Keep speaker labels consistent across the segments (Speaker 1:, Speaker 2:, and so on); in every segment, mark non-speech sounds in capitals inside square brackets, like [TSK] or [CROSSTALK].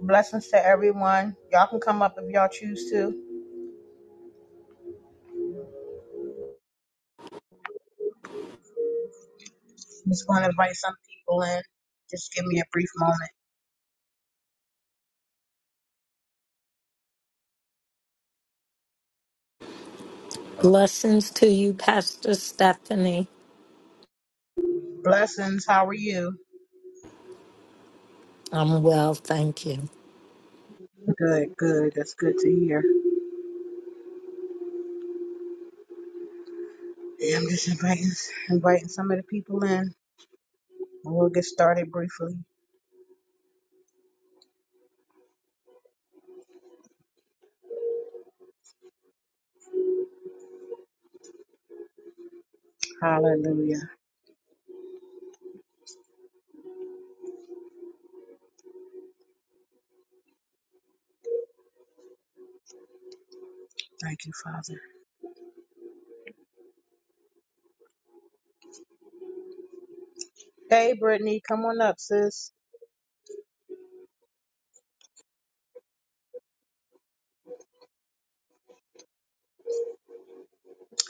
Speaker 1: Blessings to everyone. Y'all can come up if y'all choose to. I'm just going to invite some people in. Just give me a brief moment.
Speaker 2: Blessings to you, Pastor Stephanie.
Speaker 1: Blessings. How are you?
Speaker 2: I'm well, thank you.
Speaker 1: Good, good. That's good to hear. Yeah, I'm just inviting inviting some of the people in. We'll get started briefly. Hallelujah. Thank you, Father. Hey, Brittany, come on up, sis.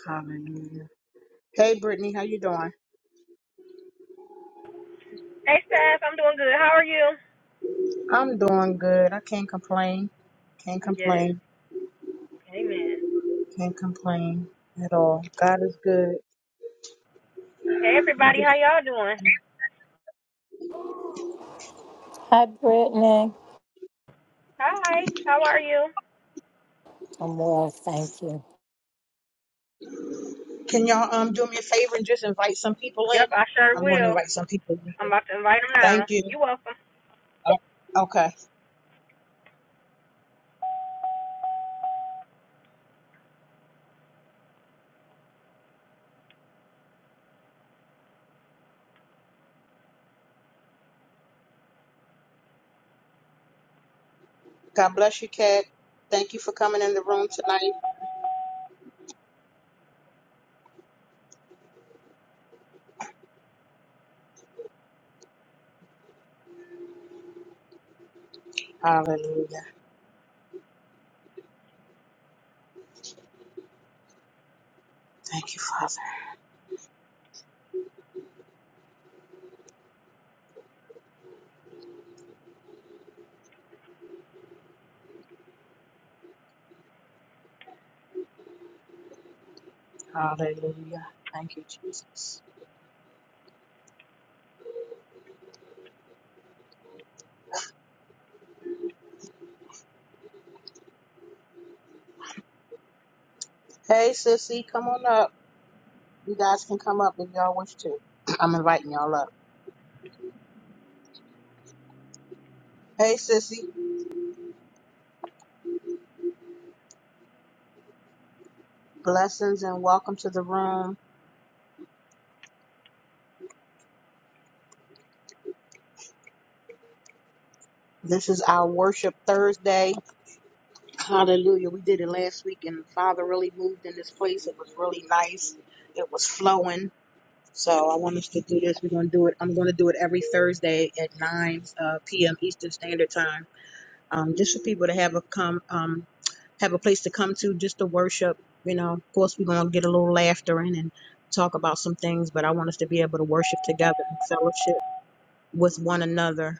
Speaker 1: Hallelujah. Hey, Brittany, how you doing?
Speaker 3: Hey, Steph, I'm doing good. How are you?
Speaker 1: I'm doing good. I can't complain. Can't
Speaker 3: Yes.
Speaker 1: complain.
Speaker 3: Amen.
Speaker 1: Can't complain at all. God is good.
Speaker 3: Hey,
Speaker 1: I'm just.
Speaker 3: everybody, how y'all doing?
Speaker 2: Hi, Brittany.
Speaker 3: Hi. How are you?
Speaker 2: I'm well, thank you.
Speaker 1: Can y'all um do me a favor and just invite some people in?
Speaker 3: Yep, I sure
Speaker 1: I'm going to
Speaker 3: will.
Speaker 1: invite some people
Speaker 3: I'm
Speaker 1: in.
Speaker 3: about to invite them now.
Speaker 1: Thank you.
Speaker 3: You welcome.
Speaker 1: Oh, Okay. God bless you, Kat. Thank you for coming in the room tonight. Hallelujah. Thank you, Father. Hallelujah. Thank you, Jesus. Hey, sissy, come on up. You guys can come up if y'all wish to. [CLEARS THROAT] I'm inviting y'all up. Hey, sissy. Blessings and welcome to the room. This is our worship Thursday. Hallelujah. We did it last week and Father really moved in this place. It was really nice. It was flowing. So I want us to do this. We're going to do it. I'm going to do it every Thursday at 9 uh, p.m. Eastern Standard Time. Um, just for people to have a come, um, have a place to come to just to worship. You know, of course, we're going to get a little laughter in and talk about some things, but I want us to be able to worship together and fellowship with one another.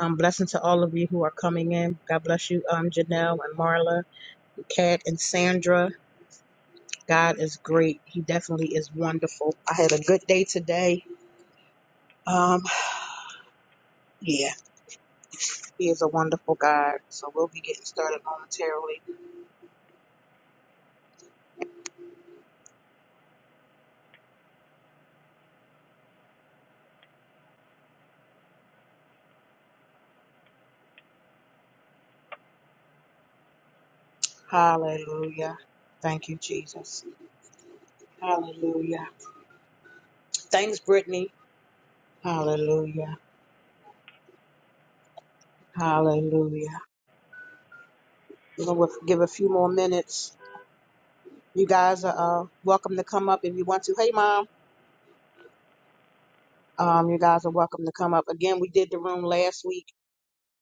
Speaker 1: Um, blessing to all of you who are coming in. God bless you, um, Janelle and Marla Kat and Sandra. God is great. He definitely is wonderful. I had a good day today. Um, yeah, he is a wonderful God. So we'll be getting started momentarily. Hallelujah. Thank you, Jesus. Hallelujah. Thanks, Brittany. Hallelujah. Hallelujah. You know, we'll give a few more minutes. You guys are uh, welcome to come up if you want to. Hey, Mom. Um, you guys are welcome to come up. Again, we did the room last week.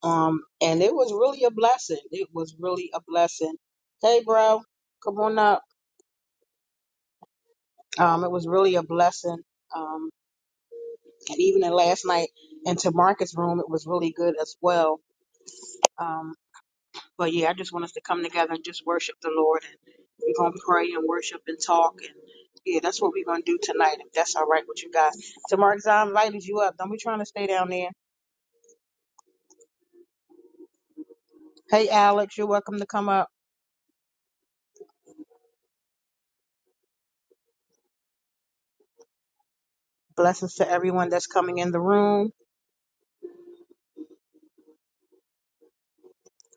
Speaker 1: Um, and it was really a blessing. It was really a blessing. Hey, bro, come on up. Um, it was really a blessing. Um, and even in last night into Marcus' room, it was really good as well. Um, but yeah, I just want us to come together and just worship the Lord, and we're gonna pray and worship and talk, and yeah, that's what we're gonna do tonight. If that's all right with you guys. To Marcus, I invited you up. Don't be trying to stay down there. Hey, Alex, you're welcome to come up. Blessings to everyone that's coming in the room.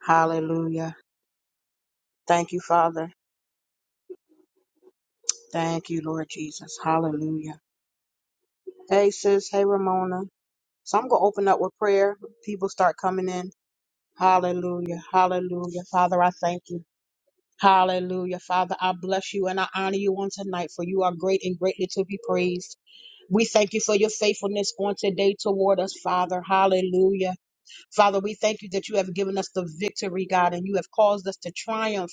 Speaker 1: Hallelujah. Thank you, Father. Thank you, Lord Jesus. Hallelujah. Hey, sis. Hey, Ramona. So I'm going to open up with prayer. People start coming in. Hallelujah. Hallelujah. Father, I thank you. Hallelujah. Father, I bless you and I honor you on tonight, for you are great and greatly to be praised. We thank you for your faithfulness on today toward us, Father. Hallelujah. Father, we thank you that you have given us the victory, God, and you have caused us to triumph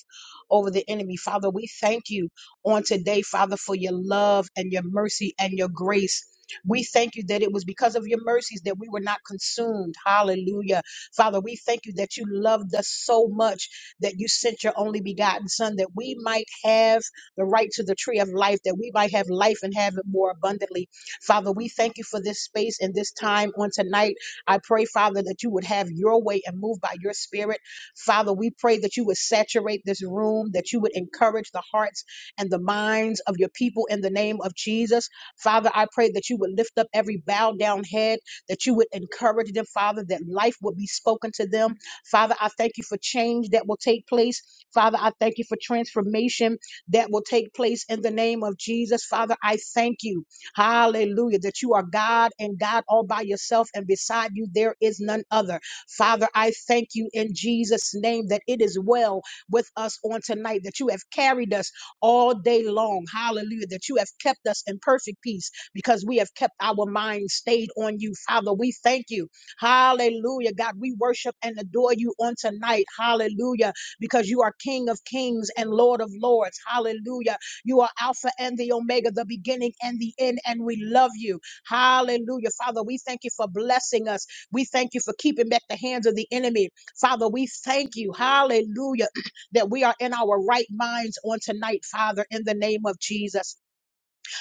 Speaker 1: over the enemy. Father, we thank you on today, Father, for your love and your mercy and your grace. We thank you that it was because of your mercies that we were not consumed. Hallelujah. Father, we thank you that you loved us so much that you sent your only begotten Son that we might have the right to the tree of life, that we might have life and have it more abundantly. Father, we thank you for this space and this time on tonight. I pray, Father, that you would have your way and move by your spirit. Father, we pray that you would saturate this room, that you would encourage the hearts and the minds of your people in the name of Jesus. Father, I pray that you would lift up every bowed down head, that you would encourage them, Father, that life would be spoken to them. Father, I thank you for change that will take place. Father, I thank you for transformation that will take place in the name of Jesus. Father, I thank you. Hallelujah. That you are God and God all by yourself, and beside you there is none other. Father, I thank you in Jesus' name that it is well with us on tonight, that you have carried us all day long. Hallelujah. That you have kept us in perfect peace because we have kept our mind stayed on you. Father, we thank you. Hallelujah. God, we worship and adore you on tonight. Hallelujah. Because you are King of kings and Lord of lords. Hallelujah you are Alpha and the Omega, the beginning and the end, and we love you. Hallelujah. Father, we thank you for blessing us. We thank you for keeping back the hands of the enemy. Father, we thank you. Hallelujah. [CLEARS THROAT] That we are in our right minds on tonight, Father, in the name of Jesus.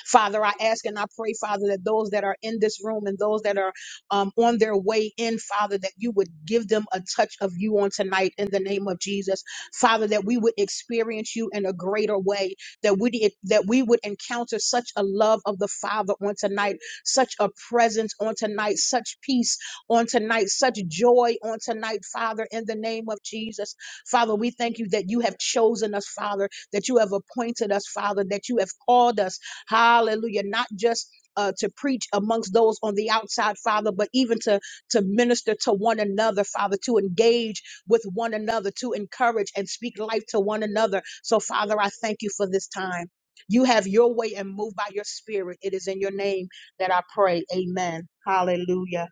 Speaker 1: Father, I ask and I pray, Father, that those that are in this room and those that are um, on their way in, Father, that you would give them a touch of you on tonight in the name of Jesus. Father, that we would experience you in a greater way, that we that we would encounter such a love of the Father on tonight, such a presence on tonight, such peace on tonight, such joy on tonight, Father, in the name of Jesus. Father, we thank you that you have chosen us, Father, that you have appointed us, Father, that you have called us Hallelujah. Not just uh, to preach amongst those on the outside, Father, but even to to minister to one another, Father, to engage with one another, to encourage and speak life to one another. So, Father, I thank you for this time. You have your way and move by your spirit. It is in your name that I pray. Amen. Hallelujah.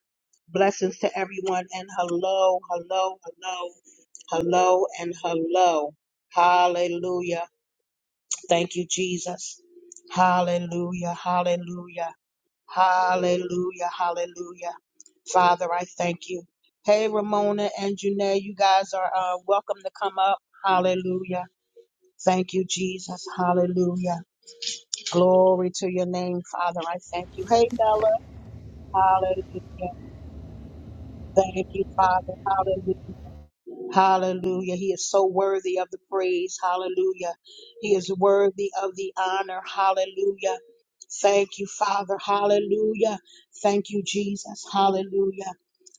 Speaker 1: Blessings to everyone and hello, hello, hello, hello, and hello. Hallelujah. Thank you, Jesus. Hallelujah, hallelujah, hallelujah, hallelujah. Father, I thank you. Hey, Ramona and Janae, you guys are uh, welcome to come up. Hallelujah. Thank you, Jesus. Hallelujah. Glory to your name, Father. I thank you. Hey, Bella. Hallelujah. Thank you, Father. Hallelujah! Hallelujah. He is so worthy of the praise. Hallelujah. He is worthy of the honor. Hallelujah. Thank you, Father. Hallelujah. Thank you, Jesus. Hallelujah.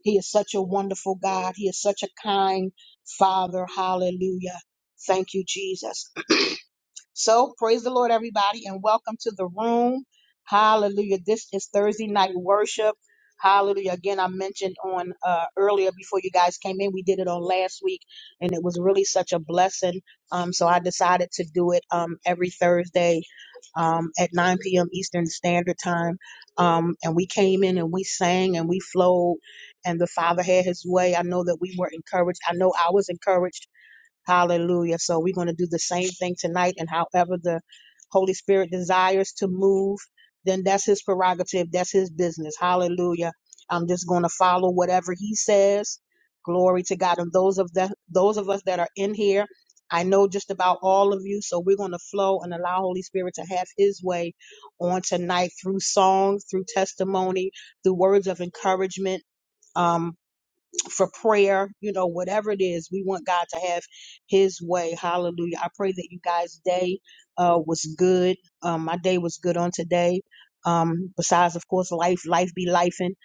Speaker 1: He is such a wonderful God. He is such a kind Father. Hallelujah. Thank you, Jesus. So praise the Lord, everybody, and welcome to the room. Hallelujah. This is Thursday night worship. Hallelujah. Again, I mentioned on uh, earlier before you guys came in, we did it on last week, and it was really such a blessing. Um, so I decided to do it um, every Thursday um, at 9 p.m. Eastern Standard Time. Um, and we came in and we sang and we flowed, and the Father had his way. I know that we were encouraged. I know I was encouraged Hallelujah. So we're going to do the same thing tonight, and however the Holy Spirit desires to move, then that's his prerogative. That's his business. Hallelujah. I'm just going to follow whatever he says. Glory to God. And those of the those of us that are in here, I know just about all of you. So we're going to flow and allow Holy Spirit to have his way on tonight through song, through testimony, through words of encouragement. Um for prayer, you know, whatever it is, we want God to have His way. Hallelujah. I pray that you guys' day uh, was good. Um, my day was good on today. Um, besides, of course, life, life be lifing,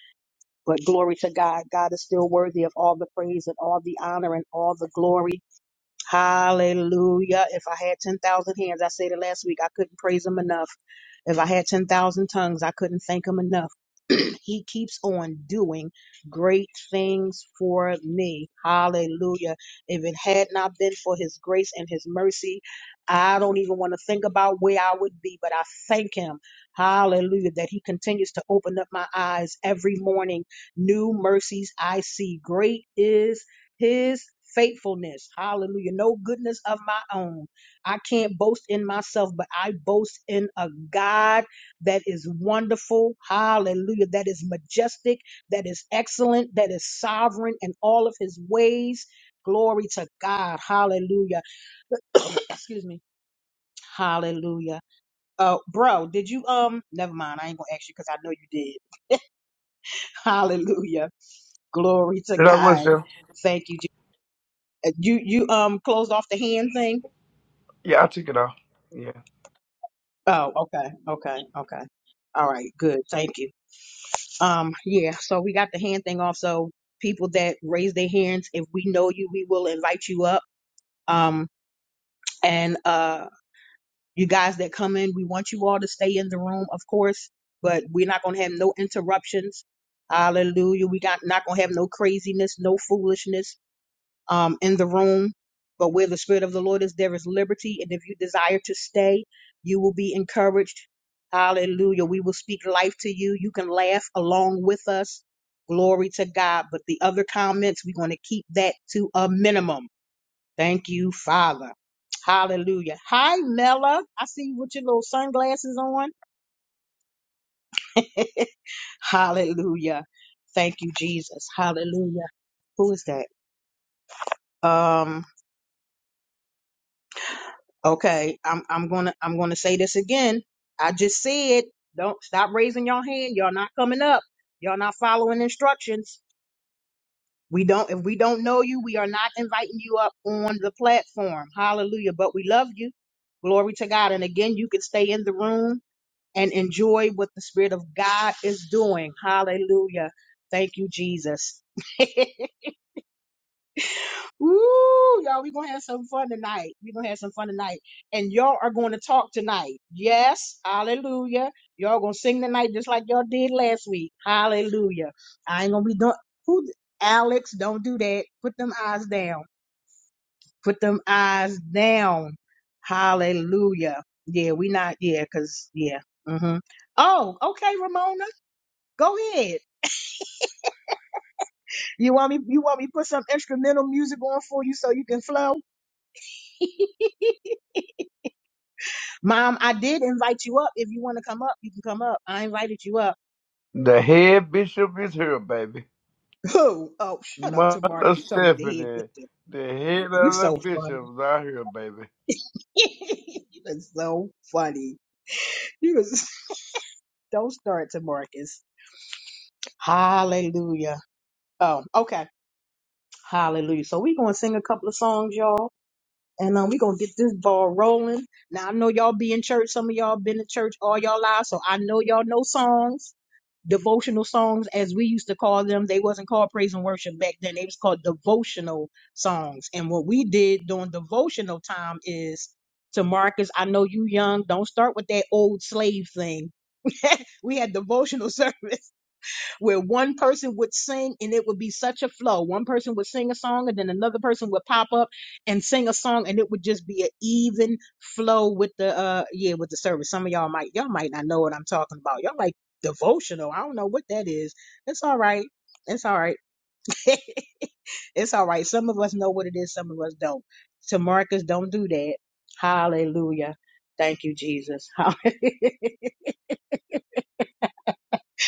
Speaker 1: but glory to God. God is still worthy of all the praise and all the honor and all the glory. Hallelujah. If I had 10,000 hands, I said it last week, I couldn't praise him enough. If I had 10,000 tongues, I couldn't thank him enough. [CLEARS THROAT] he keeps on doing great things for me. Hallelujah. If it had not been for his grace and his mercy, I don't even want to think about where I would be, but I thank him. Hallelujah. That he continues to open up my eyes every morning. New mercies I see. Great is his faithfulness. Hallelujah. No goodness of my own. I can't boast in myself, but I boast in a God that is wonderful. Hallelujah. That is majestic. That is excellent. That is sovereign in all of his ways. Glory to God. Hallelujah. Excuse me. Hallelujah. Uh, bro, did you, um, never mind. I ain't gonna ask you because I know you did. [LAUGHS] Hallelujah. Glory to
Speaker 4: Did I was
Speaker 1: God.
Speaker 4: there?
Speaker 1: Thank you. Je- uh, You, you, um, closed off the hand thing?
Speaker 4: Yeah, I took it off. Yeah.
Speaker 1: Oh, okay. Okay. Okay. All right. Good. Thank you. Um, yeah, so we got the hand thing off. So people that raise their hands, if we know you, we will invite you up. Um, and uh, you guys that come in, we want you all to stay in the room, of course, but we're not gonna have no interruptions. Hallelujah. We got not gonna have no craziness, no foolishness um, in the room. But where the Spirit of the Lord is, there is liberty. And if you desire to stay, you will be encouraged. Hallelujah. We will speak life to you. You can laugh along with us. Glory to God. But the other comments, we're going to keep that to a minimum. Thank you, Father. Hallelujah. Hi, Mela. I see you with your little sunglasses on. [LAUGHS] Hallelujah. Thank you, Jesus. Hallelujah. Who is that? Um. Okay, I'm I'm gonna I'm gonna say this again. I just said, don't stop raising your hand. Y'all not coming up. Y'all not following instructions. We don't if we don't know you, we are not inviting you up on the platform. Hallelujah. But we love you. Glory to God. And again, you can stay in the room and enjoy what the Spirit of God is doing. Hallelujah. Thank you, Jesus. [LAUGHS] Ooh, y'all, we're gonna have some fun tonight. We're gonna have some fun tonight. And y'all are gonna talk tonight. Yes, hallelujah. Y'all gonna sing tonight just like y'all did last week. Hallelujah. I ain't gonna be doing who Alex, don't do that. Put them eyes down. Put them eyes down. Hallelujah. Yeah, we not, yeah, cause yeah. Mm-hmm. Oh, okay, Ramona. Go ahead. You want me you want me to put some instrumental music on for you so you can flow? [LAUGHS] Mom, I did invite you up. If you want to come up, you can come up. I invited you up.
Speaker 4: The head bishop is here, baby.
Speaker 1: [LAUGHS] Oh, oh, shut up, Tamara.
Speaker 4: Mother
Speaker 1: You talking about the head
Speaker 4: Stephanie,
Speaker 1: bitch.
Speaker 4: the head of
Speaker 1: You
Speaker 4: the
Speaker 1: so funny.
Speaker 4: bishops out here, baby.
Speaker 1: [LAUGHS] you was so funny. You was [LAUGHS] don't start to Marcus. Hallelujah. Oh, okay. Hallelujah. So we gonna sing a couple of songs, y'all. And um, we're gonna get this ball rolling. Now I know y'all be in church. Some of y'all been in church all y'all lives, so I know y'all know songs, devotional songs, as we used to call them. They wasn't called praise and worship back then. They was called devotional songs. And what we did during devotional time is to Marcus, I know you young. Don't start with that old slave thing. [LAUGHS] We had devotional [LAUGHS] service where one person would sing and it would be such a flow. One person would sing a song and then another person would pop up and sing a song and it would just be an even flow with the uh yeah with the service. Some of y'all might y'all might not know what I'm talking about. Y'all like devotional. I don't know what that is. It's all right. It's all right. [LAUGHS] it's all right. Some of us know what it is, some of us don't. To Marcus, don't do that. Hallelujah. Thank you, Jesus.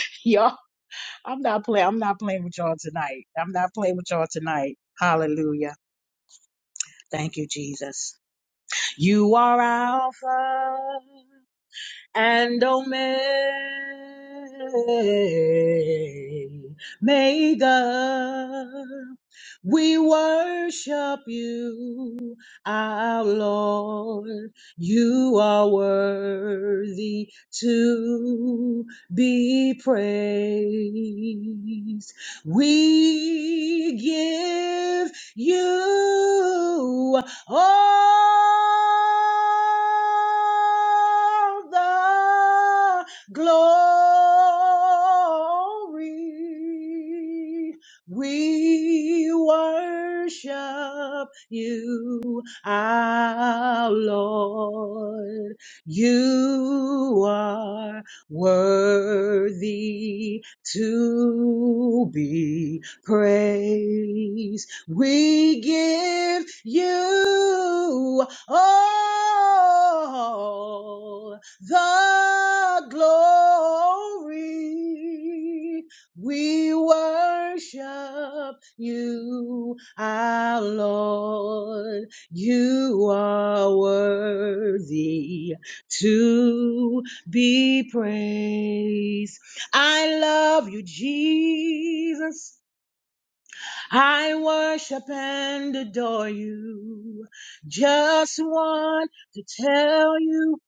Speaker 1: [LAUGHS] Y'all. I'm not playing. I'm not playing with y'all tonight. I'm not playing with y'all tonight. Hallelujah. Thank you, Jesus. You are Alpha and Omega. We worship you, our Lord. You are worthy to be praised. We give you all the glory. We worship you, our Lord. You are worthy to be praised. We give you all the glory. We worship you, our Lord. You are worthy to be praised. I love you, Jesus. I worship and adore you. Just want to tell you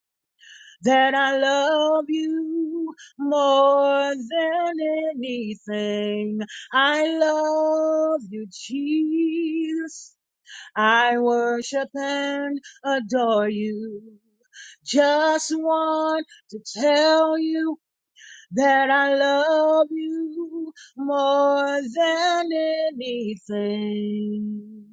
Speaker 1: that I love you more than anything. I love you, Jesus. I worship and adore you. Just want to tell you that I love you more than anything.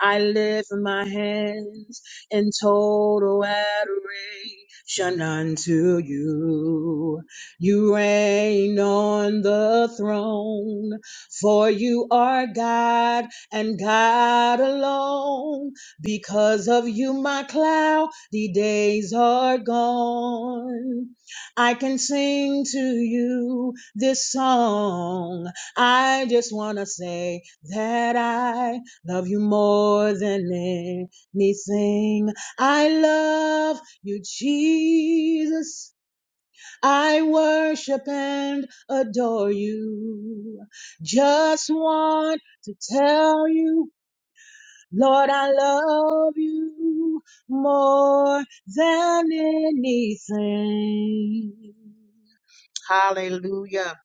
Speaker 1: I lift my hands in total adoration unto you. You reign on the throne, for you are God and God alone. Because of you, my cloudy days are gone. I can sing to you this song. I just want to say that I love you more than anything. I love you, Jesus. I worship and adore you. Just want to tell you, Lord, I love you more than anything. Hallelujah.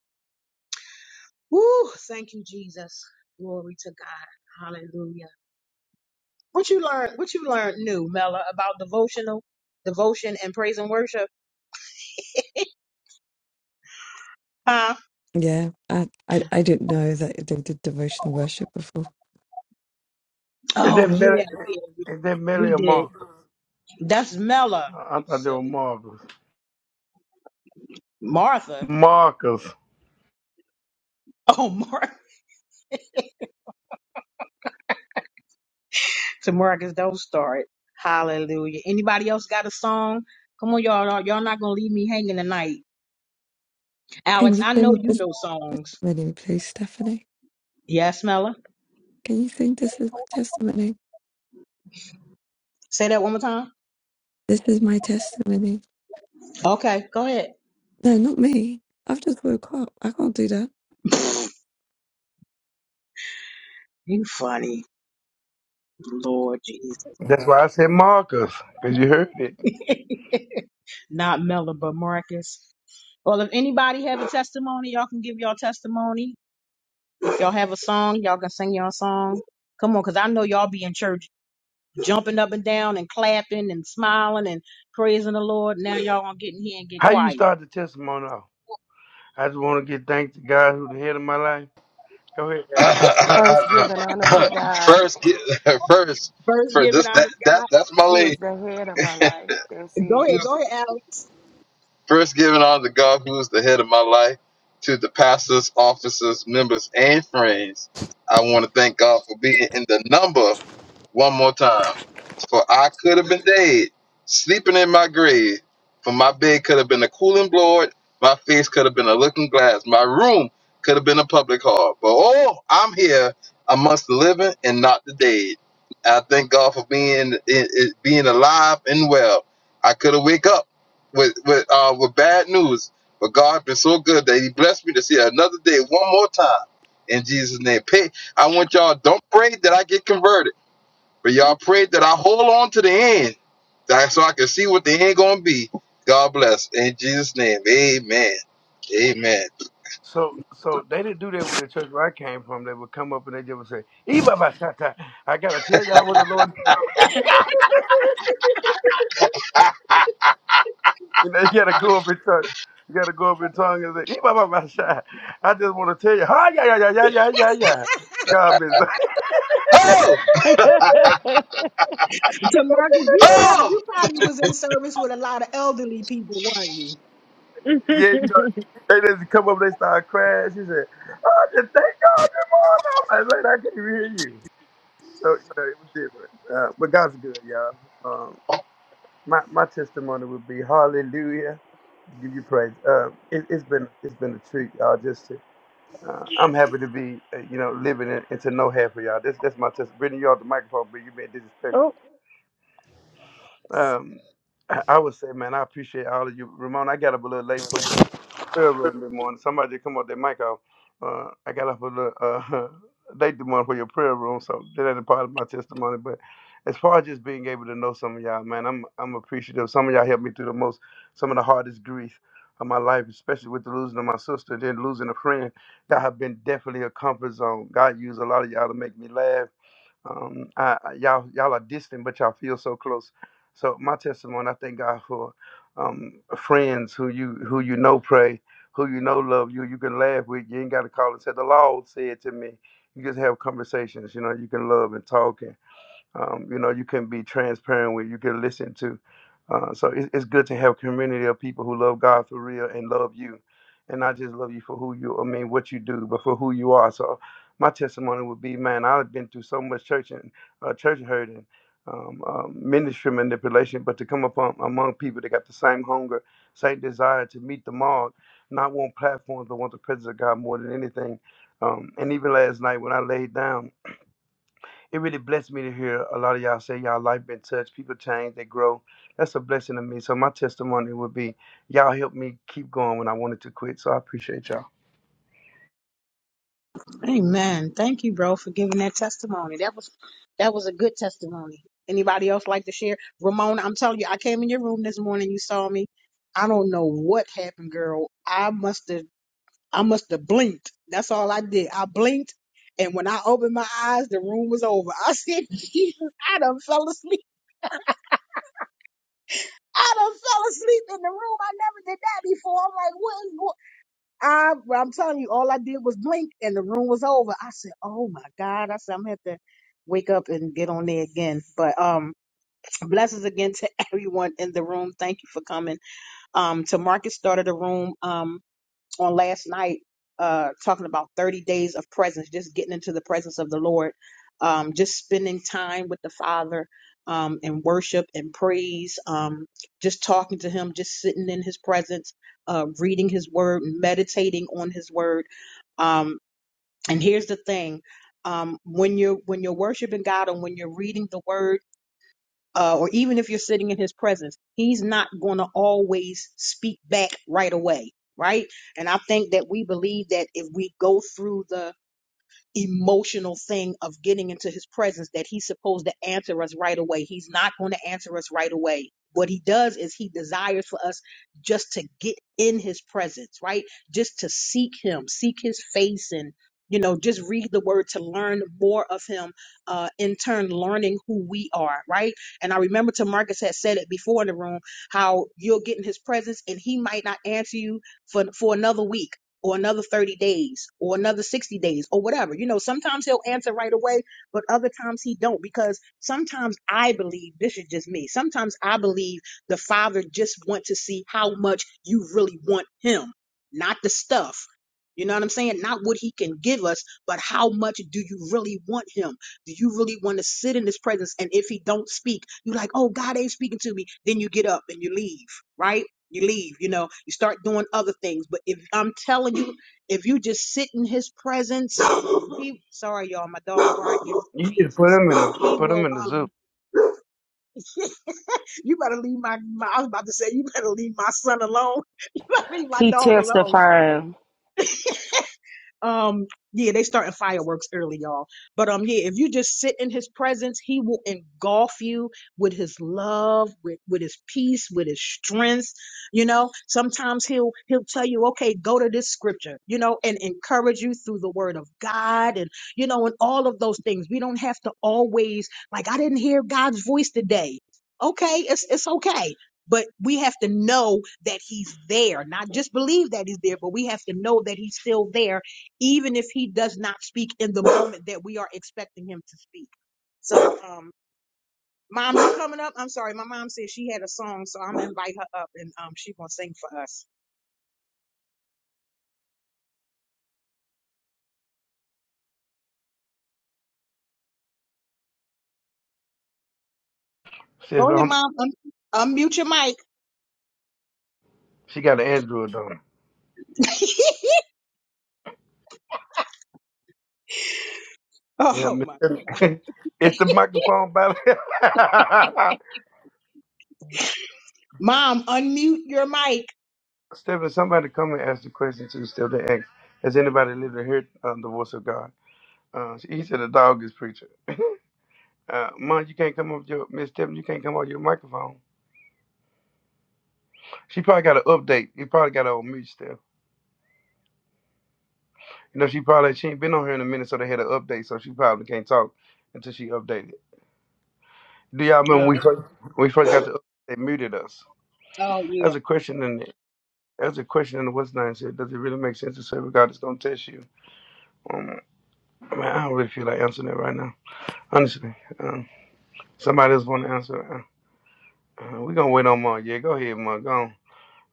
Speaker 1: Woo! Thank you, Jesus. Glory to God. Hallelujah. What you learn? What you learned new, Mela, about devotional, devotion, and praise and worship? Huh?
Speaker 5: Yeah, I, I I didn't know that they did devotional worship before.
Speaker 4: Is
Speaker 1: Oh
Speaker 4: that
Speaker 1: yeah,
Speaker 4: Millie,
Speaker 1: yeah. We,
Speaker 4: is that Millie
Speaker 1: we
Speaker 4: or
Speaker 1: did.
Speaker 4: Marcus?
Speaker 1: That's Mela.
Speaker 4: I I
Speaker 1: You
Speaker 4: thought they were
Speaker 1: silly
Speaker 4: Marcus.
Speaker 1: Martha.
Speaker 4: Marcus.
Speaker 1: Oh, Martha. [LAUGHS] to Marcus, don't start. Hallelujah. Anybody else got a song? Come on, y'all. Y'all y'all not gonna leave me hanging tonight.
Speaker 5: Can
Speaker 1: Alex,
Speaker 5: you
Speaker 1: I know
Speaker 5: sing
Speaker 1: you
Speaker 5: this
Speaker 1: know songs.
Speaker 5: testimony, please, Stephanie?
Speaker 1: Yes, Mela.
Speaker 5: Can you sing this is my testimony?
Speaker 1: Say that one more time.
Speaker 5: This is my testimony.
Speaker 1: Okay, go ahead.
Speaker 5: No, not me. I've just woke up. I can't do that.
Speaker 1: You funny, Lord Jesus.
Speaker 4: That's why I said Marcus, because you heard it.
Speaker 1: [LAUGHS] Not Mella, but Marcus. Well, if anybody have a testimony, y'all can give y'all testimony. If y'all have a song, y'all can sing y'all song. Come on, cause I know y'all be in church jumping up and down and clapping and smiling and praising the Lord. Now y'all gonna get in here and get
Speaker 4: How you
Speaker 1: quiet.
Speaker 4: start the testimony off? I just want to get thanks to God who's the head of my life. Go ahead, Ellie.
Speaker 6: First, giving
Speaker 7: [LAUGHS]
Speaker 6: honor to God,
Speaker 7: first, get, [LAUGHS] first,
Speaker 1: First,
Speaker 7: for
Speaker 1: giving
Speaker 7: this,
Speaker 1: out.
Speaker 7: that, that, that's my
Speaker 6: who is
Speaker 7: lady.
Speaker 6: the head of my life. That's
Speaker 1: Go
Speaker 6: it.
Speaker 1: ahead,
Speaker 7: Who's
Speaker 1: go ahead, Alex. [LAUGHS]
Speaker 7: [LAUGHS] first giving honor to God, who is the head of my life, to the pastors, officers, members, and friends. I want to thank God for being in the number one more time. for I could have been dead, sleeping in my grave. For my bed could have been a cooling board, my face could have been a looking glass, my room could have been a public hall. But oh, I'm here amongst the living and not the dead. I thank God for being it, it, being alive and well. I could have wake up with with uh, with bad news, but God been so good that He blessed me to see another day one more time. In Jesus' name, pay. I want y'all don't pray that I get converted. But y'all prayed that I hold on to the end that- I, so I can see what the end going to be. God bless. In Jesus' name, amen. Amen.
Speaker 4: So, so they didn't do that with the church where I came from. They would come up and they just would say, "Ee, ba, ba, sha, ta. I gotta tell y'all what the Lord You know, you gotta go over your tongue. You gotta go over your tongue and say, "Ee, bah, bah, bah, shy." I just wanna tell you, ha yeah, yeah, yeah, yeah, yeah, yeah, yeah. God bless. [LAUGHS]
Speaker 7: Oh!
Speaker 3: [LAUGHS]
Speaker 1: To Marcus, you probably
Speaker 7: Oh!
Speaker 1: you probably was in service with a lot of elderly people, weren't you?
Speaker 4: yeah, you know, they just come up, they start crying. She said, Oh, just thank God this morning. I'm like, "Man, I can't even hear you. So, you know, it was different. Uh, but God's good, y'all. Um, my, my testimony would be hallelujah. Give you praise. Um, it, it's been it's been a treat, y'all. Just to Uh, I'm happy to be, uh, you know, living it and to know half of y'all. That's that's my test. Brittany, you off the microphone, but you've been disrespectful.
Speaker 3: oh,
Speaker 4: Um, I I would say, man, I appreciate all of you. Ramon, I got up a little late for your prayer room this morning. Somebody come up their mic off. Uh, I got up a little uh, [LAUGHS] late this morning for your prayer room, so that ain't a part of my testimony. But as far as just being able to know some of y'all, man, I'm I'm appreciative. Some of y'all helped me through the most, some of the hardest grief of my life, especially with the losing of my sister, then losing a friend that have been definitely a comfort zone. God used a lot of y'all to make me laugh um, I, I- y'all, y'all are distant, but y'all feel so close. So my testimony, I thank God for um, friends who you who you know pray, who you know love you. You can laugh with. You ain't got to call and say the Lord said to me. You just have conversations. You know, you can love and talk, um, you know you can be transparent with you can listen to uh, so it's, it's good to have a community of people who love god for real and love you and not just love you for who you i mean what you do but for who you are so my testimony would be man i've been through so much church and uh, church hurt and um, um, ministry manipulation but to come upon among people that got the same hunger same desire to meet the mark not want platforms but want the presence of god more than anything um, and even last night when i laid down it really blessed me to hear a lot of y'all say y'all life been touched, people change, they grow. That's a blessing to me. So my testimony would be y'all helped me keep going when I wanted to quit. So I appreciate y'all.
Speaker 1: Amen. Thank you, bro, for giving that testimony. That was that was a good testimony. Anybody else like to share? Ramona, I'm telling you, I came in your room this morning, you saw me. I don't know what happened, girl. I must have I must have blinked. That's all I did. I blinked and when I opened my eyes, the room was over. I said, [LAUGHS] Jesus, I done fell asleep. I done fell asleep in the room. I never did that before. I'm like, what is going I, well, I'm telling you, all I did was blink and the room was over. I said, oh my God. I said, I'm going to have to wake up and get on there again. But um, [TSK] blessings again to [LAUGHS] everyone in the room. Thank you for coming. Um, to Marcus started the room. Um, on last night uh talking about 30 days of presence just getting into the presence of the lord um just spending time with the father um and worship and praise um just talking to him just sitting in his presence uh reading his word meditating on his word um and here's the thing um when you're when you're worshiping god and when you're reading the word uh, or even if you're sitting in his presence, he's not going to always speak back right away, right? And I think that we believe that if we go through the emotional thing of getting into his presence that he's supposed to answer us right away. He's not going to answer us right away. What he does is he desires for us just to get in his presence, right? Just to seek him, seek his face and you know, just read the word to learn more of him, uh, in turn learning who we are, right? And I remember Tamarcus had said it before in the room, how you'll get in his presence and he might not answer you for for another week or another 30 days or another 60 days or whatever you know sometimes he'll answer right away but other times he don't because sometimes i believe this is just me sometimes i believe the father just want to see how much you really want him not the stuff you know what i'm saying not what he can give us but how much do you really want him do you really want to sit in his presence and if he don't speak you are like oh god ain't speaking to me then you get up and you leave right you leave you know you start doing other things but if i'm telling you if you just sit in his presence he sorry y'all my dog barking
Speaker 4: You just put
Speaker 1: jesus
Speaker 4: them
Speaker 1: he
Speaker 4: in the put
Speaker 1: will
Speaker 4: them in the zoo.
Speaker 1: um
Speaker 4: [LAUGHS]
Speaker 1: you better leave my, my i was about to say you better leave my son alone [LAUGHS] you better leave my
Speaker 6: He
Speaker 1: dog alone
Speaker 6: testifying.
Speaker 1: Um, yeah, they starting fireworks early, y'all. But um, yeah, if you just sit in his presence, he will engulf you with his love, with with his peace, with his strength. You know, sometimes he'll he'll tell you, okay, go to this scripture, you know, and encourage you through the word of God, and you know, and all of those things. We don't have to always like I didn't hear God's voice today. Okay, it's it's okay. But we have to know that he's there, not just believe that he's there, but we have to know that he's still there even if he does not speak in the moment that we are expecting him to speak. So, um, mom, you coming up? I'm sorry, my mom said she had a song, so I'm gonna invite her up and um, she gonna sing for us.
Speaker 4: She,
Speaker 1: Go ahead,
Speaker 4: um,
Speaker 1: mom. Un- unmute your mic.
Speaker 4: she got an Android on.
Speaker 1: [LAUGHS]
Speaker 4: Yeah,
Speaker 1: Oh
Speaker 4: Miss
Speaker 1: my,
Speaker 4: Stephanie. [LAUGHS] it's the microphone battle. [LAUGHS]
Speaker 1: mom, unmute your mic.
Speaker 4: Stephanie, somebody come and ask the question to Stephanie. Ask, has anybody lived to hear uh, the voice of God? Uh, he said the dog is preaching. Uh, Mom, you can't come up with your Miss Tiffany. You can't come on your microphone. She probably got an update. You probably got her on mute still. You know, she probably she ain't been on here in a minute, so they had an update, so she probably can't talk until she updated. Do y'all
Speaker 1: Oh,
Speaker 4: remember when we
Speaker 1: okay.
Speaker 4: first when we first got the update? They muted us.
Speaker 1: oh yeah.
Speaker 4: That's a question in the That's a question in the what's name said. Does it really make sense to serve God that's gonna test you? Um, I mean, I don't really feel like answering that right now. Honestly, um, somebody else want to answer. Uh, uh, we gonna wait on Mom. Yeah, go ahead, Mom. Go on.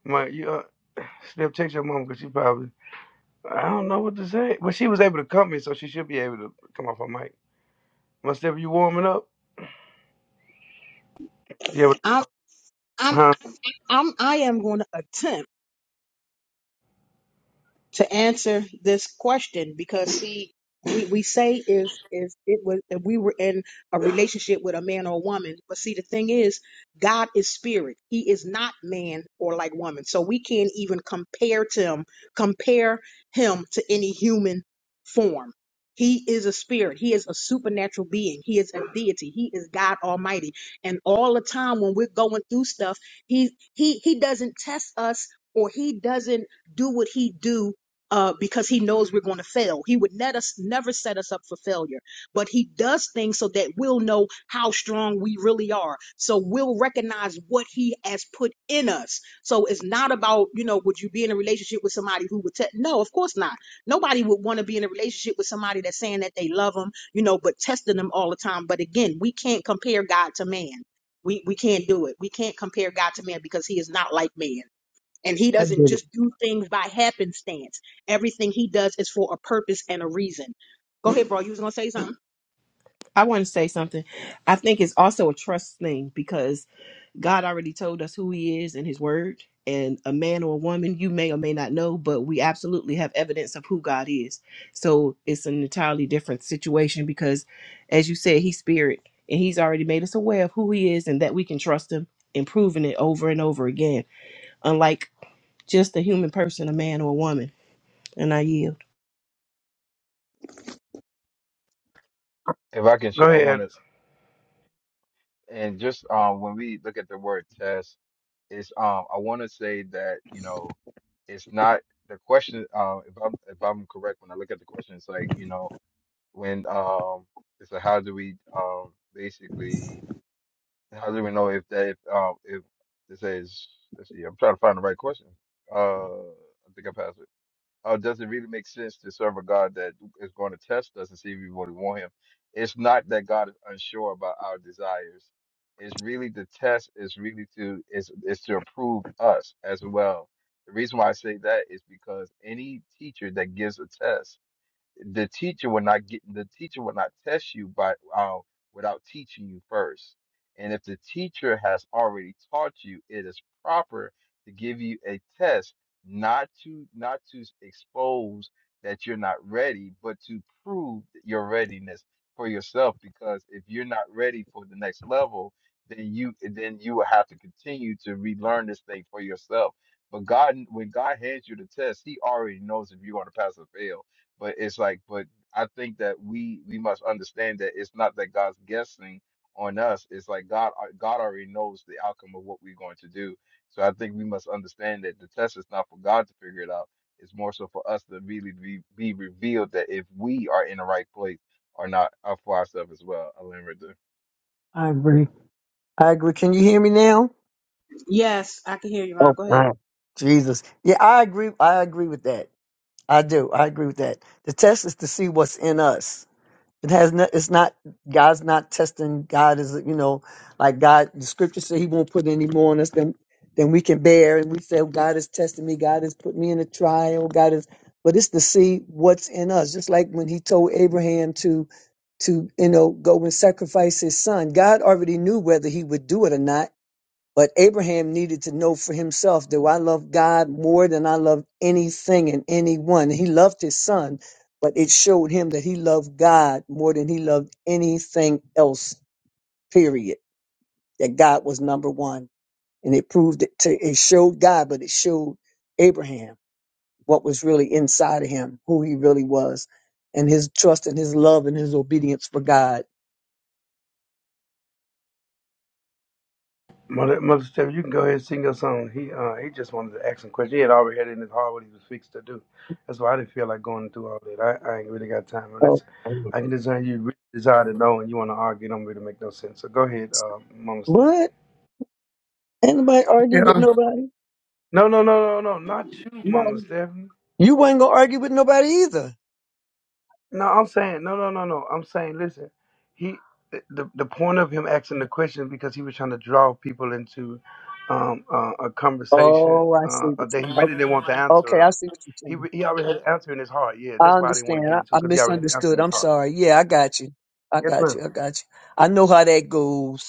Speaker 4: Mom, you, uh, Steph, text your mom because she probably I don't know what to say. Well, she was able to come in, so she should be able to come off her mic. Mother Steph, you warming up? Yeah,
Speaker 1: I'm, I'm,
Speaker 4: huh?
Speaker 1: I'm, I am gonna attempt. to answer this question because see we, we say if if it was if we were in a relationship with a man or a woman but see the thing is god is spirit he is not man or like woman so we can't even compare to him compare him to any human form he is a spirit he is a supernatural being he is a deity he is god almighty and all the time when we're going through stuff he he he doesn't test us or he doesn't do what he do uh, because he knows we're going to fail. He would net us, never set us up for failure, but he does things so that we'll know how strong we really are. So we'll recognize what he has put in us. So it's not about, you know, would you be in a relationship with somebody who would, te- no, of course not. Nobody would want to be in a relationship with somebody that's saying that they love them, you know, but testing them all the time. But again, we can't compare God to man. We, we can't do it. We can't compare God to man because he is not like man. And he
Speaker 8: I
Speaker 1: doesn't
Speaker 8: did it.
Speaker 1: just do things by happenstance. Everything he does is for a purpose and a reason. Go ahead, bro. You was gonna say something?
Speaker 9: I want to say something. I think it's also a trust thing because God already told us who He is in His Word. And a man or a woman, you may or may not know, but we absolutely have evidence of who God is. So it's an entirely different situation because, as you said, He's spirit and He's already made us aware of who He is and that we can trust Him and proving it over and over again, unlike just a human person, a man or a woman. And I yield.
Speaker 7: If I can, sh-
Speaker 4: Go
Speaker 7: I
Speaker 4: ahead,
Speaker 7: want to,
Speaker 4: Alex.
Speaker 7: and just um, when we look at the word test, it's um, I want to say that you know, it's not the question. Um, if I'm if I'm correct, when I look at the question, it's like you know, when um, it's like how do we um basically How do we know if that if um if it says let's see, I'm trying to find the right question. Uh, I think I passed it. Uh, does it really make sense to serve a God that is going to test us and see if we really want Him? It's not that God is unsure about our desires. It's really the test. Is really to is is to approve us as well. The reason why I say that is because any teacher that gives a test the teacher will not get the teacher will not test you by uh, without teaching you first. And if the teacher has already taught you, it is proper to give you a test, not to not to expose that you're not ready, but to prove your readiness for yourself. Because if you're not ready for the next level, then you then you will have to continue to relearn this thing for yourself. But God, when God hands you the test, He already knows if you're going to pass or fail but it's like, but I think that we we must understand that it's not that God's guessing on us. It's like God uh, God already knows the outcome of what we're going to do. So I think we must understand that the test is not for God to figure it out. It's more so for us to really be, be revealed that if we are in the right place or not uh, for ourselves as well. I'll end right there.
Speaker 8: I agree. I agree. Can you hear me now?
Speaker 1: Yes, I can hear you, Mom.
Speaker 8: Oh,
Speaker 1: Go ahead.
Speaker 8: wow. Jesus. Yeah, I agree. I agree with that. I do. I agree with that. The test is to see what's in us. It has not. It's not. God's not testing. God is, you know, like God. The scripture said He won't put any more on us than than we can bear. And we say, oh, God is testing me. God has put me in a trial. God is. But it's to see what's in us. Just like when He told Abraham to to you know go and sacrifice his son. God already knew whether He would do it or not But Abraham needed to know for himself Do I love God more than I love anything and anyone. He loved his son, but it showed him that he loved God more than he loved anything else, period. That God was number one. And it proved it to, it showed God, but it showed Abraham what was really inside of him, who he really was, and his trust and his love and his obedience for God.
Speaker 4: Mother, Mother Steph, you can go ahead and sing your song. He uh, he just wanted to ask some questions. He had already had it in his heart what he was fixed to do. That's why I didn't feel like going through all that. I, I ain't really got time
Speaker 8: So,
Speaker 4: unless I can design you really desire to know and you want to argue. It don't really make no sense. So go ahead, uh, Mama Steph.
Speaker 8: what? Anybody argue with
Speaker 4: Yeah.
Speaker 8: nobody?
Speaker 4: No, no, no, no, no, not you,
Speaker 1: No.
Speaker 4: Mama Steph.
Speaker 8: You weren't gonna argue with nobody either.
Speaker 4: No, I'm saying no, no, no, no. I'm saying listen, he the the point of him asking the question because he was trying to draw people into um, uh, a conversation
Speaker 8: Oh, I see
Speaker 4: uh,
Speaker 8: what you.
Speaker 4: that he
Speaker 8: o-
Speaker 4: really didn't want the answer
Speaker 8: Okay, I
Speaker 4: of.
Speaker 8: see what you're
Speaker 4: He
Speaker 8: saying.
Speaker 4: re- he already had an answer in his heart. Yeah,
Speaker 8: I
Speaker 4: that's why I didn't want
Speaker 8: understand.
Speaker 4: to get
Speaker 8: I,
Speaker 4: into it
Speaker 8: I
Speaker 4: because he already had an answer in
Speaker 8: misunderstood.
Speaker 4: his
Speaker 8: I'm
Speaker 4: heart.
Speaker 8: sorry. Yeah, I got you. I
Speaker 4: Yes,
Speaker 8: got
Speaker 4: ma'am.
Speaker 8: you. I got you. I know how that goes.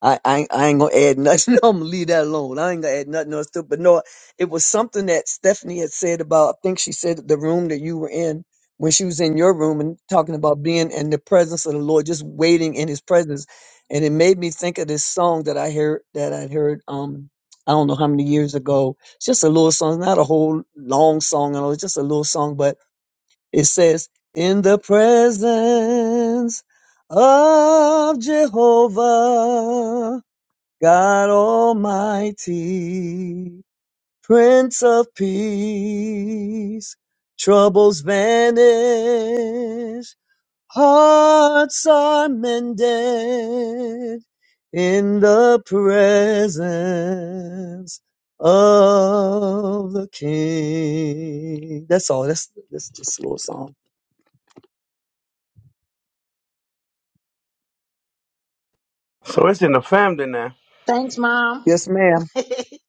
Speaker 8: I, I ain't- I ain't gonna add nothing. [LAUGHS] I'm gonna leave that alone. I ain't gonna add nothing else to it. But no, it was something that Stephanie had said about. I think she said the room that you were in when she was in your room and talking about being in the presence of the Lord, just waiting in His presence. And it made me think of this song that I heard that I heard. Um, I don't know how many years ago. It's just a little song, not a whole long song. and all, It's just a little song, but it says, "In the presence of Jehovah." God Almighty, Prince of Peace, troubles vanish, hearts are mended in the presence of the King. That's all. That's that's just a little song.
Speaker 4: So it's in the family now.
Speaker 1: Thanks, Mom.
Speaker 8: Yes, ma'am.
Speaker 1: [LAUGHS] I'm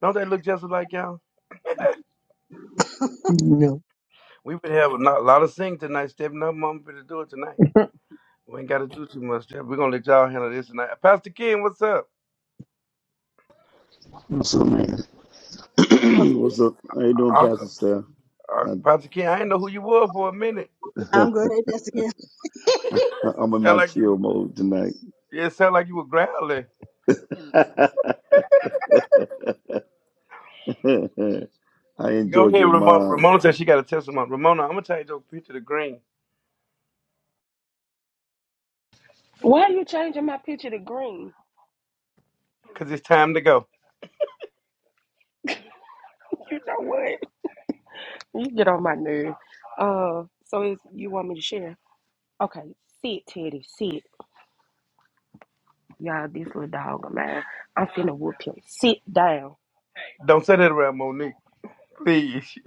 Speaker 4: Don't they look just like y'all?
Speaker 8: No.
Speaker 4: We would have a lot a lot of sing tonight, stepping up, mom, to do it tonight. We ain't got to do too much. Jeff. We're gonna let y'all handle this tonight. Pastor King, what's up?
Speaker 10: What's up, man?
Speaker 4: Pastor
Speaker 10: [CLEARS THROAT] What's up? How you doing,
Speaker 4: King.
Speaker 10: Pastor Steph?
Speaker 4: Uh,
Speaker 10: I,
Speaker 4: Pastor Ken, I didn't know who you were for a minute.
Speaker 1: good. Hey, that's again.
Speaker 4: [LAUGHS]
Speaker 10: I- I'm in
Speaker 4: sound
Speaker 10: my
Speaker 4: like you.
Speaker 10: chill
Speaker 4: were-
Speaker 10: mode tonight.
Speaker 4: It sound like you were growling.
Speaker 10: [LAUGHS] I
Speaker 4: Go
Speaker 10: enjoyed
Speaker 4: ahead,
Speaker 10: your
Speaker 4: Ramona.
Speaker 10: mom.
Speaker 4: Ramona said she got a testimony. Ramona, I'm gonna tell you your picture the green
Speaker 6: Why are you changing my picture to green?
Speaker 4: because it's time to go.
Speaker 6: You know what? You get on my nerve. Uh, so is you want me to share? Okay, sit, Teddy, sit. Y'all, this little dog of mine. I'm finna whoop him. Sit down.
Speaker 4: Don't say that around Monique, please. [LAUGHS]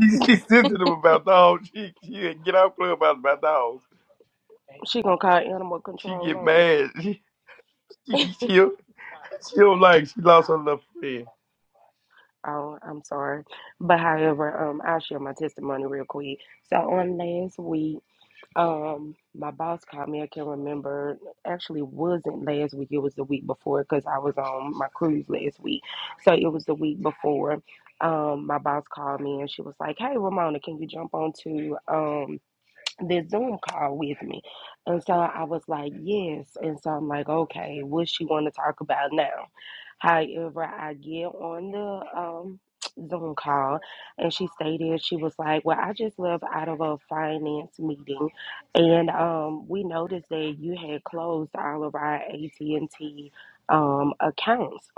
Speaker 4: She's she, she sensitive about dogs. She, she get off club about about dogs.
Speaker 6: She gonna call animal
Speaker 4: She
Speaker 6: control
Speaker 4: get
Speaker 6: on me.
Speaker 4: mad. [LAUGHS] She she she, don't she don't like. She lost her little friend.
Speaker 6: Oh, I'm sorry. But however, um, I'll share my testimony real quick. So on last week. Um, my boss called me. I can't remember. Actually, wasn't last week. It was the week before because I was on my cruise last week. So it was the week before. Um, my boss called me and she was like, "Hey, Ramona, can you jump on to um?" this Zoom call with me. And so I was like, yes. And so I'm like, okay, what she want to talk about now? However, I get on the um, Zoom call and she stated, she was like, well, I just left out of a finance meeting. And um, we noticed that you had closed all of our AT&T um, accounts.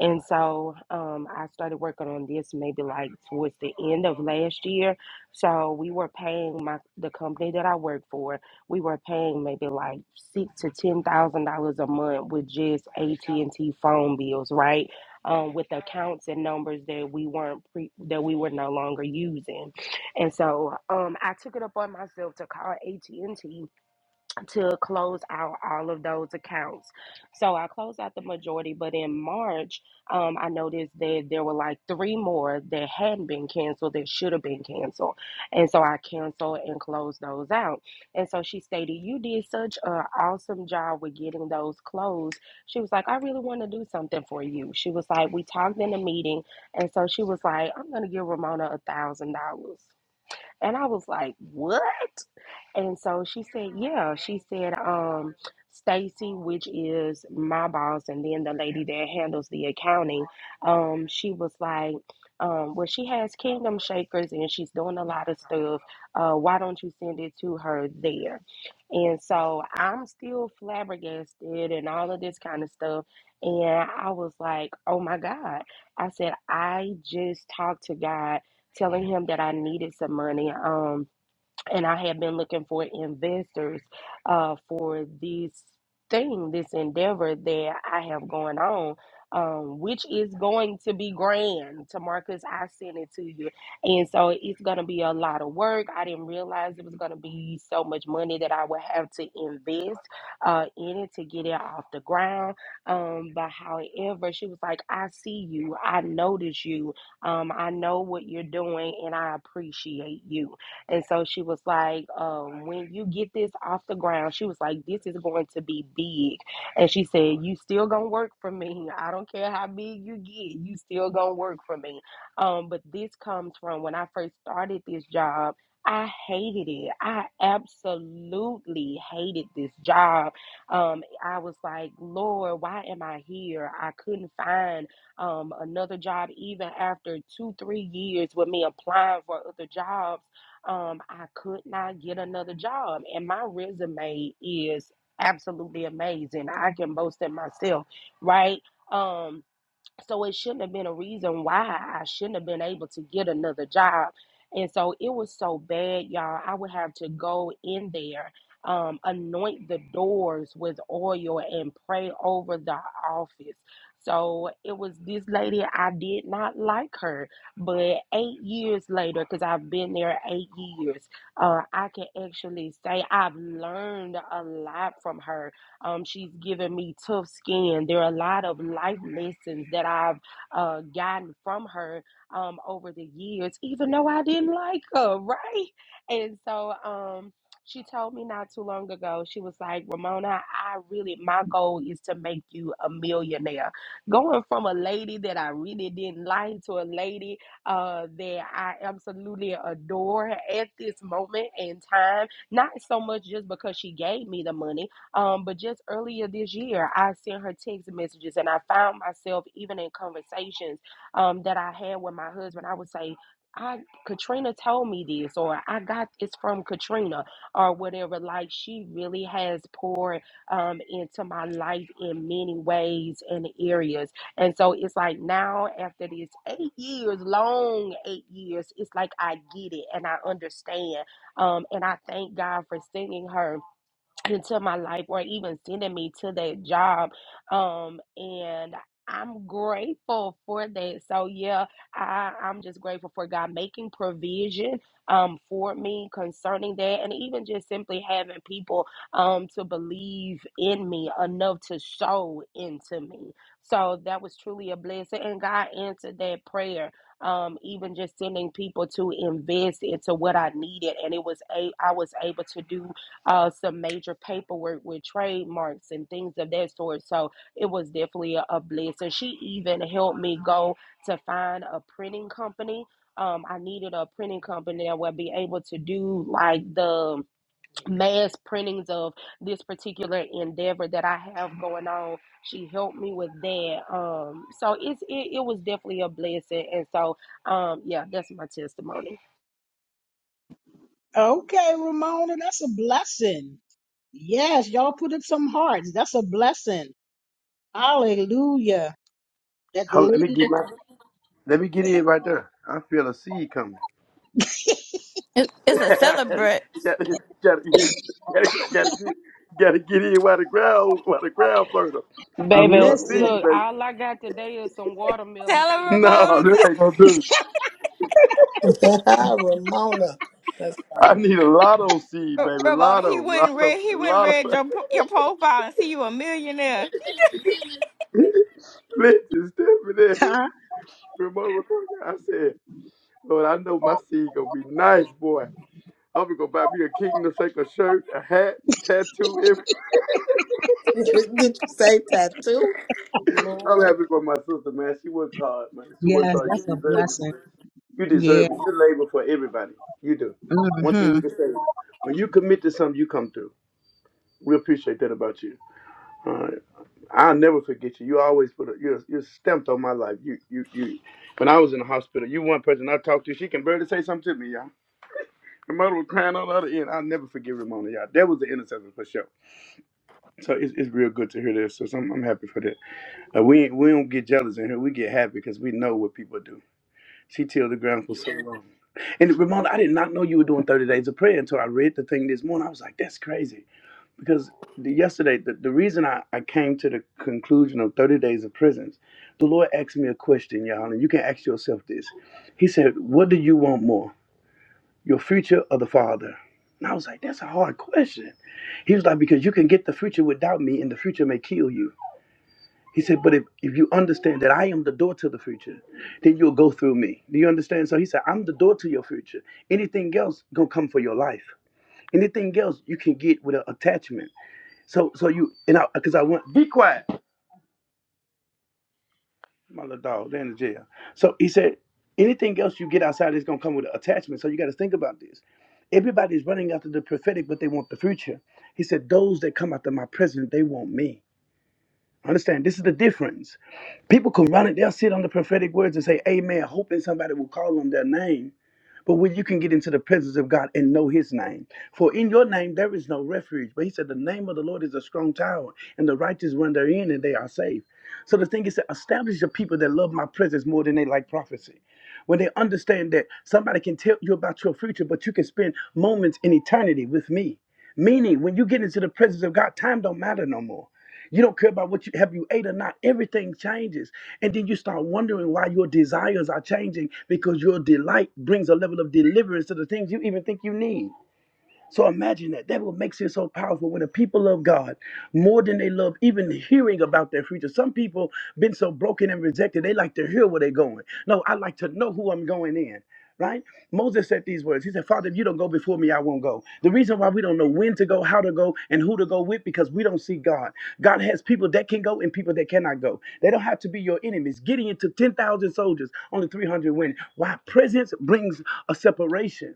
Speaker 6: And so um, I started working on this maybe like towards the end of last year so we were paying my the company that I worked for, we were paying maybe like six to ten thousand dollars a month with just AT and T phone bills, right? Um, with accounts and numbers that we weren't pre that we were no longer using, and so um, I took it upon myself to call AT and T to close out all of those accounts. So I closed out the majority, but in March, um, I noticed that there were like three more that hadn't been canceled that should have been canceled. And so I canceled and closed those out. And so she stated, You did such an awesome job with getting those closed. She was like, I really want to do something for you. She was like, We talked in a meeting. And so she was like, I'm going to give Ramona a $1,000. And I was like, what? And so she said, yeah. She said, um, Stacy, which is my boss, and then the lady that handles the accounting, um, she was like, um, well, she has Kingdom Shakers and she's doing a lot of stuff. Uh, why don't you send it to her there? And so I'm still flabbergasted and all of this kind of stuff. And I was like, oh my God. I said, I just talked to God telling him that I needed some money. Um, and I have been looking for investors uh, for this thing, this endeavor that I have going on, um, which is going to be grand. To Marcus, I sent it to you, and so it's going to be a lot of work. I didn't realize it was going to be so much money that I would have to invest uh, in it to get it off the ground. Um, but however, she was like, "I see you. I notice you. Um, I know what you're doing, and I appreciate you." And so she was like, um, when you get this off the ground, she was like, this is going to be big. And she said, you still gonna work for me. I don't care how big you get, you still gonna work for me. Um, but this comes from when I first started this job. I hated it. I absolutely hated this job. Um, I was like, Lord, why am I here? I couldn't find um, another job even after two, three years with me applying for other jobs um, I could not get another job. And my resume is absolutely amazing. I can boast it myself, right? Um, so it shouldn't have been a reason why I shouldn't have been able to get another job. And so it was so bad, y'all. I would have to go in there, um, anoint the doors with oil and pray over the office. So it was this lady, I did not like her. But eight years later, because I've been there eight years, uh, I can actually say I've learned a lot from her um, she's given me tough skin. There are a lot of life lessons that I've uh, gotten from her um, over the years, even though I didn't like her, [LAUGHS] right? And so um, she told me not too long ago, she was like, Ramona, I really, my goal is to make you a millionaire. Going from a lady that I really didn't like to a lady uh, that I absolutely adore at this moment in time, not so much just because she gave me the money um, but just earlier this year, I sent her text messages and I found myself even in conversations um, that I had with my husband. I would say, I Katrina told me this, or I got this from Katrina, or whatever. Like she really has poured um, into my life in many ways and areas, and so it's like now after this eight years, long eight years, it's like I get it and I understand, um, and I thank God for sending her into my life or even sending me to that job. Um, and I'm grateful for that. So yeah, I, I'm just grateful for God making provision um for me concerning that and even just simply having people um to believe in me enough to sow into me. So that was truly a blessing and God answered that prayer. Um, even just sending people to invest into what I needed and it was a I was able to do uh, some major paperwork with trademarks and things of that sort. So it was definitely a, a blessing. She even helped me go to find a printing company. Um, I needed a printing company that would be able to do like the mass printings of this particular endeavor that I have going on. She helped me with that. Um, so it's it, it was definitely a blessing. And so um, yeah, that's my testimony.
Speaker 1: Okay, Ramona, that's a blessing. Yes, y'all put up some hearts. That's a blessing. Hallelujah. That the
Speaker 4: Hold, let me
Speaker 1: lady
Speaker 4: get my. Let me get in right there. I feel a seed coming.
Speaker 11: It, it's
Speaker 4: [LAUGHS]
Speaker 11: a
Speaker 4: gotta,
Speaker 11: celebrant.
Speaker 4: get, gotta, get- gotta, get- gotta, get, gotta get in while the ground, while the ground fertile. I feel
Speaker 6: Baby,
Speaker 4: a
Speaker 1: listen.
Speaker 4: seed,
Speaker 6: look,
Speaker 4: baby.
Speaker 6: all I got today is some watermelon
Speaker 11: Tell him,
Speaker 6: seeds.
Speaker 4: No,
Speaker 11: Ramona.
Speaker 4: that ain't gonna do.
Speaker 12: [LAUGHS] Ramona. That's
Speaker 4: I
Speaker 12: funny.
Speaker 4: need a lotto seed,
Speaker 11: [LAUGHS]
Speaker 4: baby.
Speaker 11: Ramona, he
Speaker 4: Lotto,
Speaker 11: wouldn't
Speaker 4: lotto,
Speaker 11: read. He wouldn't
Speaker 4: lotto.
Speaker 11: read your pro- your profile and see you a millionaire.
Speaker 4: [LAUGHS] Listen, Stephanie,
Speaker 1: Huh?
Speaker 4: remote reporter. I said, Lord, I know my seed gonna be nice, boy. I'm gonna go buy me a Kingdom Shaker shirt, a hat, tattoo. every-
Speaker 12: [LAUGHS] Did you say tattoo?
Speaker 4: [LAUGHS] I'm
Speaker 12: Lord.
Speaker 4: happy for my sister, man. She works hard, man. She works
Speaker 1: Yes,
Speaker 4: hard. You
Speaker 1: that's a
Speaker 4: deserve it. sis.
Speaker 1: blessing.
Speaker 4: You
Speaker 1: Yeah.
Speaker 4: deserve it. You labor for everybody. You do. One thing
Speaker 1: hmm
Speaker 4: we can say when you commit to something, you come through. We appreciate that about you. All right. I'll never forget you. You always put a you're you're stamped on my life. You you you when I was in the hospital, you one person I talked to, she can barely say something to me, y'all. My mother was crying on the other end. I'll never forget Ramona, y'all. That was the intercessor for sure. So it's, it's real good to hear this. So I'm, I'm happy for that. Uh, we we don't get jealous in here. We get happy because we know what people do. She tilled the ground for so long. And Ramona, I did not know you were doing 30 days of prayer until I read the thing this morning. I was like, that's crazy. Because the, yesterday, the, the reason I, I came to the conclusion of 30 days of prisons, the Lord asked me a question, y'all, and you can ask yourself this. He said, What do you want more, your future or the Father? And I was like, That's a hard question. He was like, Because you can get the future without me, and the future may kill you. He said, but if, if you understand that I am the door to the future, then you'll go through me. Do you understand? So he said, I'm the door to your future. Anything else gonna come for your life. Anything else you can get with an attachment. So so you and I because I went, be quiet. My little dog, they're in the jail. So he said, anything else you get outside is gonna come with an attachment. So you gotta think about this. Everybody's running after the prophetic, but they want the future. He said, those that come after my presence, they want me. Understand, this is the difference. People can run it, they'll sit on the prophetic words and say, Amen, hoping somebody will call on their name. But when you can get into the presence of God and know his name. For in your name there is no refuge. But he said, The name of the Lord is a strong tower, and the righteous run therein and they are safe. So the thing is to establish the people that love my presence more than they like prophecy. When they understand that somebody can tell you about your future, but you can spend moments in eternity with me. Meaning, when you get into the presence of God, time don't matter no more. You don't care about what you have you ate or not. Everything changes. And then you start wondering why your desires are changing because your delight brings a level of deliverance to the things you even think you need. So imagine that. That what makes it so powerful when the people love God more than they love even hearing about their future. Some people been so broken and rejected, they like to hear where they're going. No, I like to know who I'm going in. Right? Moses said these words. He said, Father, if you don't go before me, I won't go. The reason why we don't know when to go, how to go, and who to go with, because we don't see God. God has people that can go and people that cannot go. They don't have to be your enemies. Gideon took 10,000 soldiers, only 300 went. Why? Presence brings a separation.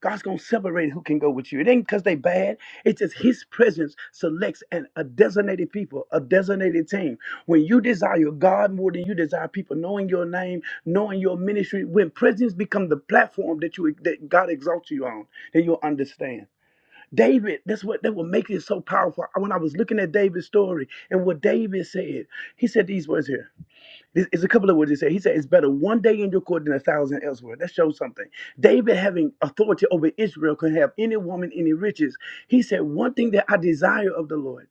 Speaker 4: God's gonna separate who can go with you. It ain't because they bad. It's just His presence selects an, a designated people, a designated team. When you desire God more than you desire people knowing your name, knowing your ministry, when presence become the platform that you that God exalts you on, then you'll understand. David, that's what that will make it so powerful. When I was looking at David's story and what David said, he said these words here. This is a couple of words he said. He said, It's better one day in your court than a thousand elsewhere. That shows something. David, having authority over Israel, could have any woman, any riches. He said, One thing that I desire of the Lord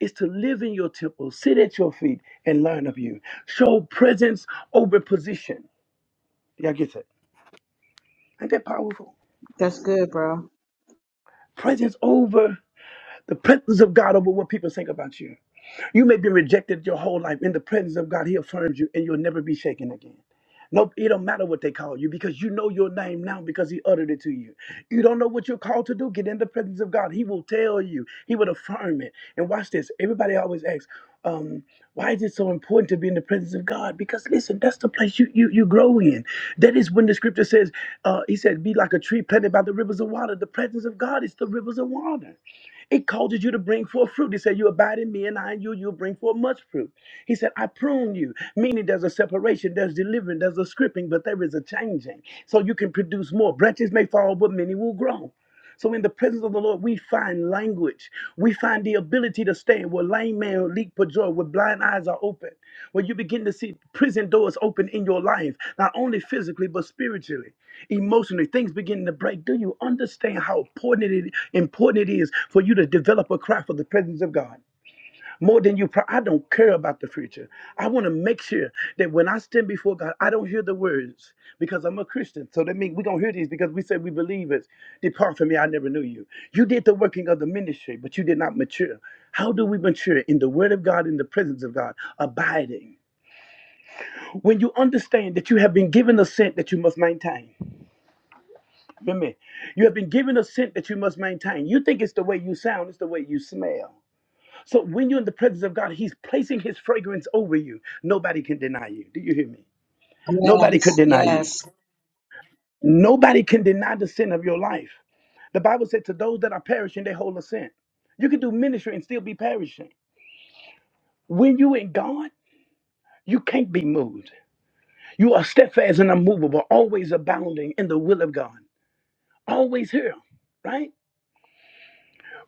Speaker 4: is to live in your temple, sit at your feet, and learn of you. Show presence over position. Y'all get that? Ain't that powerful?
Speaker 1: That's good, bro.
Speaker 4: Presence over the presence of God over what people think about you. You may be rejected your whole life. In the presence of God, He affirms you and you'll never be shaken again. No, it don't matter what they call you because you know your name now because he uttered it to you. You don't know what you're called to do. Get in the presence of God. He will tell you. He will affirm it. And watch this. Everybody always asks, um, why is it so important to be in the presence of God? Because listen, that's the place you you you grow in. That is when the scripture says, uh, he said, be like a tree planted by the rivers of water. The presence of God is the rivers of water. It causes you to bring forth fruit. He said, You abide in me and I in you, you'll bring forth much fruit. He said, I prune you, meaning there's a separation, there's delivering, there's a scripting, but there is a changing. So you can produce more. Branches may fall, but many will grow. So in the presence of the Lord, we find language. We find the ability to stand where lame men leap for joy, where blind eyes are open, where you begin to see prison doors open in your life, not only physically, but spiritually, emotionally. Things begin to break. Do you understand how important it, important it is for you to develop a cry for the presence of God? more than you. Pro- I don't care about the future. I want to make sure that when I stand before God, I don't hear the words because I'm a Christian. So that means we're going to hear these because we say we believe it. Depart from me, I never knew you. You did the working of the ministry, but you did not mature. How do we mature? In the word of God, in the presence of God, abiding. When you understand that you have been given a scent that you must maintain. Remember, you have been given a scent that you must maintain. You think it's the way you sound, it's the way you smell. So when you're in the presence of God, He's placing His fragrance over you. Nobody can deny you. Do you hear me?
Speaker 1: Yes,
Speaker 4: Nobody could deny you.
Speaker 1: yes.
Speaker 4: Nobody can deny the sin of your life. The Bible said, To those that are perishing, they hold a sin. You can do ministry and still be perishing. When you in God, you can't be moved. You are steadfast and unmovable, always abounding in the will of God. Always here, right?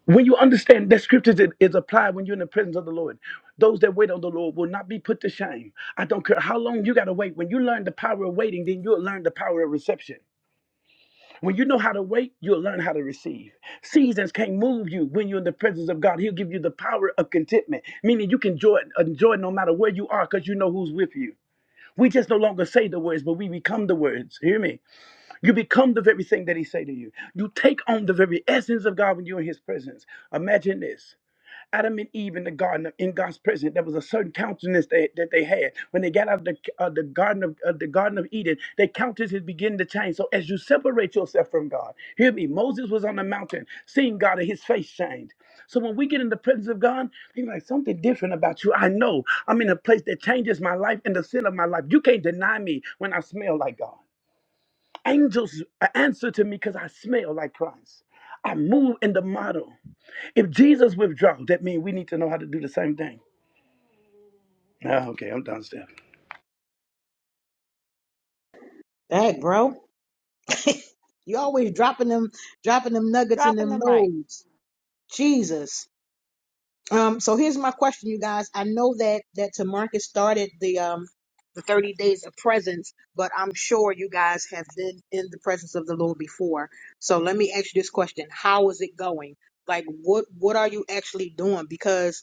Speaker 4: When you understand that scriptures is, is applied when you're in the presence of the Lord, those that wait on the Lord will not be put to shame. I don't care how long you got to wait. When you learn the power of waiting, then you'll learn the power of reception. When you know how to wait, you'll learn how to receive. Seasons can't move you when you're in the presence of God. He'll give you the power of contentment, meaning you can enjoy, enjoy no matter where you are because you know who's with you. We just no longer say the words, but we become the words. Hear me? You become the very thing that he say to you. You take on the very essence of God when you're in his presence. Imagine this. Adam and Eve in the garden of- in God's presence, there was a certain countenance that, that they had. When they got out of the, uh, the garden of uh, the Garden of Eden, their countenance is beginning to change. So as you separate yourself from God, hear me. Moses was on the mountain, seeing God, and his face changed. So when we get in the presence of God, he's like something different about you. I know I'm in a place that changes my life and the sin of my life. You can't deny me when I smell like God. Angels uh, answer to me because I smell like Christ. I move in the model. If Jesus withdrew, that means we need to know how to do the same thing. Ah, okay, I'm done, Steph.
Speaker 1: That, bro. [LAUGHS] You always dropping them, dropping them nuggets in
Speaker 11: Dropping the
Speaker 1: them
Speaker 11: mic.
Speaker 1: loads. Jesus. Um, so here's my question, you guys. I know that that Tamarcus started the um the 30 days of presence, but I'm sure you guys have been in the presence of the Lord before. So let me ask you this question. How is it going? Like what what are you actually doing? Because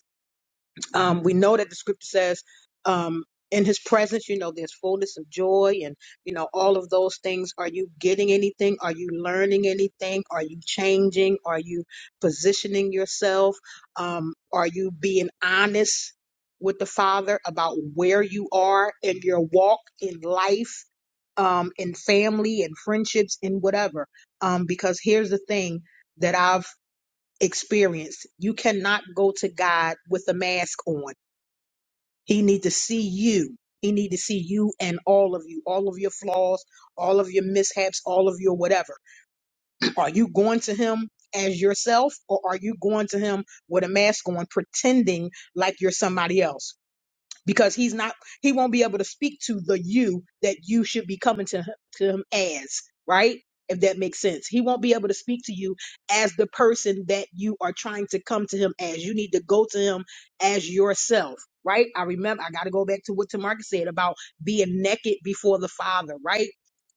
Speaker 1: um, we know that the scripture says, um, in his presence, you know, there's fullness of joy and, you know, all of those things. Are you getting anything? Are you learning anything? Are you changing? Are you positioning yourself? Um, are you being honest with the Father about where you are in your walk in life? Um, in family and friendships and whatever. Um, because here's the thing that I've experienced. You cannot go to God with a mask on he need to see you. He need to see you and all of you, all of your flaws, all of your mishaps, all of your whatever. Are you going to him as yourself or are you going to him with a mask on pretending like you're somebody else? because he's not he won't be able to speak to the you that you should be coming to him, to him as right if that makes sense he won't be able to speak to you as the person that you are trying to come to him as you need to go to him as yourself right i remember i got to go back to what tamarcus said about being naked before the father right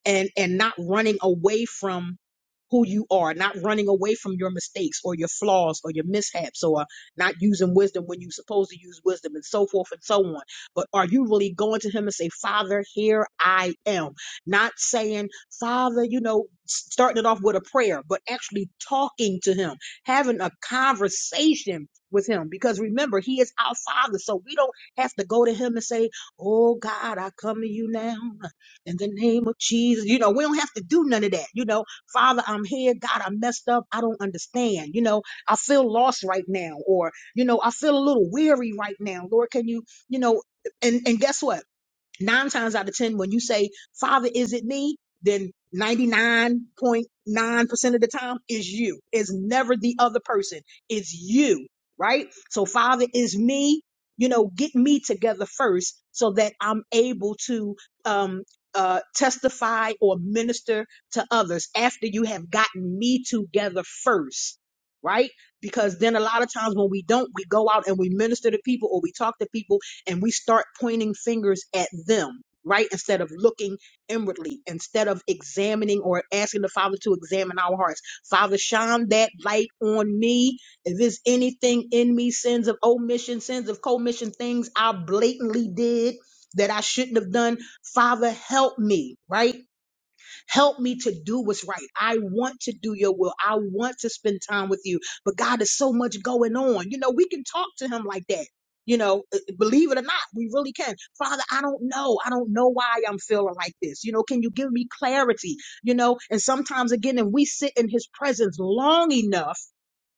Speaker 1: and and not running away from who you are not running away from your mistakes or your flaws or your mishaps or not using wisdom when you're supposed to use wisdom and so forth and so on. But are you really going to him and say, Father, here I am? Not saying, Father, you know, s- starting it off with a prayer, but actually talking to him, having a conversation with him. Because remember, he is our Father. So we don't have to go to him and say, Oh God, I come to you now in the name of Jesus. You know, we don't have to do none of that. You know, Father, I'm here. God, I messed up. I don't understand. You know, I feel lost right now, or, you know, I feel a little weary right now. Lord, can you, you know, and, and guess what? nine times out of ten, when you say, Father, is it me? Then 99.9% of the time is you. It's never the other person. It's you, right? So, Father is me. You know, get me together first so that I'm able to um, uh, testify or minister to others after you have gotten me together first, right? Because then a lot of times when we don't, we go out and we minister to people or we talk to people and we start pointing fingers at them, right? Instead of looking inwardly, instead of examining or asking the Father to examine our hearts. Father, shine that light on me. If there's anything in me, sins of omission, sins of commission, things I blatantly did that I shouldn't have done, Father, help me, right? Help me to do what's right. I want to do your will. I want to spend time with you. But God, there's so much going on. You know, we can talk to him like that. You know, uh, believe it or not, we really can. Father, I don't know. I don't know why I'm feeling like this. You know, can you give me clarity? You know, and sometimes again, if we sit in his presence long enough,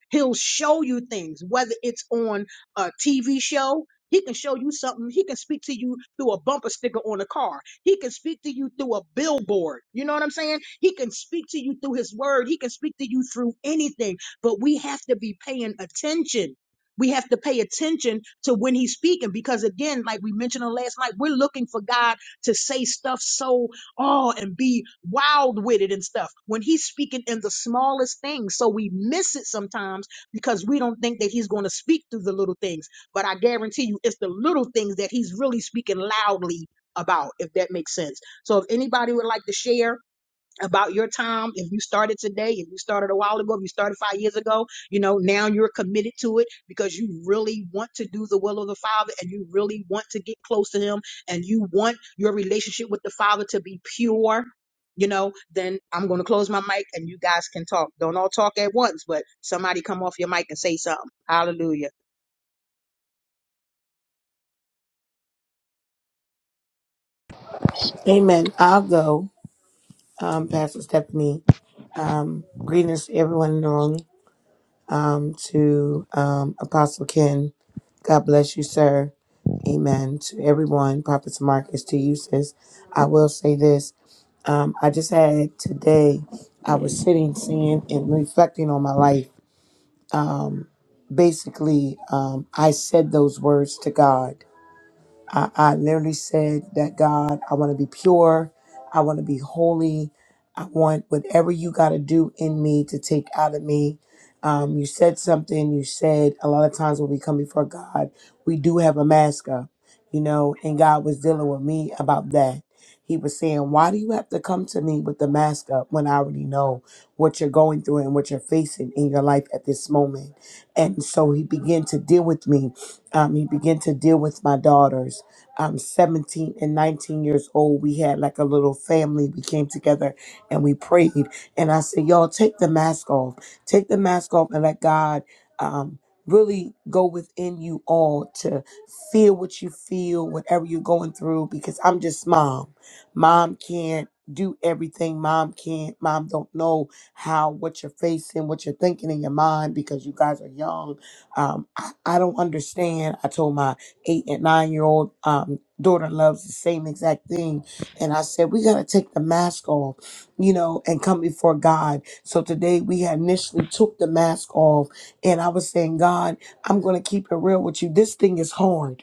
Speaker 1: He'll show you things, whether it's on a TV show. He can show you something. He can speak to you through a bumper sticker on a car. He can speak to you through a billboard. You know what I'm saying? He can speak to you through his word. He can speak to you through anything. But we have to be paying attention. We have to pay attention to when he's speaking because, again, like we mentioned on last night, we're looking for God to say stuff so oh, and be wild with it and stuff. When he's speaking in the smallest things, so we miss it sometimes because we don't think that he's going to speak through the little things. But I guarantee you, it's the little things that he's really speaking loudly about, if that makes sense. So if anybody would like to share, about your time. If you started today, if you started a while ago, if you started five years ago, you know, now you're committed to it because you really want to do the will of the Father and you really want to get close to Him and you want your relationship with the Father to be pure. You know, then I'm going to close my mic and you guys can talk. Don't all talk at once, but somebody come off your mic and say something. Hallelujah.
Speaker 13: Amen. I'll go, um, Pastor Stephanie. Um, greetings to everyone in the room. Um, to um, Apostle Ken, God bless you, sir. Amen. To everyone, Prophet Marcus, to you, sis. I will say this. Um, I just had today, I was sitting, seeing, and reflecting on my life. Um, basically, um, I said those words to God I, I literally said that God, I want to be pure. I want to be holy. I want whatever you got to do in me to take out of me. Um, you said something. You said a lot of times when we come before God, we do have a mask up, you know, and God was dealing with me about that. He was saying, Why do you have to come to me with the mask up when I already know what you're going through and what you're facing in your life at this moment? And so he began to deal with me. Um, he began to deal with my daughters um, 17 and 19 years old, we had like a little family. We came together and we prayed. And I said, Y'all, take the mask off. Take the mask off and let God um, really go within you all to feel what you feel, whatever you're going through, because I'm just mom. Mom can't do everything mom can't mom don't know how what you're facing what you're thinking in your mind because you guys are young um i, I don't understand i told my eight and nine year old um, daughter loves the same exact thing. And I said, we got to take the mask off, you know, and come before God. So today we had initially took the mask off and I was saying, God, I'm going to keep it real with you. This thing is hard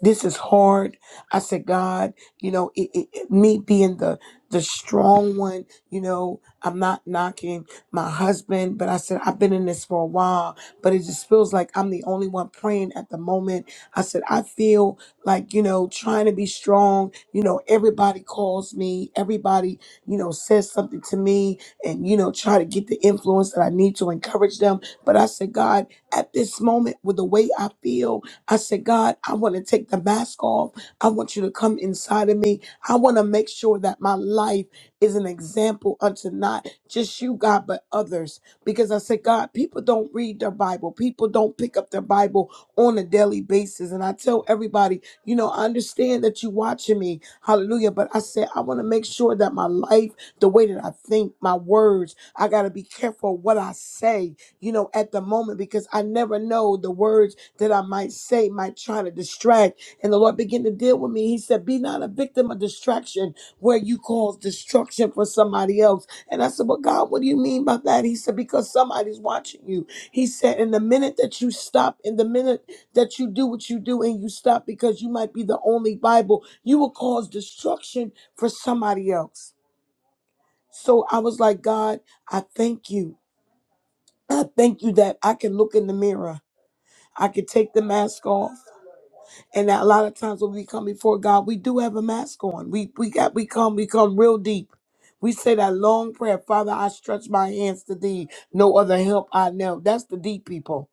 Speaker 13: this is hard. I said, God, you know, it, it, it- me being the the strong one, you know, I'm not knocking my husband, but I said I've been in this for a while, but it just feels like I'm the only one praying at the moment. I said I feel like you know trying to be strong. You know, everybody calls me, everybody you know says something to me, and you know try to get the influence that I need to encourage them. But I said, God, at this moment, with the way I feel. I said, God, I want to take the mask off. I want you to come inside of me. I want to make sure that my life is an example unto not just you, God, but others. Because I said, God, people don't read their Bible, people don't pick up their Bible on a daily basis. And I tell everybody, you know, I understand that you watching me. Hallelujah. But I said, I want to make sure that my life, the way that I think, my words, I got to be careful what I say, you know, at the moment because I never know the words that I might say might try to distract. And the Lord began to deal with me. He said, Be not a victim of distraction where you cause destruction for somebody else. And I said, Well, God, what do you mean by that? He said, Because somebody's watching you. He said, "In the minute that you stop, in the minute that you do what you do and you stop because you might be the only Bible, you will cause destruction for somebody else. So I was like, God, I thank you. I thank you that I can look in the mirror. I can take the mask off. And that a lot of times when we come before God, we do have a mask on. We we got we come we come real deep. We say that long prayer, Father, I stretch my hands to thee. No other help I know. That's the deep people.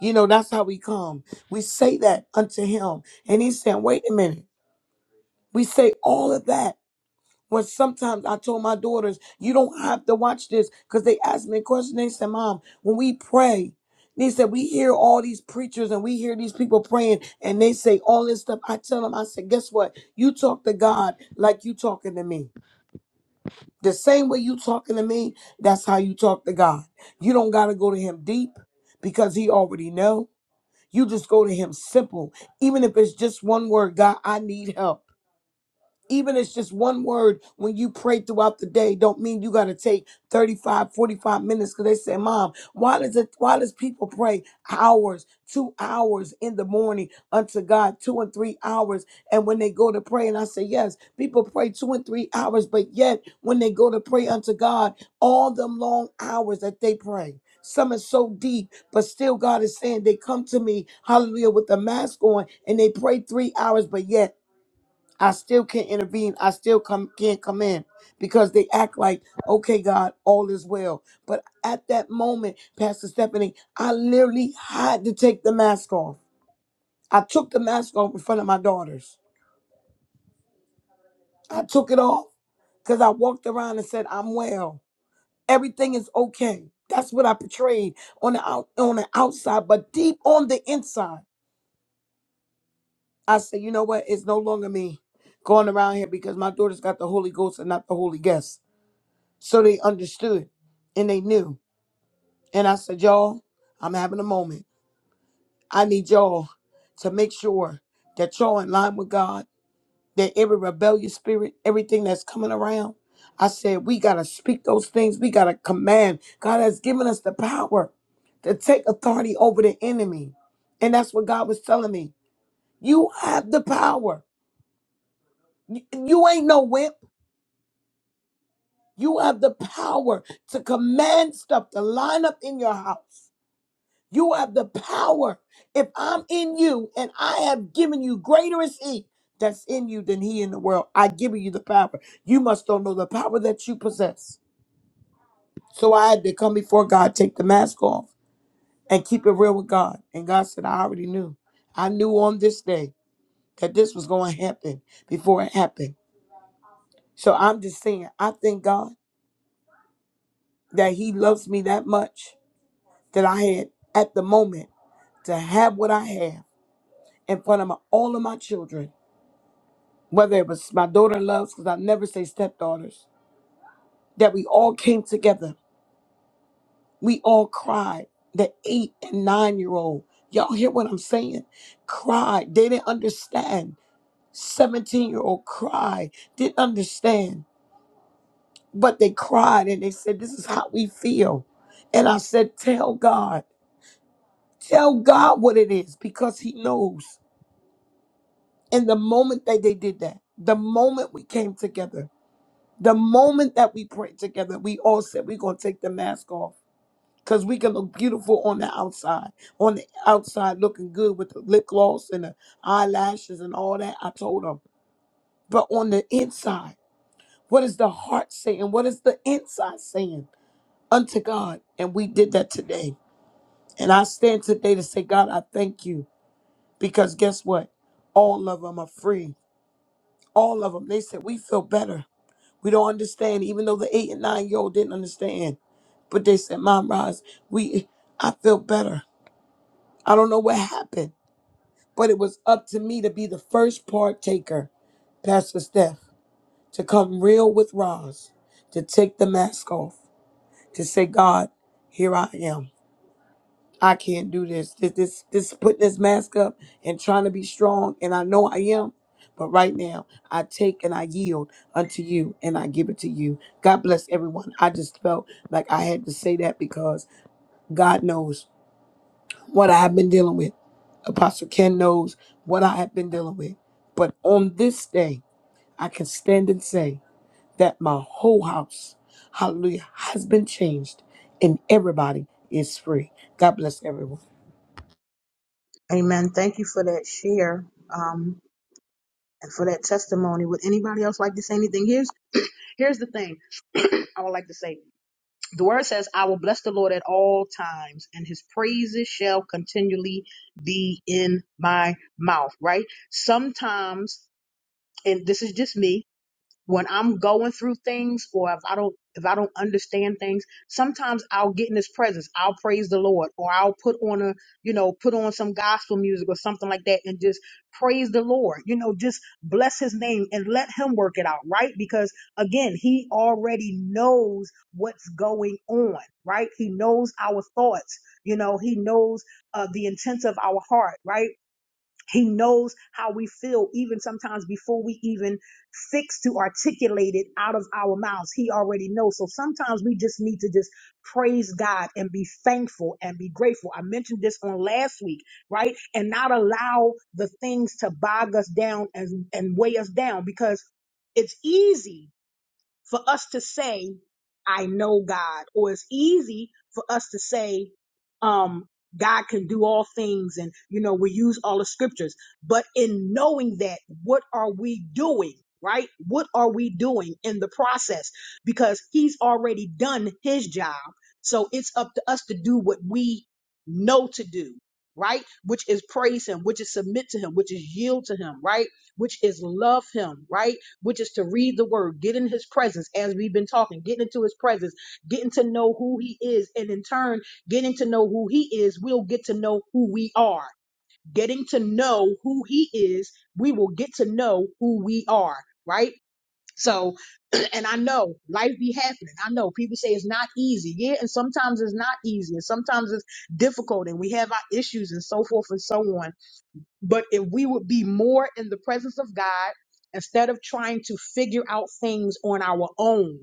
Speaker 13: You know, that's how we come. We say that unto him. And he's saying, wait a minute. We say all of that when sometimes I told my daughters, you don't have to watch this because they asked me a question. They said, Mom, when we pray, they said, we hear all these preachers and we hear these people praying and they say all this stuff. I tell them, I said, guess what? You talk to God like you talking to me. The same way you talking to me, that's how you talk to God. You don't got to go to him deep because he already know. You just go to him simple. Even if it's just one word, God, I need help even it's just one word when you pray throughout the day don't mean you got to take thirty-five, forty-five 45 minutes because they say mom why does it why does people pray hours two hours in the morning unto god two and three hours and when they go to pray and i say yes people pray two and three hours but yet when they go to pray unto god all them long hours that they pray some is so deep, but still God is saying they come to me, hallelujah, with the mask on and they pray three hours, but yet I still can't intervene. I still come can't come in because they act like, okay, God, all is well. But at that moment, Pastor Stephanie, I literally had to take the mask off. I took the mask off in front of my daughters. I took it off because I walked around and said, I'm well. Everything is okay. That's what I portrayed on the out, on the outside, but deep on the inside, I said, you know what? It's no longer me going around here because my daughters got the Holy Ghost and not the Holy Guest. So they understood and they knew. And I said, Y'all, I'm having a moment. I need y'all to make sure that y'all in line with God, that every rebellious spirit, everything that's coming around, I said, we got to speak those things. We got to command. God has given us the power to take authority over the enemy. And that's what God was telling me. You have the power. You, you ain't no wimp. You have the power to command stuff to line up in your house. You have the power. If I'm in you and I have given you greater is he that's in you than he in the world, I give you the power. You must don't know the power that you possess. So I had to come before God, take the mask off, and keep it real with God. And God said, I already knew. I knew on this day that this was going to happen before it happened. So I'm just saying, I thank God that he loves me that much that I had at the moment to have what I have in front of my, all of my children whether it was my daughter in laws, because I never say stepdaughters, that we all came together. We all cried. The eight and nine year old, y'all hear what I'm saying? Cried. They didn't understand. 17 year old cried, didn't understand, but they cried and they said, This is how we feel. And I said, Tell God, tell God what it is because He knows. And the moment that they did that, the moment we came together, The moment that we pray together, we all said we're gonna take the mask off. Cause we can look beautiful on the outside. On the outside looking good with the lip gloss and the eyelashes and all that. I told them. But on the inside, what is the heart saying? What is the inside saying unto God? And we did that today. And I stand today to say, God, I thank you. Because guess what? All of them are free. All of them. They said, we feel better. We don't understand, even though the eight and nine year old didn't understand. But they said, Mom Roz, we I feel better. I don't know what happened. But it was up to me to be the first partaker, Pastor Steph, to come real with Roz, to take the mask off, to say, God, here I am. I can't do this. This this this putting this mask up and trying to be strong, and I know I am, but right now I take and I yield unto you and I give it to you. God bless everyone. I just felt like I had to say that because God knows what I have been dealing with. Apostle Ken knows what I have been dealing with. But on this day, I can stand and say that my whole house, hallelujah, has been changed and everybody is free. God bless everyone.
Speaker 1: Amen. Thank you for that share um, and for that testimony. Would anybody else like to say anything? Here's here's the thing I would like to say. The word says, I will bless the Lord at all times, and his praises shall continually be in my mouth, right? Sometimes, and this is just me, when I'm going through things or if I don't if I don't understand things, sometimes I'll get in his presence. I'll praise the Lord or I'll put on a, you know, put on some gospel music or something like that and just praise the Lord. You know, just bless his name and let him work it out, right? Because again, he already knows what's going on, right? He knows our thoughts. You know, he knows uh, the intents of our heart, right? He knows how we feel, even sometimes before we even fix to articulate it out of our mouths. He already knows. So sometimes we just need to just praise God and be thankful and be grateful. I mentioned this on last week, right? And not allow the things to bog us down and, and weigh us down because it's easy for us to say, I know God, or it's easy for us to say, um, God can do all things, and you know, we use all the scriptures. But in knowing that, what are we doing? Right? What are we doing in the process? Because he's already done his job. So it's up to us to do what we know to do, right? Which is praise him, which is submit to him, which is yield to him, right? Which is love him, right? which is to read the word, get in his presence as we've been talking, getting into his presence, getting to know who he is, and in turn, getting to know who he is, we'll get to know who we are. Getting to know who he is, we will get to know who we are, right? So, and I know life be happening. I know people say it's not easy. Yeah, and sometimes it's not easy, and sometimes it's difficult, and we have our issues and so forth and so on but if we would be more in the presence of God instead of trying to figure out things on our own.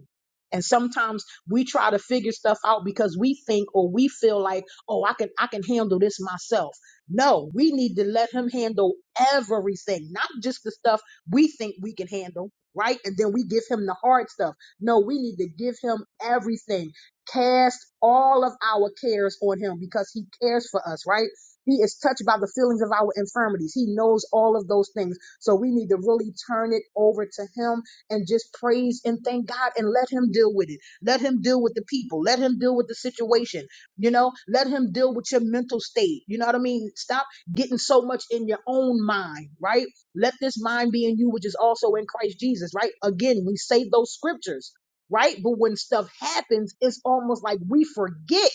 Speaker 1: And sometimes we try to figure stuff out because we think or we feel like, oh, I can I can handle this myself. No, we need to let him handle everything, not just the stuff we think we can handle, right? And then we give him the hard stuff. No, we need to give him everything. Cast all of our cares on him because he cares for us, right? He is touched by the feelings of our infirmities. He knows all of those things. So we need to really turn it over to Him and just praise and thank God and let Him deal with it. Let Him deal with the people. Let Him deal with the situation. You know, let Him deal with your mental state. You know what I mean? Stop getting so much in your own mind, right? Let this mind be in you, which is also in Christ Jesus, right? Again, we say those scriptures, right? But when stuff happens, it's almost like we forget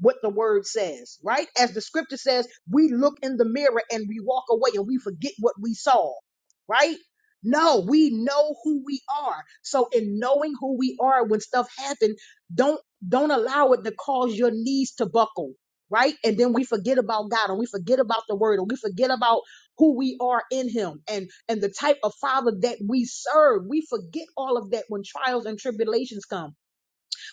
Speaker 1: what the word says, right? As the scripture says, we look in the mirror and we walk away and we forget what we saw, right? No, we know who we are. So in knowing who we are when stuff happens, don't don't allow it to cause your knees to buckle, right? And then we forget about God and we forget about the word and we forget about who we are in him and and the type of father that we serve. We forget all of that when trials and tribulations come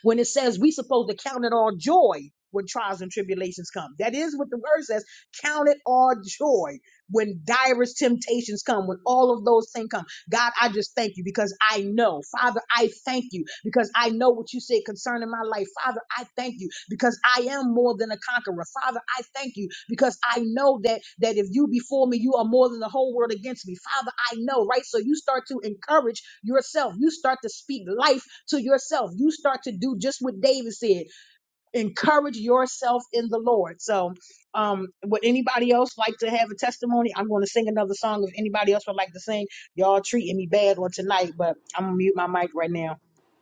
Speaker 1: when it says we supposed to count it all joy when trials and tribulations come. That is what the word says. Count it all joy when direst temptations come, when all of those things come. God, I just thank you because I know. Father, I thank you because I know what you said concerning my life. Father, I thank you because I am more than a conqueror. Father, I thank you because I know that that if you before me, you are more than the whole world against me. Father, I know, right? So you start to encourage yourself. You start to speak life to yourself. You start to do just what David said encourage yourself in the Lord. So, um, would anybody else like to have a testimony? I'm going to sing another song. If anybody else would like to sing, y'all treating me bad on tonight, but I'm gonna mute my mic right now.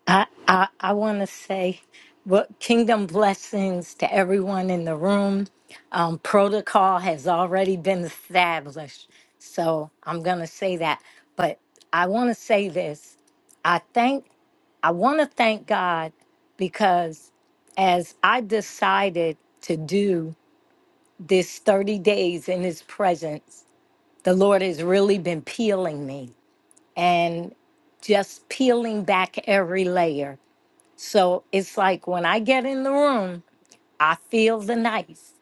Speaker 2: I I, I want to say, what kingdom blessings to everyone in the room. Um, protocol has already been established, so I'm gonna say that. But I want to say this. I thank I want to thank God because as I decided to do. this 30 days in his presence, the Lord has really been peeling me and just peeling back every layer. So it's like when I get in the room, I feel the knife.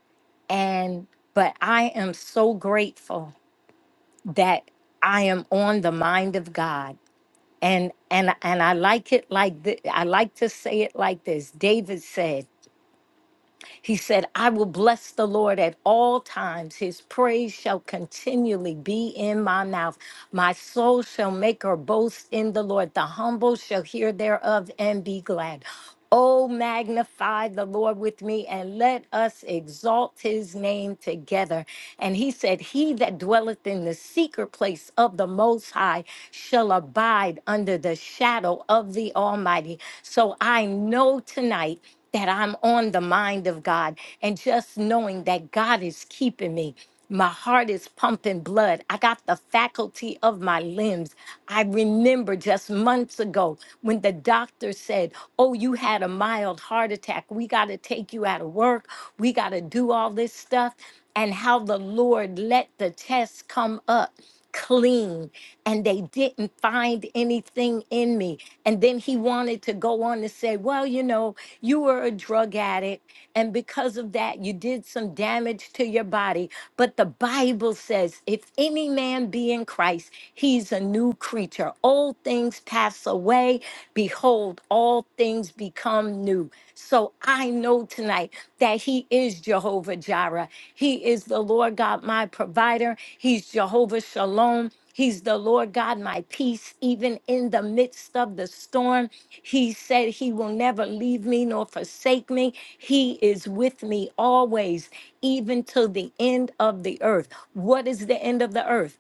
Speaker 2: And but I am so grateful that I am on the mind of God. And and and I like it like th- I like to say it like this. David said, He said, I will bless the Lord at all times. His praise shall continually be in my mouth. My soul shall make her boast in the Lord. The humble shall hear thereof and be glad. Oh, magnify the Lord with me and let us exalt his name together. And he said, He that dwelleth in the secret place of the Most High shall abide under the shadow of the Almighty. So I know tonight that I'm on the mind of God and just knowing that God is keeping me. My heart is pumping blood. I got the faculty of my limbs. I remember just months ago when the doctor said, Oh, you had a mild heart attack. We got to take you out of work. We got to do all this stuff. And how the Lord let the test come up clean and they didn't find anything in me. And then he wanted to go on to say, Well, you know, you were a drug addict, and because of that, you did some damage to your body. But the Bible says, If any man be in Christ, he's a new creature. Old things pass away. Behold, all things become new. So I know tonight that he is Jehovah Jireh. He is the Lord God, my provider. He's Jehovah Shalom. He's the Lord God, my peace, even in the midst of the storm. He said he will never leave me nor forsake me. He is with me always, even till the end of the earth. What is the end of the earth?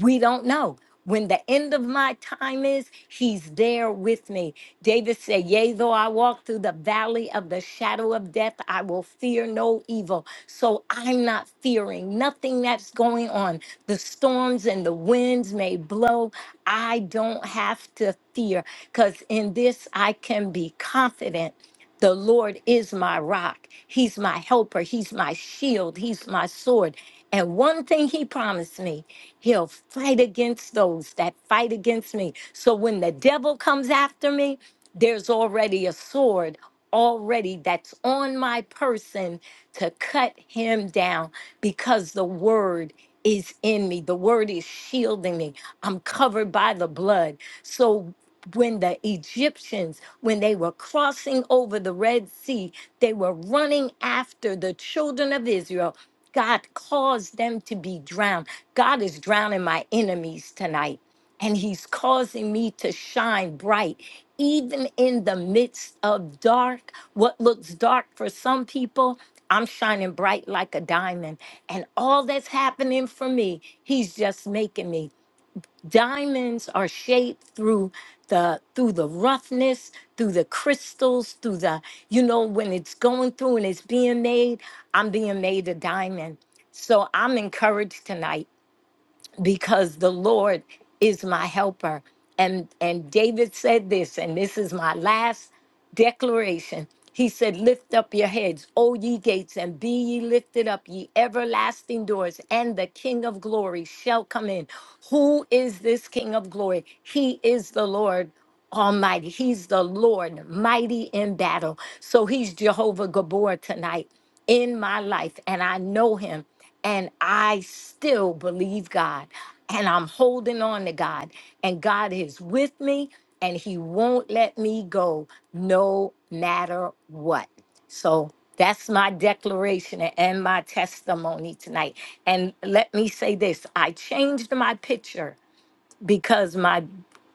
Speaker 2: We don't know. When the end of my time is, he's there with me. David said, Yea, though I walk through the valley of the shadow of death, I will fear no evil. So I'm not fearing nothing that's going on. The storms and the winds may blow. I don't have to fear because in this I can be confident. The Lord is my rock. He's my helper. He's my shield. He's my sword. And one thing he promised me He'll fight against those that fight against me. So when the devil comes after me, there's already a sword already that's on my person to cut him down because the word is in me. The word is shielding me. I'm covered by the blood. So when the Egyptians, when they were crossing over the Red Sea, they were running after the children of Israel God caused them to be drowned. God is drowning my enemies tonight, and He's causing me to shine bright, even in the midst of dark. What looks dark for some people, I'm shining bright like a diamond. And all that's happening for me, He's just making me diamonds are shaped through the through the roughness through the crystals through the you know when it's going through and it's being made i'm being made a diamond so i'm encouraged tonight because the Lord is my helper. And and David said this, and this is my last declaration. He said, Lift up your heads, O ye gates, and be ye lifted up, ye everlasting doors, and the King of glory shall come in. Who is this King of glory? He is the Lord Almighty. He's the Lord, mighty in battle. So he's Jehovah Gabor tonight in my life, and I know him and I still believe God and I'm holding on to God and God is with me and he won't let me go no matter what. So that's my declaration and my testimony tonight. And let me say this, I changed my picture because my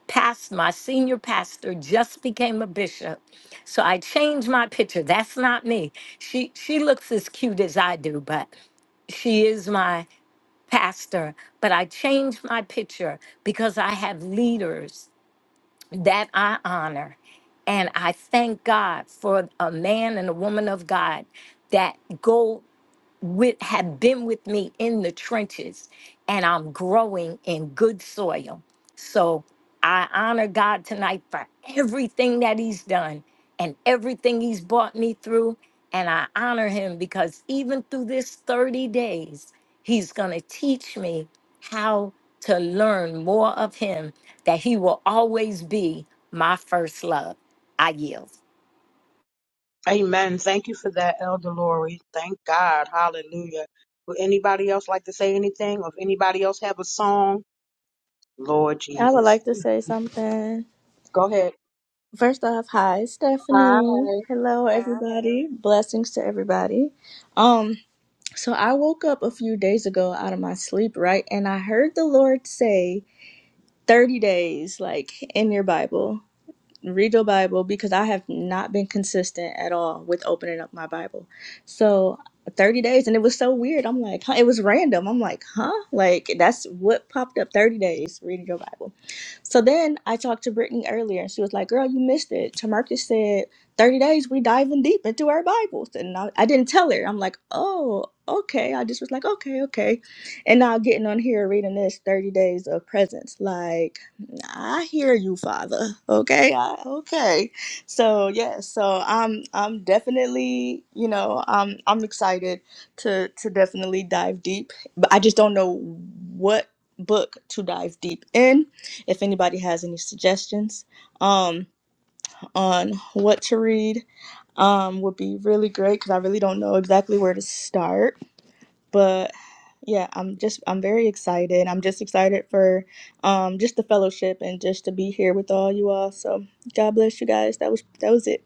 Speaker 2: past my senior pastor just became a bishop. So I changed my picture. That's not me. She she looks as cute as I do, but she is my pastor, but I changed my picture because I have leaders that I honor. And I thank God for a man and a woman of God that go with have been with me in the trenches and I'm growing in good soil. So I honor God tonight for everything that he's done and everything he's brought me through and I honor him because even through this 30 days he's going to teach me how to learn more of him that he will always be my first love. I yield.
Speaker 1: Amen. Thank you for that, Elder Lori. Thank God. Hallelujah. Would anybody else like to say anything? Or if anybody else have a song, Lord
Speaker 14: I would
Speaker 1: Jesus,
Speaker 14: like to say something.
Speaker 1: go ahead.
Speaker 14: First off, hi
Speaker 1: Hi.
Speaker 14: Stephanie. Hello everybody. Blessings to everybody. Um so I woke up a few days ago out of my sleep, right? And I heard the Lord say 30 days like in your Bible. Read your Bible because I have not been consistent at all with opening up my Bible. So 30 days and it was so weird. I'm like, huh? It was random. I'm like, huh? Like that's what popped up 30 days reading your Bible. So then I talked to Brittany earlier, and she was like, "Girl, you missed it." Tamarcus said, "30 days, we diving deep into our Bibles," and I, I didn't tell her. I'm like, "Oh, okay." I just was like, "Okay, okay," and now getting on here reading this 30 days of presence, like, I hear you, Father. Okay, I, okay. So yeah, so I'm I'm definitely you know I'm I'm excited to to definitely dive deep, but I just don't know what book to dive deep in if anybody has any suggestions um, on what to read um, would be really great because I really don't know exactly where to start. But yeah, I'm just I'm very excited. I'm just excited for um, just the fellowship and just to be here with all you all. So God bless you guys. That was that was it.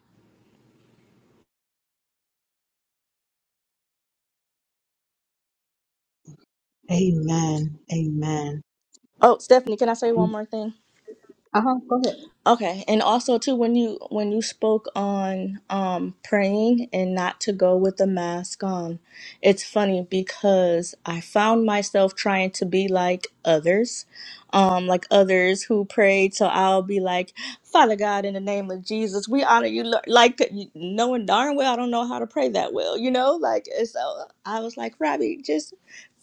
Speaker 1: Amen. Amen.
Speaker 14: Oh, Stephanie, can I say one more thing?
Speaker 1: Uh huh. Go ahead.
Speaker 14: Okay, and also too when you when you spoke on um praying and not to go with the mask on, it's funny because I found myself trying to be like others, um like others who prayed. So I'll be like, Father God, in the name of Jesus, we honor you. Lord," Like knowing darn well I don't know how to pray that well, you know. Like and so I was like, Robbie, just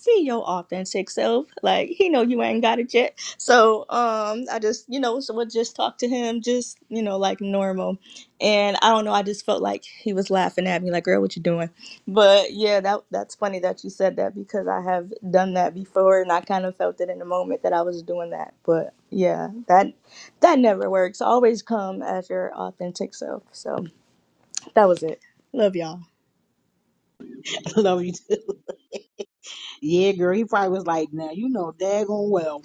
Speaker 14: be your authentic self. Like he know you ain't got it yet so um, I just, you know, so would just talk to him, just you know, like normal. And I don't know, I just felt like he was laughing at me, like, "Girl, what you doing?" But yeah, that that's funny that you said that because I have done that before, and I kind of felt it in the moment that I was doing that. But yeah, that that never works. Always come as your authentic self. So that was it. Love y'all
Speaker 1: [LAUGHS] Love you too. Yeah, girl. He probably was like, now you know daggone well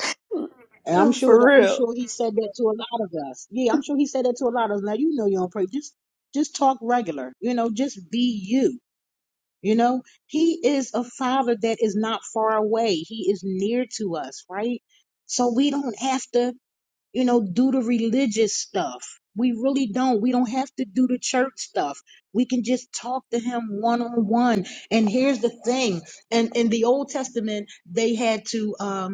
Speaker 1: And I'm
Speaker 14: [LAUGHS]
Speaker 1: sure
Speaker 14: for
Speaker 1: that I'm
Speaker 14: real.
Speaker 1: sure he said that to a lot of us. Yeah, I'm sure he said that to a lot of us. Now you know you don't pray. Just just talk regular. You know, just be you. You know, he is a father that is not far away. He is near to us, right? So we don't have to, you know, do the religious stuff. We really don't. We don't have to do the church stuff. We can just talk to him one on one. And here's the thing. And in in the Old Testament, they had to um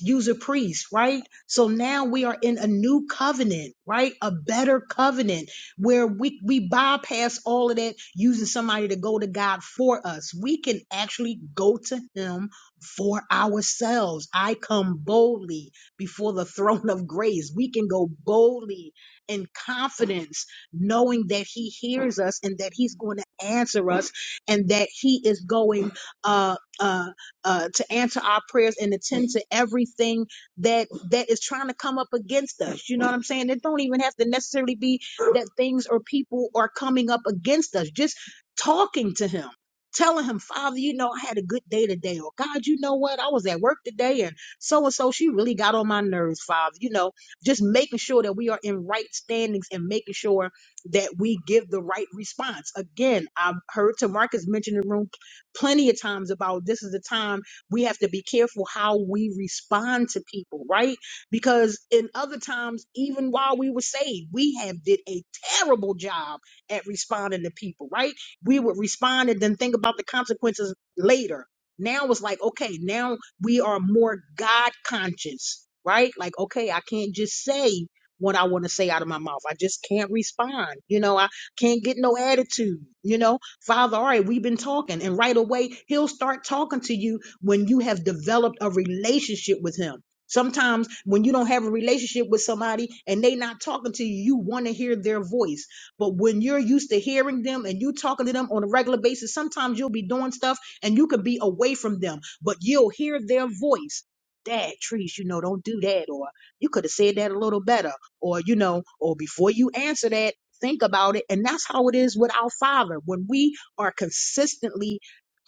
Speaker 1: use a priest, right? So now we are in a new covenant, right? A better covenant where we, we bypass all of that using somebody to go to God for us. We can actually go to Him for ourselves. I come boldly before the [LAUGHS] throne of grace. We can go boldly in confidence, knowing that He hears us and that He's going to answer us and that He is going, uh, uh, uh, to answer our prayers and attend to everything that that is trying to come up against us. You know what I'm saying? It don't even have to necessarily be that things or people are coming up against us. Just talking to Him, telling Him, Father, you know, I had a good day today, or God, you know what, I was at work today, and so and so, she really got on my nerves, Father. You know, just making sure that we are in right standings and making sure that we give the right response. Again, I've heard Tamarcus mention in the room plenty of times about this is the time we have to be careful how we respond to people, right? Because in other times, even while we were saved, we have did a terrible job at responding to people, right? We would respond and then think about the consequences later. Now it's like, okay, now we are more God conscious, right? Like, okay, I can't just say what I want to say out of my mouth. I just can't respond. You know, I can't get no attitude, you know? Father, all right, we've been talking. And right away, he'll start talking to you when you have developed a relationship with him. Sometimes when you don't have a relationship with somebody and they not talking to you, you want to hear their voice. But when you're used to hearing them and you talking to them on a regular basis, sometimes you'll be doing stuff and you could be away from them, but you'll hear their voice. Dad, trees, you know, don't do that. Or you could have said that a little better. Or, you know, or before you answer that, think about it. And that's how it is with our Father. When we are consistently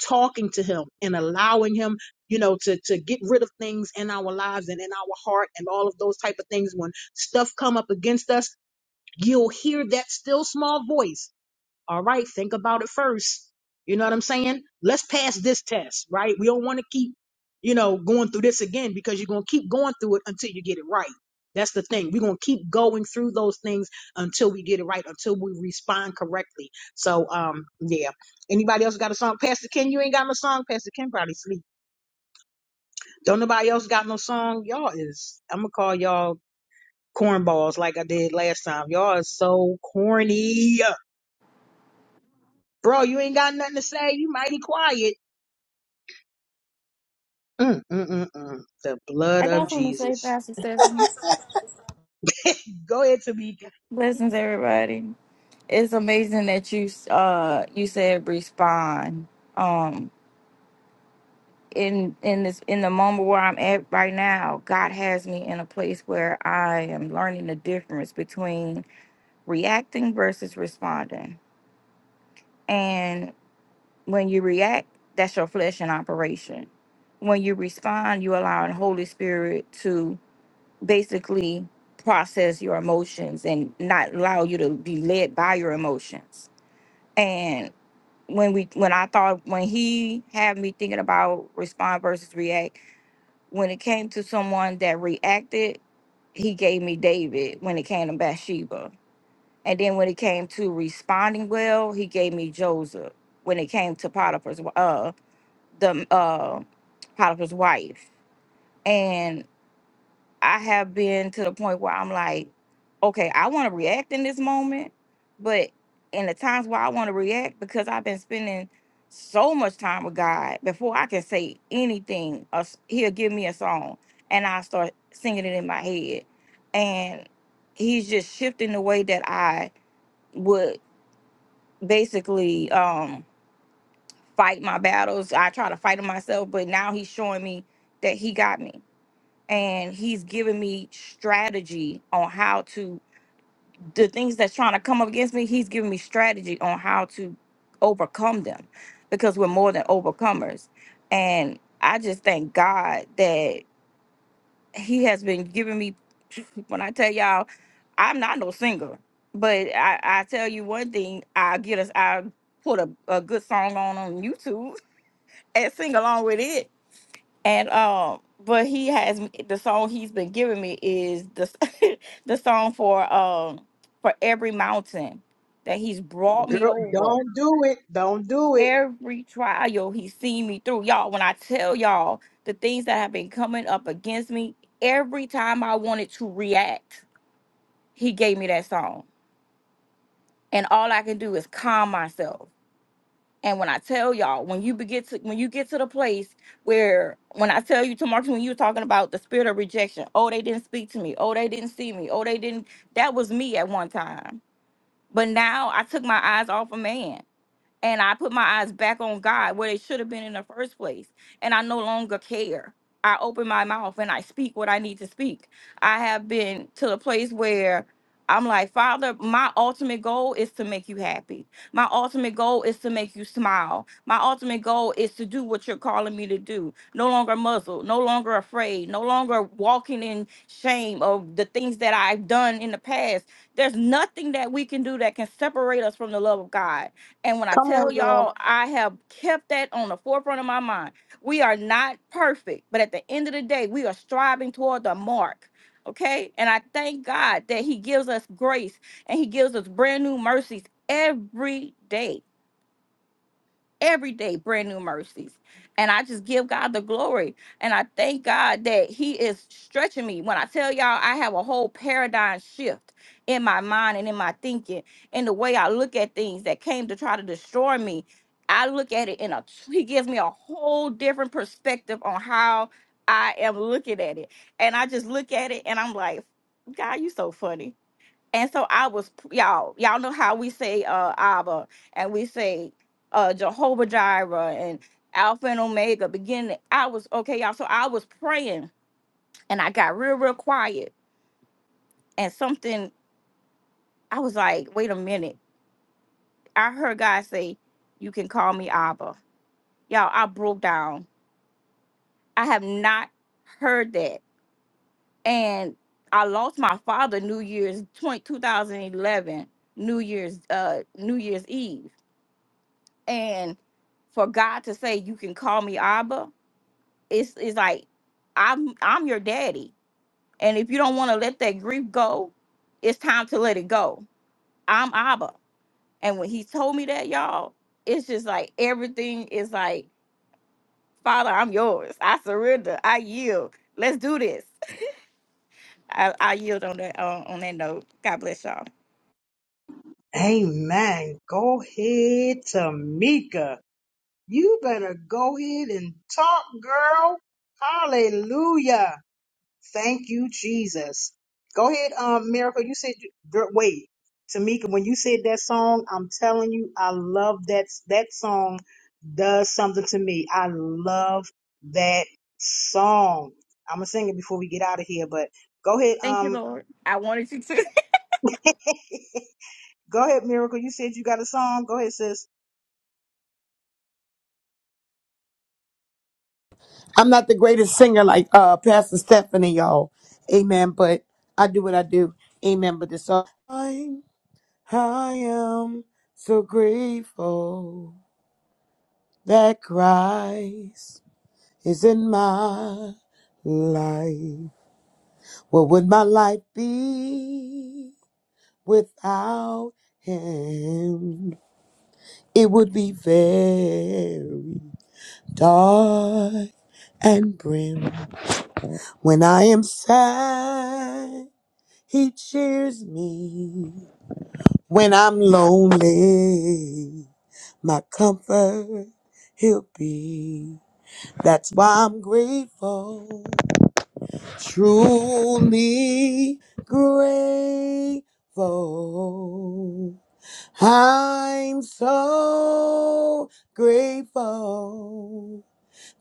Speaker 1: talking to him and allowing him you know to to get rid of things in our lives and in our heart and all of those type of things when stuff come up against us you'll hear that still small voice all right, think about it first. You know what I'm saying? Let's pass this test, right? We don't want to keep, you know, going through this again because you're going to keep going through it until you get it right. That's the thing. We're going to keep going through those things until we get it right, until we respond correctly. So, um, yeah. Anybody else got a song? Pastor Ken, you ain't got no song. Pastor Ken probably sleep. Don't nobody else got no song. Y'all is, I'm going to call y'all cornballs like I did last time. Y'all is so corny. Bro, you ain't got nothing to say. You mighty quiet. Mm, mm, mm, mm. The blood
Speaker 11: I
Speaker 1: of
Speaker 11: got something to say,
Speaker 1: Jesus.
Speaker 11: Pastor Stephanie.
Speaker 1: Go ahead, Tamika.
Speaker 11: Blessings, everybody. It's amazing that you uh you said respond. Um, in in this in the moment where I'm at right now, God has me in a place where I am learning the difference between reacting versus responding. When you react, that's your flesh in operation. When you respond, you allow the Holy Spirit to basically process your emotions and not allow you to be led by your emotions. And when we when I thought when he had me thinking about respond versus react, when it came to someone that reacted, he gave me David when it came to Bathsheba. And then when it came to responding well, he gave me Joseph. When it came to Potiphar's uh, the uh Potiphar's wife. And I have been to the point where I'm like, okay, I want to react in this moment, but in the times where I want to react, because I've been spending so much time with God before I can say anything, a s- He'll give me a song and I start singing it in my head. And He's just shifting the way that I would basically um, fight my battles. I try to fight them myself, but now he's showing me that he got me. And he's giving me strategy on how to the things that's trying to come up against me, he's giving me strategy on how to overcome them because we're more than overcomers. And I just thank God that he has been giving me [LAUGHS] when I tell y'all I'm not no singer, but I, I tell you one thing, I get us I put a, a good song on on YouTube [LAUGHS] and sing along with it And um, but he has the song he's been giving me is the [LAUGHS] the song for um for every mountain that he's brought me
Speaker 1: Girl,
Speaker 11: over.
Speaker 1: don't do it. Don't do it.
Speaker 11: Every trial he's seen me through. Y'all, when I tell y'all the things that have been coming up against me, every time I wanted to react, he gave me that song. And all I can do is calm myself. And when I tell y'all, when you begin to when you get to the place where when I tell you to Marcus, when you were talking about the spirit of rejection, oh, they didn't speak to me, oh, they didn't see me, oh, they didn't that was me at one time. But now I took my eyes off a man and I put my eyes back on God where they should have been in the first place. And I no longer care. I open my mouth and I speak what I need to speak. I have been to the place where I'm like, Father, my ultimate goal is to make you happy. My ultimate goal is to make you smile. My ultimate goal is to do what you're calling me to do. No longer muzzled, no longer afraid, no longer walking in shame of the things that I've done in the past. There's nothing that we can do that can separate us from the love of God and when I
Speaker 1: Come
Speaker 11: tell
Speaker 1: on, girl.
Speaker 11: y'all, I have kept that on the forefront of my mind. We are not perfect, but at the end of the day, we are striving toward the mark. Okay. And I thank God that He gives us grace and He gives us brand new mercies every day every day brand new mercies. And I just give God the glory. And I thank God that He is stretching me. When I tell y'all, I have a whole paradigm shift in my mind and in my thinking and the way I look at things that came to try to destroy me. I look at it in a, He gives me a whole different perspective on how I am looking at it. And I just look at it and I'm like, God, you so funny and so I was y'all, y'all know how we say uh Abba and we say uh Jehovah Jireh and Alpha and Omega beginning. I was okay, y'all. So I was praying and I got real, real quiet. And something I was like, wait a minute. I heard God say, You can call me Abba. Y'all, I broke down. I have not heard that. And I lost my father New Year's 20 2011 New Year's uh New Year's Eve and for God to say you can call me Abba, it's it's like I'm I'm your daddy, and if you don't want to let that grief go, it's time to let it go. I'm Abba, and when He told me that, y'all, it's just like everything is like Father, I'm yours. I surrender. I yield. Let's do this. I, I yield on that uh, on that note. God bless y'all.
Speaker 1: Amen. Go ahead, Tamika. You better go ahead and talk, girl. Hallelujah. Thank you, Jesus. Go ahead, um, Miracle. You said, girl, wait, Tamika, when you said that song, I'm telling you, I love that. That song does something to me. I love that song. I'm gonna sing it before we get out of here, but go ahead,
Speaker 11: Thank you,
Speaker 1: um,
Speaker 11: Lord. I wanted you to.
Speaker 1: [LAUGHS] go ahead, Miracle. You said you got a song. Go ahead, sis.
Speaker 13: I'm not the greatest singer like uh Pastor Stephanie, y'all. Amen. But I do what I do. Amen. But this song I, I am so grateful that Christ is in my life. What would my life be without him? It would be very dark and grim when I am sad He cheers me when I'm lonely. My comfort he'll be. That's why I'm grateful, truly grateful. I'm so grateful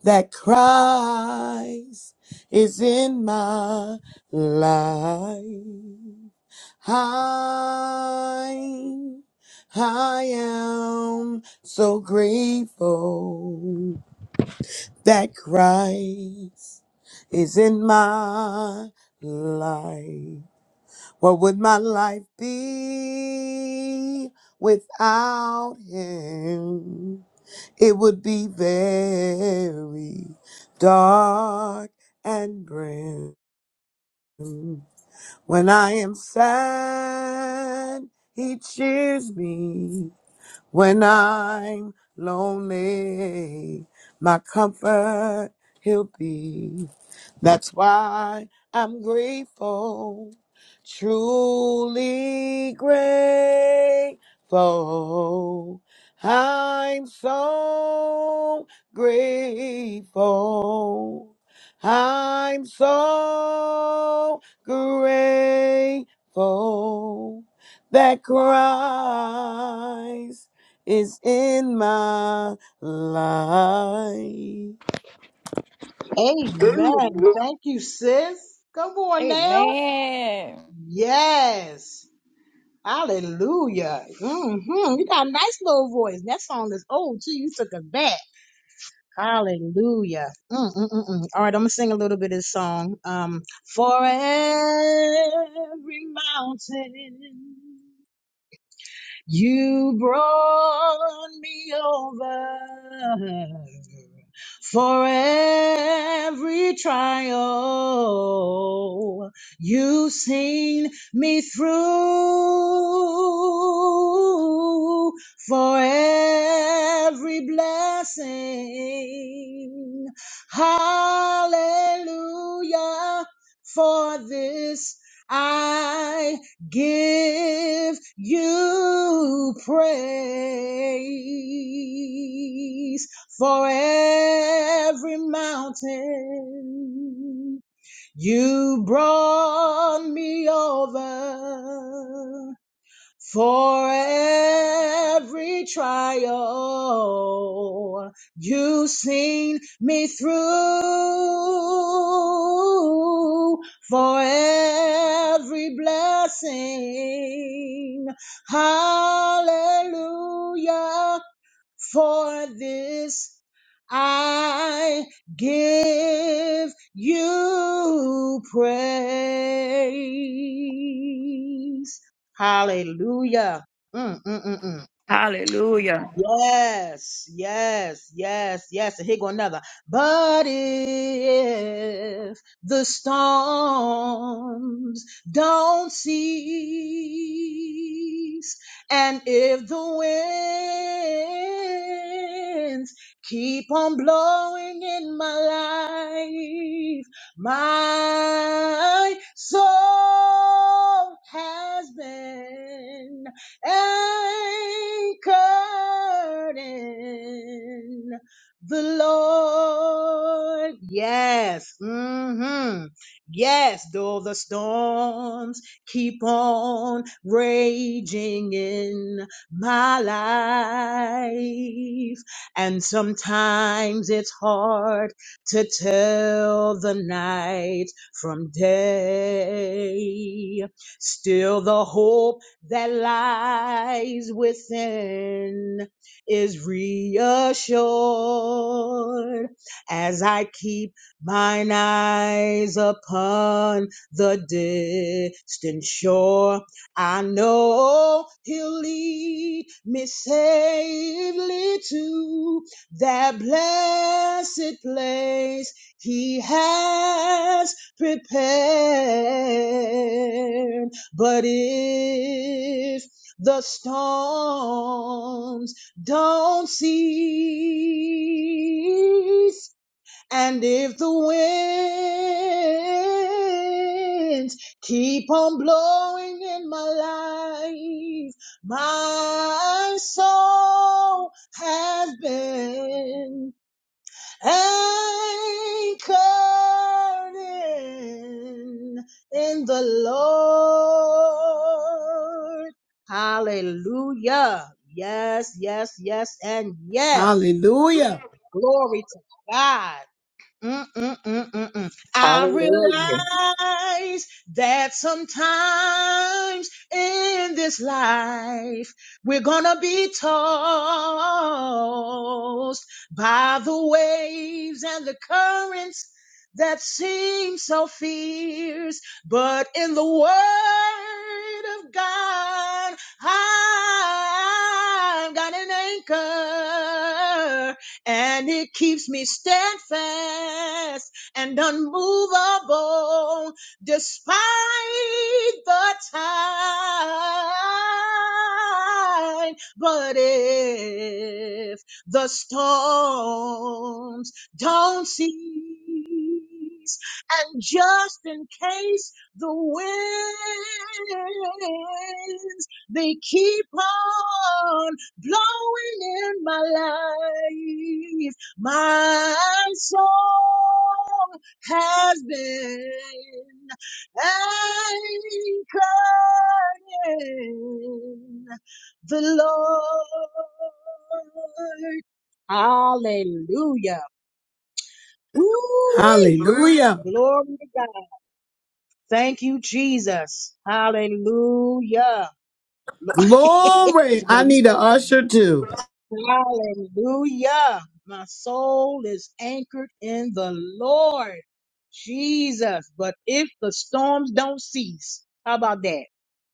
Speaker 13: that Christ is in my life. I, I am so grateful that Christ is in my life. What would my life be without Him? It would be very dark and grim. When I am sad, he cheers me. When I'm lonely, my comfort he'll be. That's why I'm grateful, truly grateful. I'm so grateful. I'm so grateful that Christ is in my life.
Speaker 1: Amen. Thank you, sis. Come
Speaker 11: [LAUGHS]
Speaker 1: on now.
Speaker 11: Amen.
Speaker 1: Yes. Hallelujah. Mm-hmm. You got a nice little voice. That song is old too. You took it back. Hallelujah. Mm-mm-mm-mm. All right, I'm gonna sing a little bit of this song. Um, for every mountain you brought me over for every trial. You've seen me through for every blessing. Hallelujah for this. I give you praise for every mountain you brought me over for every trial you've seen me through, for every blessing, hallelujah. For this I give you praise. Hallelujah. Mm, mm, mm, mm.
Speaker 11: Hallelujah.
Speaker 1: Yes, yes, yes, yes. And here go another. But if the storms don't cease, and if the winds keep on blowing in my life, my soul has been anchored in the Lord. Yes. mm hmm Yes. Though the storms keep on raging in my life, and sometimes it's hard to tell the night from day. Still, the hope that lies within is reassured as I keep mine eyes upon the distant shore. I know he'll lead me safely to that blessed place he has prepared. But if the storms don't cease, and if the winds keep on blowing in my life, my soul has been anchored in, in the Lord. Hallelujah. Yes, yes, yes, and yes.
Speaker 13: Hallelujah.
Speaker 1: Glory to God. Mm-mm-mm-mm-mm. I
Speaker 15: Hallelujah.
Speaker 1: realize that sometimes in this life we're gonna be tossed by the waves and the currents that seem so fierce, but in the Word of God, I've got an anchor and it keeps me steadfast and unmovable despite the time. But if the storms don't cease, and just in case the winds they keep on blowing in my life. My soul has been anchored in the Lord. Hallelujah. Ooh,
Speaker 13: Hallelujah.
Speaker 1: glory to God. Thank you, Jesus. Hallelujah. Lord, [LAUGHS]
Speaker 13: Glory.
Speaker 1: Janae,
Speaker 13: I
Speaker 1: you
Speaker 13: need
Speaker 1: so
Speaker 13: an
Speaker 1: funny.
Speaker 13: usher too.
Speaker 1: Hallelujah. My soul is anchored in the Lord Jesus. But if the storms don't cease, how about that?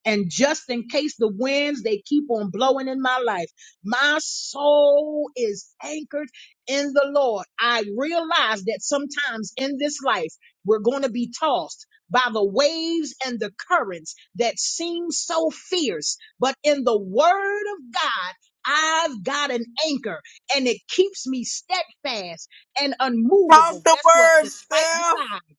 Speaker 1: And just in case the winds, they keep on blowing in my life, my soul is anchored in the Lord. I realize that sometimes in this life, we're going to be tossed by the waves and the currents that seem so fierce. But in the word of God, I've got an anchor and it keeps me steadfast and
Speaker 16: Talk
Speaker 1: unmovable.
Speaker 16: the
Speaker 1: Guess what?
Speaker 16: words,
Speaker 1: Despite the
Speaker 16: Steph.
Speaker 1: tide,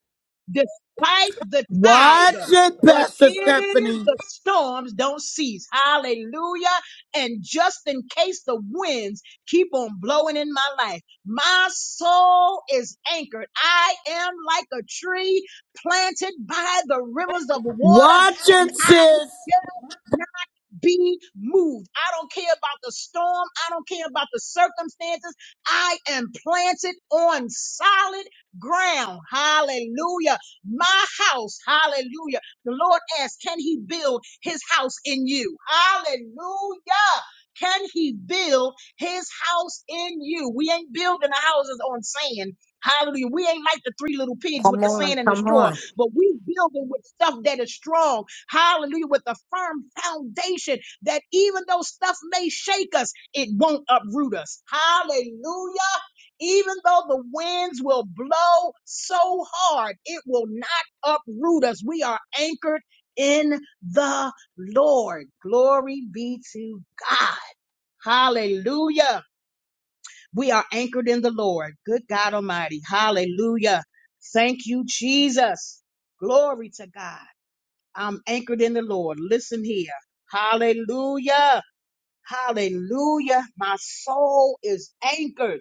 Speaker 1: despite the tide,
Speaker 13: Watch it,
Speaker 1: but
Speaker 13: Pastor
Speaker 1: if
Speaker 13: Stephanie.
Speaker 1: the storms don't cease, hallelujah. And just in case the winds keep on blowing in my life, my soul is anchored. I am like a tree planted by the rivers of water
Speaker 13: Watch
Speaker 1: and
Speaker 13: it,
Speaker 1: I
Speaker 13: sis.
Speaker 1: shall be moved. I don't care about the storm. I don't care about the circumstances. I am planted on solid ground. Hallelujah. My house. Hallelujah. The Lord asks, can he build his house in you? Hallelujah. Can he build his house in you? We ain't building the houses on sand. Hallelujah. We ain't like the three little pigs with
Speaker 2: Come
Speaker 1: the
Speaker 2: on,
Speaker 1: sand and the
Speaker 2: come
Speaker 1: straw,
Speaker 2: on.
Speaker 1: but we building with stuff that is strong Hallelujah. With a firm foundation that even though stuff may shake us, it won't uproot us. Hallelujah. Even though the winds will blow so hard, it will not uproot us. We are anchored in the Lord. Glory be to God. Hallelujah. We are anchored in the Lord. Good God Almighty. Hallelujah. Thank you, Jesus. Glory to God. I'm anchored in the Lord. Listen here. Hallelujah. Hallelujah. My soul is anchored.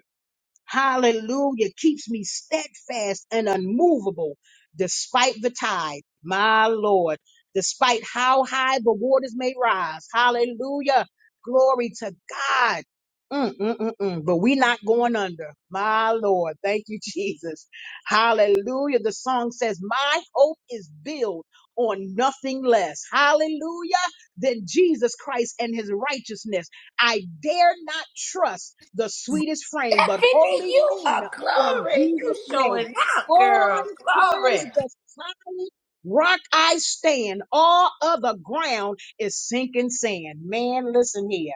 Speaker 1: Hallelujah. Keeps me steadfast and unmovable despite the tide. My Lord. Despite how high the waters may rise. Hallelujah. Glory to God. Mm, mm, mm, mm. But we're not going under. My Lord. Thank you, [LAUGHS] Jesus. Hallelujah. The song says, My hope is built on nothing less. Hallelujah. Than Jesus Christ and his righteousness. I dare not trust the sweetest frame, but
Speaker 15: Stephanie,
Speaker 1: wholly
Speaker 15: you
Speaker 1: lean
Speaker 15: are
Speaker 1: on
Speaker 15: glory. You
Speaker 1: Jesus' name.
Speaker 15: showing out,
Speaker 1: On
Speaker 15: girl. Glory.
Speaker 1: Christ the solid rock I stand. All other ground is sinking sand. Man, listen here.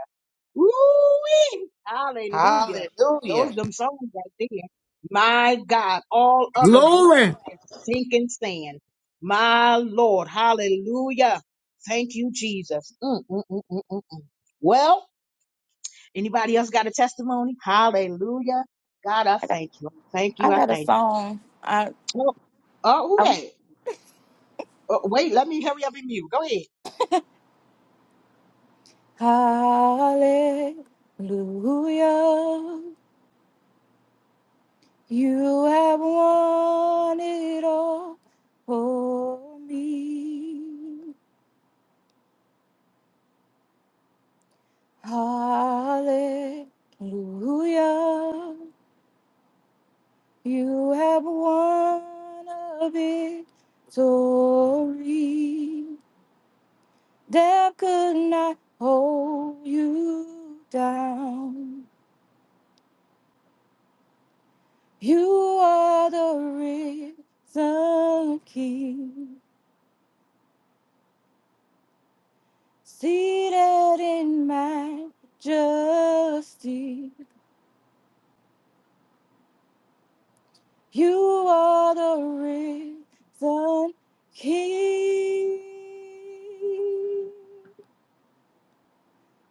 Speaker 1: Woo-wee! Hallelujah.
Speaker 15: Hallelujah.
Speaker 1: Those them songs right there. My God, all other
Speaker 13: Glory.
Speaker 1: ground is sinking sand. My Lord, hallelujah. Thank you, Jesus. Mm, mm, mm, mm, mm. mm. Well, Anybody else got a testimony? Hallelujah. God, I
Speaker 11: I got,
Speaker 1: thank you. I Thank you.
Speaker 11: I
Speaker 1: I
Speaker 11: got a
Speaker 1: thank you.
Speaker 11: song. I.
Speaker 1: Oh, oh, who
Speaker 11: Oh.
Speaker 1: that? Oh, wait, let me hurry up and mute. Go ahead.
Speaker 11: Hallelujah. You have won it all for me. Hallelujah. You have won a victory. Death could not hold you down. You are the risen king. Seated in majesty, you are the risen King.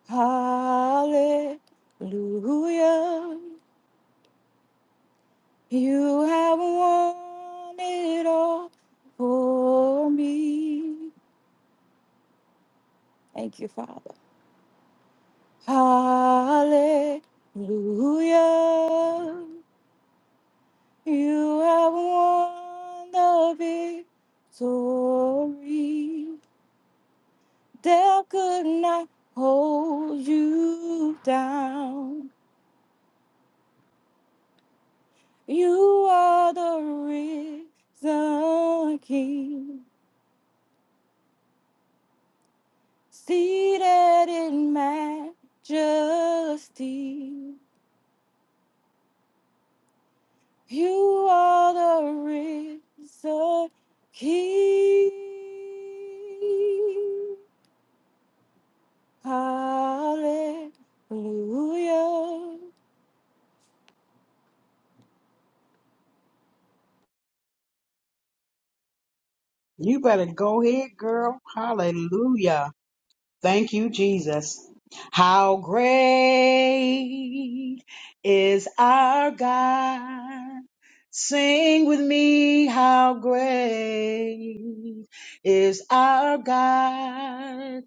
Speaker 11: Hallelujah, you have won it all for me. Thank you, Father. Hallelujah. You have won the victory. Death could not hold you down. You are the risen King, seated in majesty. You are the risen King. Hallelujah.
Speaker 1: You better go ahead, girl. Hallelujah. Thank you, Jesus. How great is our God. Sing with me, how great is our God.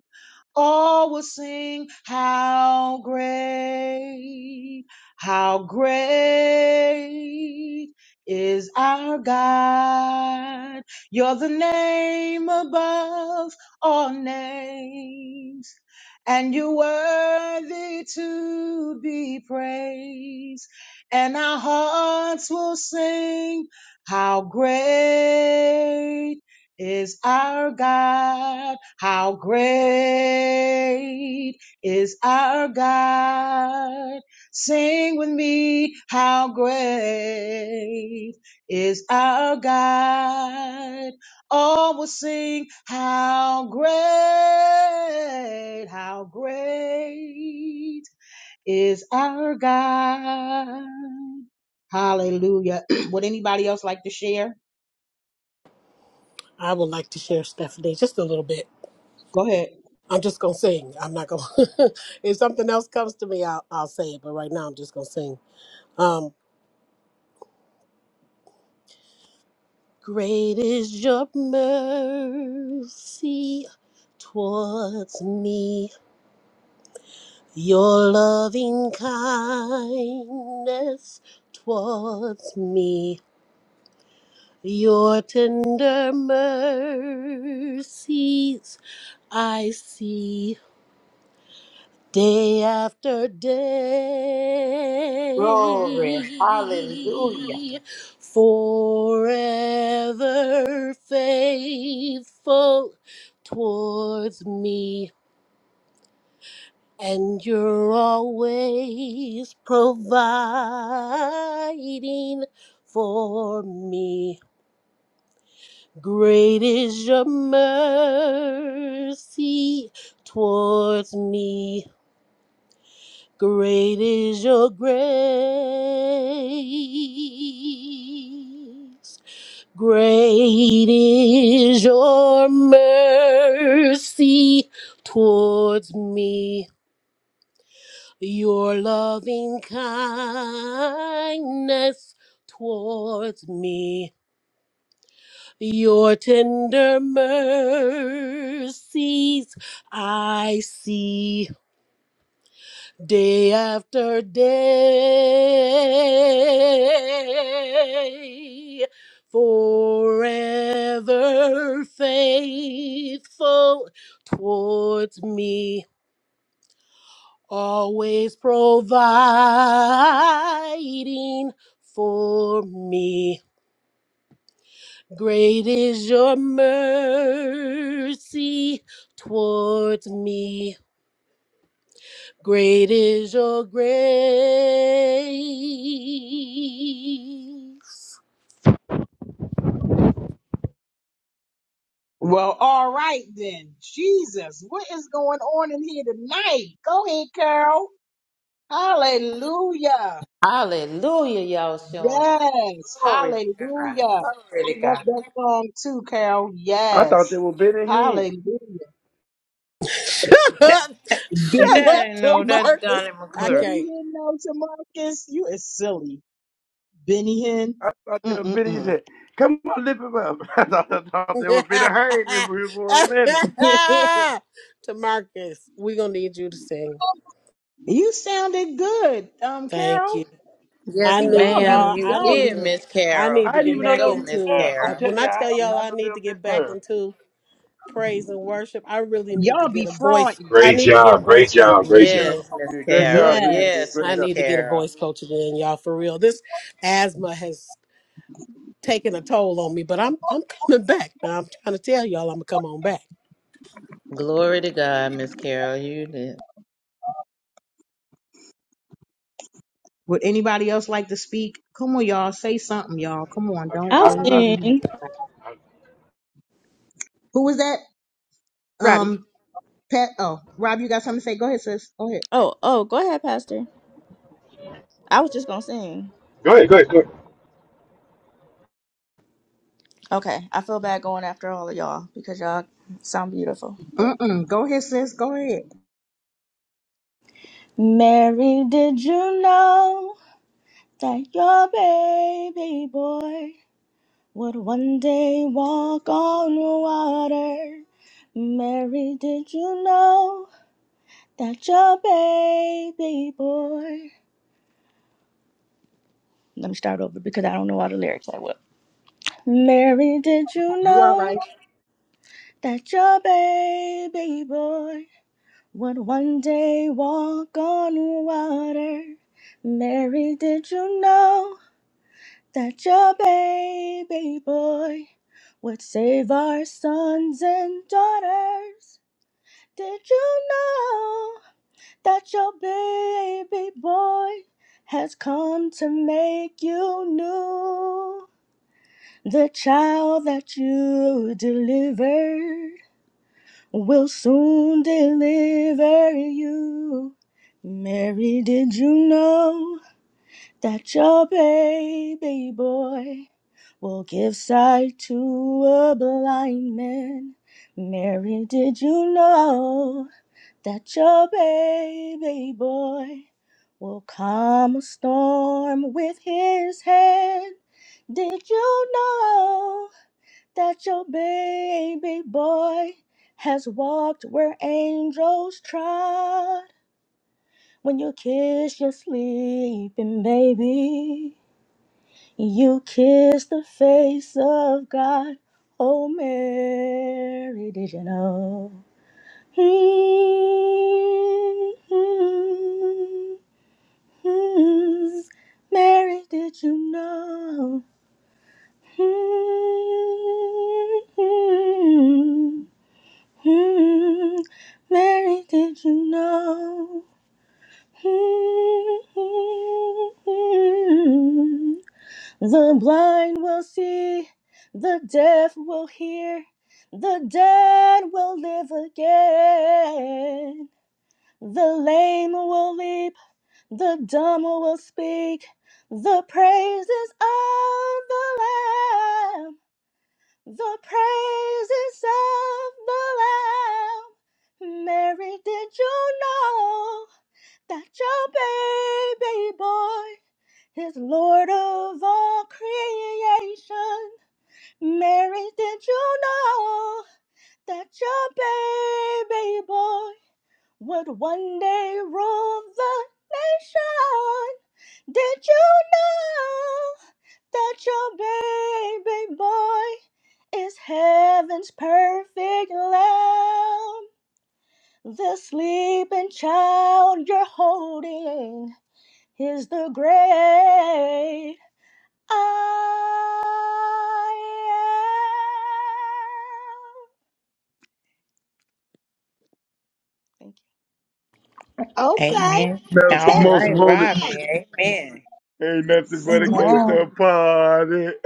Speaker 1: all will sing how great, how great is our God. You're the name above all names. And you're worthy to be praised, and our hearts will sing, How great is our God. How great is our God. Sing with me, how great is our God. All will sing, how great, how great is our God. Hallelujah. [CLEARS THROAT] Would anybody else like to share?
Speaker 12: I would like to share Stephanie just a little bit.
Speaker 1: Go ahead.
Speaker 12: I'm just gonna sing. I'm not gonna. [LAUGHS] if something else comes to me, I'll, I'll say it. But right now, I'm just gonna sing. Um, great is your mercy towards me. Your loving kindness towards me. Your tender mercies I see day after
Speaker 15: Glory. Hallelujah.
Speaker 12: day. Forever faithful towards me, and you're always providing for me. Great is your mercy towards me. Great is your grace. Great is your mercy towards me. Your loving kindness towards me. Your tender mercies I see day after day. Forever faithful towards me, always providing for me. Great is your mercy towards me. Great is your grace.
Speaker 1: Well, all right then. Jesus, what is going on in here tonight? Go ahead, Carol. Hallelujah.
Speaker 15: Hallelujah, y'all showing out.
Speaker 1: Yes.
Speaker 15: Glory to God.
Speaker 1: Hallelujah.
Speaker 15: Glory
Speaker 1: I
Speaker 15: to
Speaker 1: love
Speaker 15: God.
Speaker 1: that song too, Carol.
Speaker 4: I thought they
Speaker 1: Yes.
Speaker 4: were bitter hand.
Speaker 1: Hallelujah.
Speaker 12: [LAUGHS] Shut
Speaker 1: Benny
Speaker 15: That I
Speaker 12: up, to
Speaker 15: know that's
Speaker 12: Marcus.
Speaker 15: Donnie
Speaker 12: I
Speaker 15: McClure.
Speaker 1: Benny
Speaker 12: can't.
Speaker 1: Hinn knows to Marcus. You is silly. Benny Hinn.
Speaker 4: I thought they were bitter his
Speaker 1: Mm-mm-mm.
Speaker 4: head. Come on, lift him up. [LAUGHS] I thought, I thought they were bitter hand in here for a minute.
Speaker 1: [LAUGHS]
Speaker 12: [LAUGHS] to Marcus, we're gonna need you to sing.
Speaker 1: you sounded good, um,
Speaker 12: Thank you.
Speaker 1: Carol.
Speaker 12: I
Speaker 1: See,
Speaker 15: Yes,
Speaker 12: need
Speaker 1: y'all be
Speaker 15: ma'am.
Speaker 12: y'all.
Speaker 15: You
Speaker 12: I
Speaker 1: y'all
Speaker 12: need
Speaker 1: be
Speaker 15: did,
Speaker 12: to.
Speaker 15: Miss
Speaker 12: I
Speaker 15: Carol.
Speaker 12: need
Speaker 4: I
Speaker 12: to
Speaker 4: didn't
Speaker 12: get
Speaker 4: even
Speaker 15: You
Speaker 4: know they
Speaker 12: back
Speaker 4: were
Speaker 15: go,
Speaker 4: Miss
Speaker 15: Miss
Speaker 12: into.
Speaker 4: Curl. I'm
Speaker 12: Uh,
Speaker 15: Carol.
Speaker 12: when
Speaker 4: telling you,
Speaker 12: I tell
Speaker 4: I did
Speaker 12: y'all,
Speaker 4: not
Speaker 12: I
Speaker 4: know they
Speaker 12: need
Speaker 4: were
Speaker 12: to
Speaker 4: Miss
Speaker 12: get back
Speaker 4: Curl.
Speaker 12: into praise and worship. I really need to
Speaker 1: y'all
Speaker 12: get
Speaker 1: be
Speaker 12: a voice.
Speaker 1: frauding.
Speaker 12: I
Speaker 17: Great
Speaker 12: need to get a
Speaker 17: job. Great
Speaker 12: voice coach
Speaker 17: job. Great
Speaker 12: again.
Speaker 17: job.
Speaker 15: Yes, Miss
Speaker 4: Yeah, great
Speaker 15: Carol.
Speaker 4: job, bitter hand.
Speaker 1: Yes.
Speaker 15: Yes,
Speaker 4: Great
Speaker 12: I
Speaker 15: Miss
Speaker 4: job.
Speaker 12: need to get a
Speaker 15: Carol.
Speaker 12: voice coach again, y'all. For real, this asthma has taken a toll on me, but I'm I'm coming back. Now I'm trying to tell y'all I'm gonna come on back.
Speaker 15: Glory to God, Miss Carol. You did.
Speaker 1: Would anybody else like to speak? Come on, y'all. Say something, y'all. Come on.
Speaker 17: Okay. I,
Speaker 1: Don't
Speaker 14: I'll
Speaker 1: don't
Speaker 17: I,
Speaker 1: leave me
Speaker 14: sing,
Speaker 1: hanging.
Speaker 17: I,
Speaker 1: Who was that?
Speaker 14: Robbie.
Speaker 1: Um, Pat. Oh, Rob, you got something to say? Go ahead, sis. Go ahead.
Speaker 14: Oh, oh, go ahead, Pastor. I was just gonna sing.
Speaker 17: go ahead. Go ahead. Go ahead.
Speaker 14: Okay, I feel bad going after all of y'all because y'all sound beautiful. But
Speaker 1: Mm-mm. Go ahead, sis. Go ahead.
Speaker 14: Mary, did you know that your baby boy would one day walk on water? Mary, did you know that your baby boy? Let me start over because I don't know all the lyrics I will. Mary, did you
Speaker 1: You all
Speaker 14: know that your baby boy? Would one day walk on water. Mary, did you know that your baby boy would save our sons and daughters? Did you know that your baby boy has come to make you new? The child that you delivered will soon deliver you. Mary, did you know that your baby boy will give sight to a blind man? Mary, did you know that your baby boy will calm a storm with his hand? Did you know? that your baby boy has walked where angels trod. When you kiss your sleeping baby, you kiss the face of God. Oh, Mary, did you know? hmm Mary, did you know? hmm Hmm, Mary, did you know? Hmm, The blind will see, the deaf will hear, the dead will live again. The lame will leap, the dumb will speak, the praises of the Lamb. The praises of the Lamb. Mary, did you know that your baby boy is Lord of all creation? Mary, did you know that your baby boy would one day rule the nation? Did you know that your baby boy is heaven's perfect lamb? The sleeping child you're holding is the great I am. Thank
Speaker 1: right?
Speaker 15: Amen.
Speaker 4: America
Speaker 1: Okay. [LAUGHS]
Speaker 15: All
Speaker 4: most
Speaker 15: right,
Speaker 4: wanted.
Speaker 15: Robbie. Amen.
Speaker 4: Ain't nothing but a
Speaker 1: what you
Speaker 4: gangster
Speaker 18: Amen.
Speaker 4: party. [LAUGHS]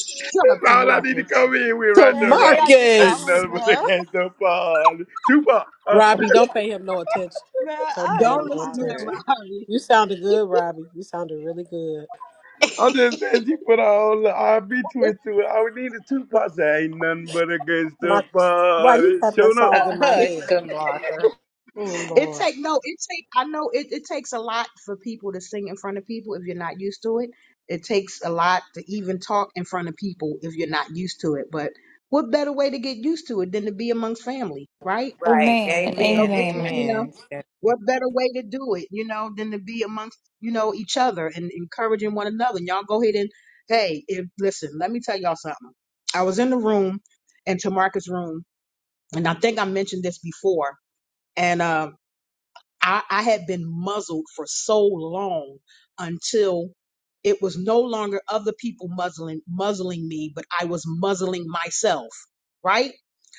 Speaker 1: shut up
Speaker 4: That's
Speaker 1: to
Speaker 4: all I need to
Speaker 1: Marcus?
Speaker 4: come in with
Speaker 12: So
Speaker 14: you.
Speaker 4: right
Speaker 14: Man,
Speaker 4: there,
Speaker 14: the way
Speaker 4: Robin.
Speaker 14: I just
Speaker 4: Ain't
Speaker 12: Marcus,
Speaker 14: hollered,
Speaker 4: nothing but a
Speaker 14: man. [LAUGHS]
Speaker 4: gangster party. Tupac.
Speaker 12: Robbie, don't pay him no attention.
Speaker 14: Man,
Speaker 12: Don't pay
Speaker 14: I am
Speaker 1: Don't
Speaker 12: him no
Speaker 1: listen to
Speaker 12: attention.
Speaker 14: hollering.
Speaker 1: that,
Speaker 12: You sounded good, Robbie. You sounded really good,
Speaker 4: I'm
Speaker 1: Robbie.
Speaker 4: just saying she put her whole R&B
Speaker 1: [LAUGHS]
Speaker 4: twist to it. All we need two parts Say ain't nothing but a gangster
Speaker 12: Marcus. Why you
Speaker 4: party.
Speaker 12: got that
Speaker 4: Showing up.
Speaker 12: song in
Speaker 15: Uh,
Speaker 12: my
Speaker 15: hush,
Speaker 12: head?
Speaker 15: Marker.
Speaker 12: Oh
Speaker 1: It
Speaker 12: Lord,
Speaker 1: take no, it take I know it, it takes a lot for people to sing in front of people if you're not used to it. It takes a lot to even talk in front of people if you're not used to it. But what better way to get used to it than to be amongst family, right?
Speaker 15: Right.
Speaker 11: Amen.
Speaker 1: You know,
Speaker 15: Amen.
Speaker 1: get you, you
Speaker 11: Amen.
Speaker 1: know,
Speaker 15: Amen.
Speaker 1: what better way to do it, you know, than to be amongst, you know, each other and encouraging one another. And y'all go ahead and hey, if listen, let me tell y'all something. I was in the room in Tamarcus room, and I think I mentioned this before. and um. I, I had been muzzled for so long until it was no longer other people muzzling muzzling me, but I was muzzling myself, right?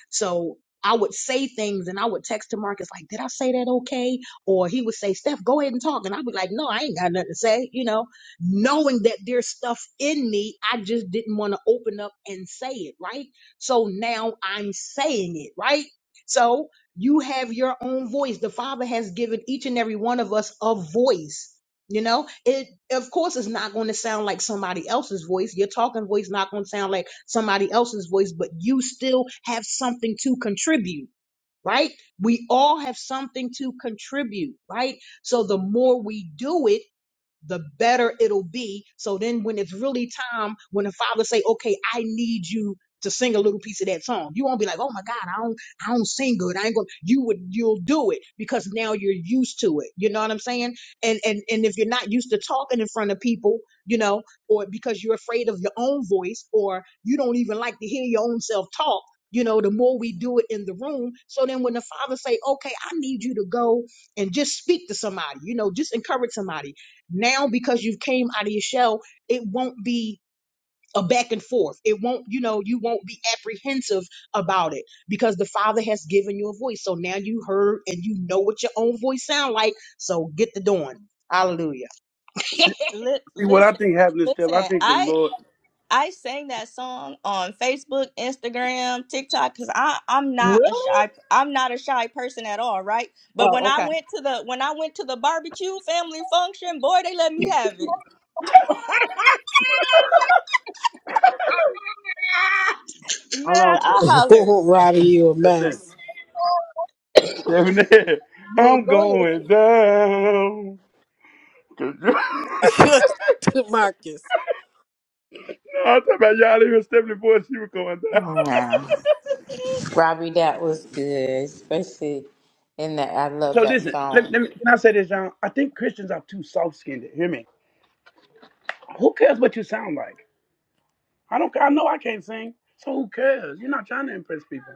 Speaker 1: So I would say things and I would text to Marcus like, "Did I say that okay?" Or he would say, "Steph, go ahead and talk," and I'd be like, "No, I ain't got nothing to say," you know, knowing that there's stuff in me I just didn't want to open up and say it, right? So now I'm saying it, right? So you have your own voice the father has given each and every one of us a voice you know it of course it's not going to sound like somebody else's voice your talking voice not going to sound like somebody else's voice but you still have something to contribute right we all have something to contribute right so the more we do it the better it'll be. So then when it's really time, when the father say, okay, I need you to sing a little piece of that song, you won't be like, oh my God, I don't, I don't sing good. I ain't gonna, you would, you'll do it because now you're used to it. You know what I'm saying? And, and, and if you're not used to talking in front of people, you know, or because you're afraid of your own voice or you don't even like to hear your own self talk, you know, the more we do it in the room. So then when the father say, okay, I need you to go and just speak to somebody, you know, just encourage somebody now because you've came out of your shell it won't be a back and forth it won't you know you won't be apprehensive about it because the father has given you a voice so now you heard and you know what your own voice sound like so get the doing hallelujah
Speaker 4: See,
Speaker 14: Li-
Speaker 4: see what I
Speaker 14: listen,
Speaker 4: think happened to Steph. I
Speaker 14: listen.
Speaker 4: think the
Speaker 14: I
Speaker 4: Lord.
Speaker 14: I sang that song on Facebook, Instagram, TikTok because I I'm not a
Speaker 1: really
Speaker 14: shy I'm not a shy person at all, right? But when
Speaker 1: oh
Speaker 14: I
Speaker 1: okay
Speaker 14: went to the when I went to the barbecue family function, boy, they let me have it.
Speaker 1: [LAUGHS]
Speaker 4: How
Speaker 14: Man,
Speaker 4: long Steph
Speaker 14: I
Speaker 12: [LAUGHS]
Speaker 14: hollered.
Speaker 12: Robbie, you a
Speaker 4: Steph there?
Speaker 12: mess.
Speaker 4: Steph there.
Speaker 1: yeah
Speaker 4: I'm
Speaker 1: go ahead
Speaker 4: going down. 'Cause you- [LAUGHS] no,
Speaker 12: Good, [LAUGHS] Marcus.
Speaker 4: I'm talking about y'all even Stephanie before she was going down. [LAUGHS]
Speaker 15: No, Robbie, that was good, especially in that. I love
Speaker 4: So
Speaker 15: that
Speaker 4: listen, let,
Speaker 15: song.
Speaker 4: let me, can I say this, John? I think Christians are too soft-skinned. Hear me? Who cares what you sound like? I don't. I know I can't sing, so who cares? You're not trying to impress people.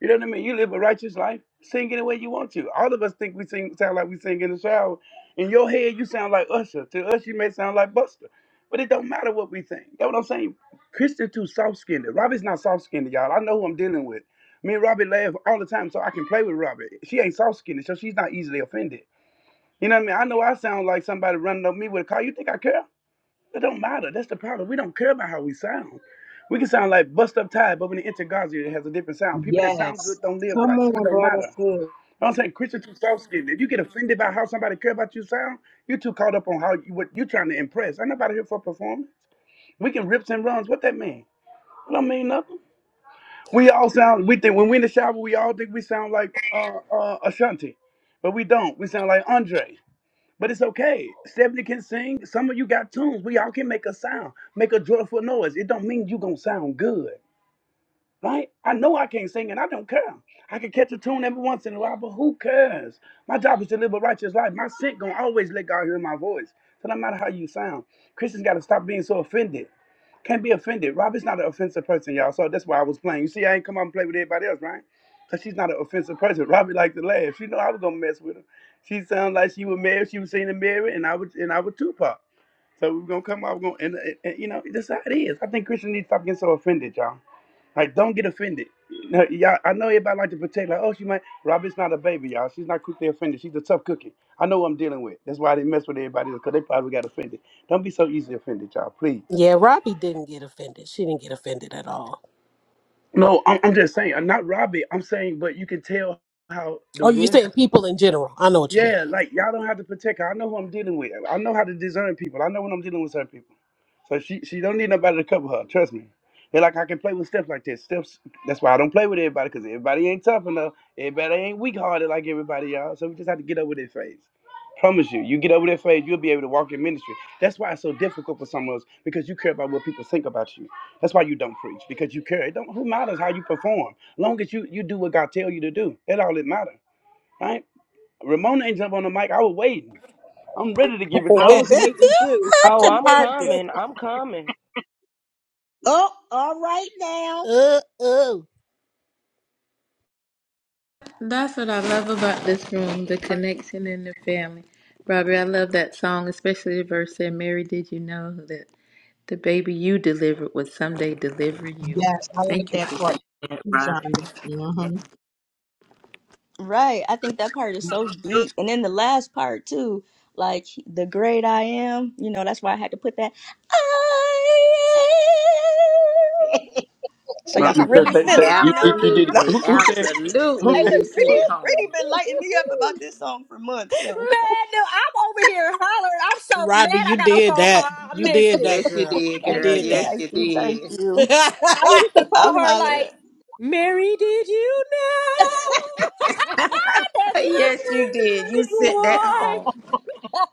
Speaker 4: You know what I mean? You live a righteous life. Sing any way you want to. All of us think we sing sound like we sing in the shower. In your head, you sound like Usher. To us, you may sound like Buster. But it don't matter what we think. That's what I'm saying. Christian too soft skinned. Robbie's not soft skinned, y'all. I know who I'm dealing with. Me and Robbie laugh all the time, so I can play with Robbie. She ain't soft skinned, so she's not easily offended. You know what I mean? I know I sound like somebody running up me with a car. You think I care? It don't matter. That's the problem. We don't care about how we sound. We can sound like bust up tired, but when it enter Gaza, it has a different sound. People that
Speaker 1: yes
Speaker 4: sound good don't live
Speaker 1: come
Speaker 4: right, so it
Speaker 1: on
Speaker 4: don't
Speaker 1: bro
Speaker 4: matter.
Speaker 1: that's good
Speaker 4: I'm saying Christians too soft skinned. If you get offended by how somebody care about you sound, you're too caught up on how you, what you're trying to impress. i Ain't nobody here for performance. We can rips and runs. What that mean? It don't mean nothing. We all sound. We think when we in the shower, we all think we sound like uh, uh, Ashanti, but we don't. We sound like Andre. But it's okay. Stephanie can sing. Some of you got tunes. We all can make a sound, make a joyful noise. It don't mean you gonna sound good, right? I know I can't sing, and I don't care. I can catch a tune every once in a while, but who cares? My job is to live a righteous life. My scent gonna always let God hear my voice. So no matter how you sound, Christians gotta stop being so offended. Can't be offended. Robert's not an offensive person, y'all. So that's why I was playing. You see, I ain't come out and play with everybody else, right? Cause she's not an offensive person. Robbie liked to laugh. She know I was gonna mess with her. She sounded like she was married. She was seeing the mirror, and I was and I was Tupac. So we were gonna come out. We're gonna and, and, and, you know that's how it is. I think Christian needs to stop getting so offended, y'all. Like don't get offended. Now, y'all, I know everybody like to protect. Like oh, she might. Robbie's not a baby, y'all. She's not quickly offended. She's a tough cookie. I know what I'm dealing with. That's why I didn't mess with everybody because they probably got offended. Don't be so easily offended, y'all. Please.
Speaker 12: Yeah, Robbie didn't get offended. She didn't get offended at all.
Speaker 4: No, I'm, I'm just saying. I'm not Robbie. I'm saying, but you can tell how the
Speaker 12: Oh, you're
Speaker 4: room
Speaker 12: saying people in general. I know what you mean.
Speaker 4: yeah, like y'all don't have to protect her. I know who I'm dealing with. I know how to discern people. I know when I'm dealing with certain people. So she she don't need nobody to cover her. Trust me. And like I can play with Steph like this. Steph's that's why I don't play with everybody because everybody ain't tough enough. Everybody ain't weak hearted like everybody y'all. So we just have to get over that phase. Promise you, you get over that phase, you'll be able to walk in ministry. That's why it's so difficult for some of us because you care about what people think about you. That's why you don't preach because you care. It don't who matters how you perform, long as you you do what God tell you to do. That all it matters Ramona ain't jump on the mic. I was waiting. I'm ready to give it to
Speaker 1: i
Speaker 12: [LAUGHS]
Speaker 4: her.
Speaker 1: was waiting too [LAUGHS] i
Speaker 6: Oh,
Speaker 1: was
Speaker 12: to
Speaker 6: I'm
Speaker 1: waiting too
Speaker 12: Marcus.
Speaker 6: coming. I'm coming.
Speaker 1: oh all right now
Speaker 12: Uh oh.
Speaker 15: That's what I love about this room the connection and the family. Robbie, I love that song, especially the verse that Mary, did you know that the baby you delivered would someday deliver you?
Speaker 1: yes i like
Speaker 15: Thank you
Speaker 1: that
Speaker 15: for
Speaker 1: part
Speaker 15: that,
Speaker 1: too,
Speaker 15: Robbie.
Speaker 1: shonda hmm
Speaker 14: Right. I think that part is so deep. And then the last part too, like the great I am, you know, that's why I had to put that I am. So
Speaker 4: No,
Speaker 14: y'all
Speaker 4: no,
Speaker 14: can
Speaker 4: say-
Speaker 14: really
Speaker 4: say-
Speaker 14: feel
Speaker 4: say,
Speaker 14: it,
Speaker 4: you,
Speaker 14: you know?
Speaker 4: you, you did
Speaker 14: [LAUGHS]
Speaker 4: it.
Speaker 14: hey,
Speaker 15: Absolutely.
Speaker 4: Who, who said? Who
Speaker 15: Absolutely.
Speaker 4: said?
Speaker 14: look,
Speaker 15: You sent
Speaker 4: who-
Speaker 15: it
Speaker 14: Brittany,
Speaker 15: home.
Speaker 14: Brittany been lighting me up about this song for months, so.
Speaker 3: Man, no, I'm over here hollering. I'm so
Speaker 12: Robbie,
Speaker 3: mad I
Speaker 12: you
Speaker 3: got a
Speaker 12: did
Speaker 3: phone call.
Speaker 12: that.
Speaker 3: I
Speaker 12: You
Speaker 3: missed
Speaker 12: did
Speaker 3: it.
Speaker 12: that,
Speaker 15: Yes, you
Speaker 12: girl.
Speaker 15: did,
Speaker 12: You
Speaker 14: Thank
Speaker 15: girl.
Speaker 12: did
Speaker 14: you,
Speaker 15: Yes,
Speaker 12: that.
Speaker 14: thank
Speaker 15: you
Speaker 14: you, thank
Speaker 15: did. [LAUGHS]
Speaker 14: you.
Speaker 3: I
Speaker 12: [LAUGHS]
Speaker 3: used to call
Speaker 14: I'm
Speaker 3: her
Speaker 14: hollering.
Speaker 3: like, Mary, did you know? [LAUGHS] That's
Speaker 15: Yes, you did.
Speaker 3: your
Speaker 15: You
Speaker 3: baby
Speaker 15: sent that
Speaker 3: boy.
Speaker 15: home.
Speaker 3: [LAUGHS]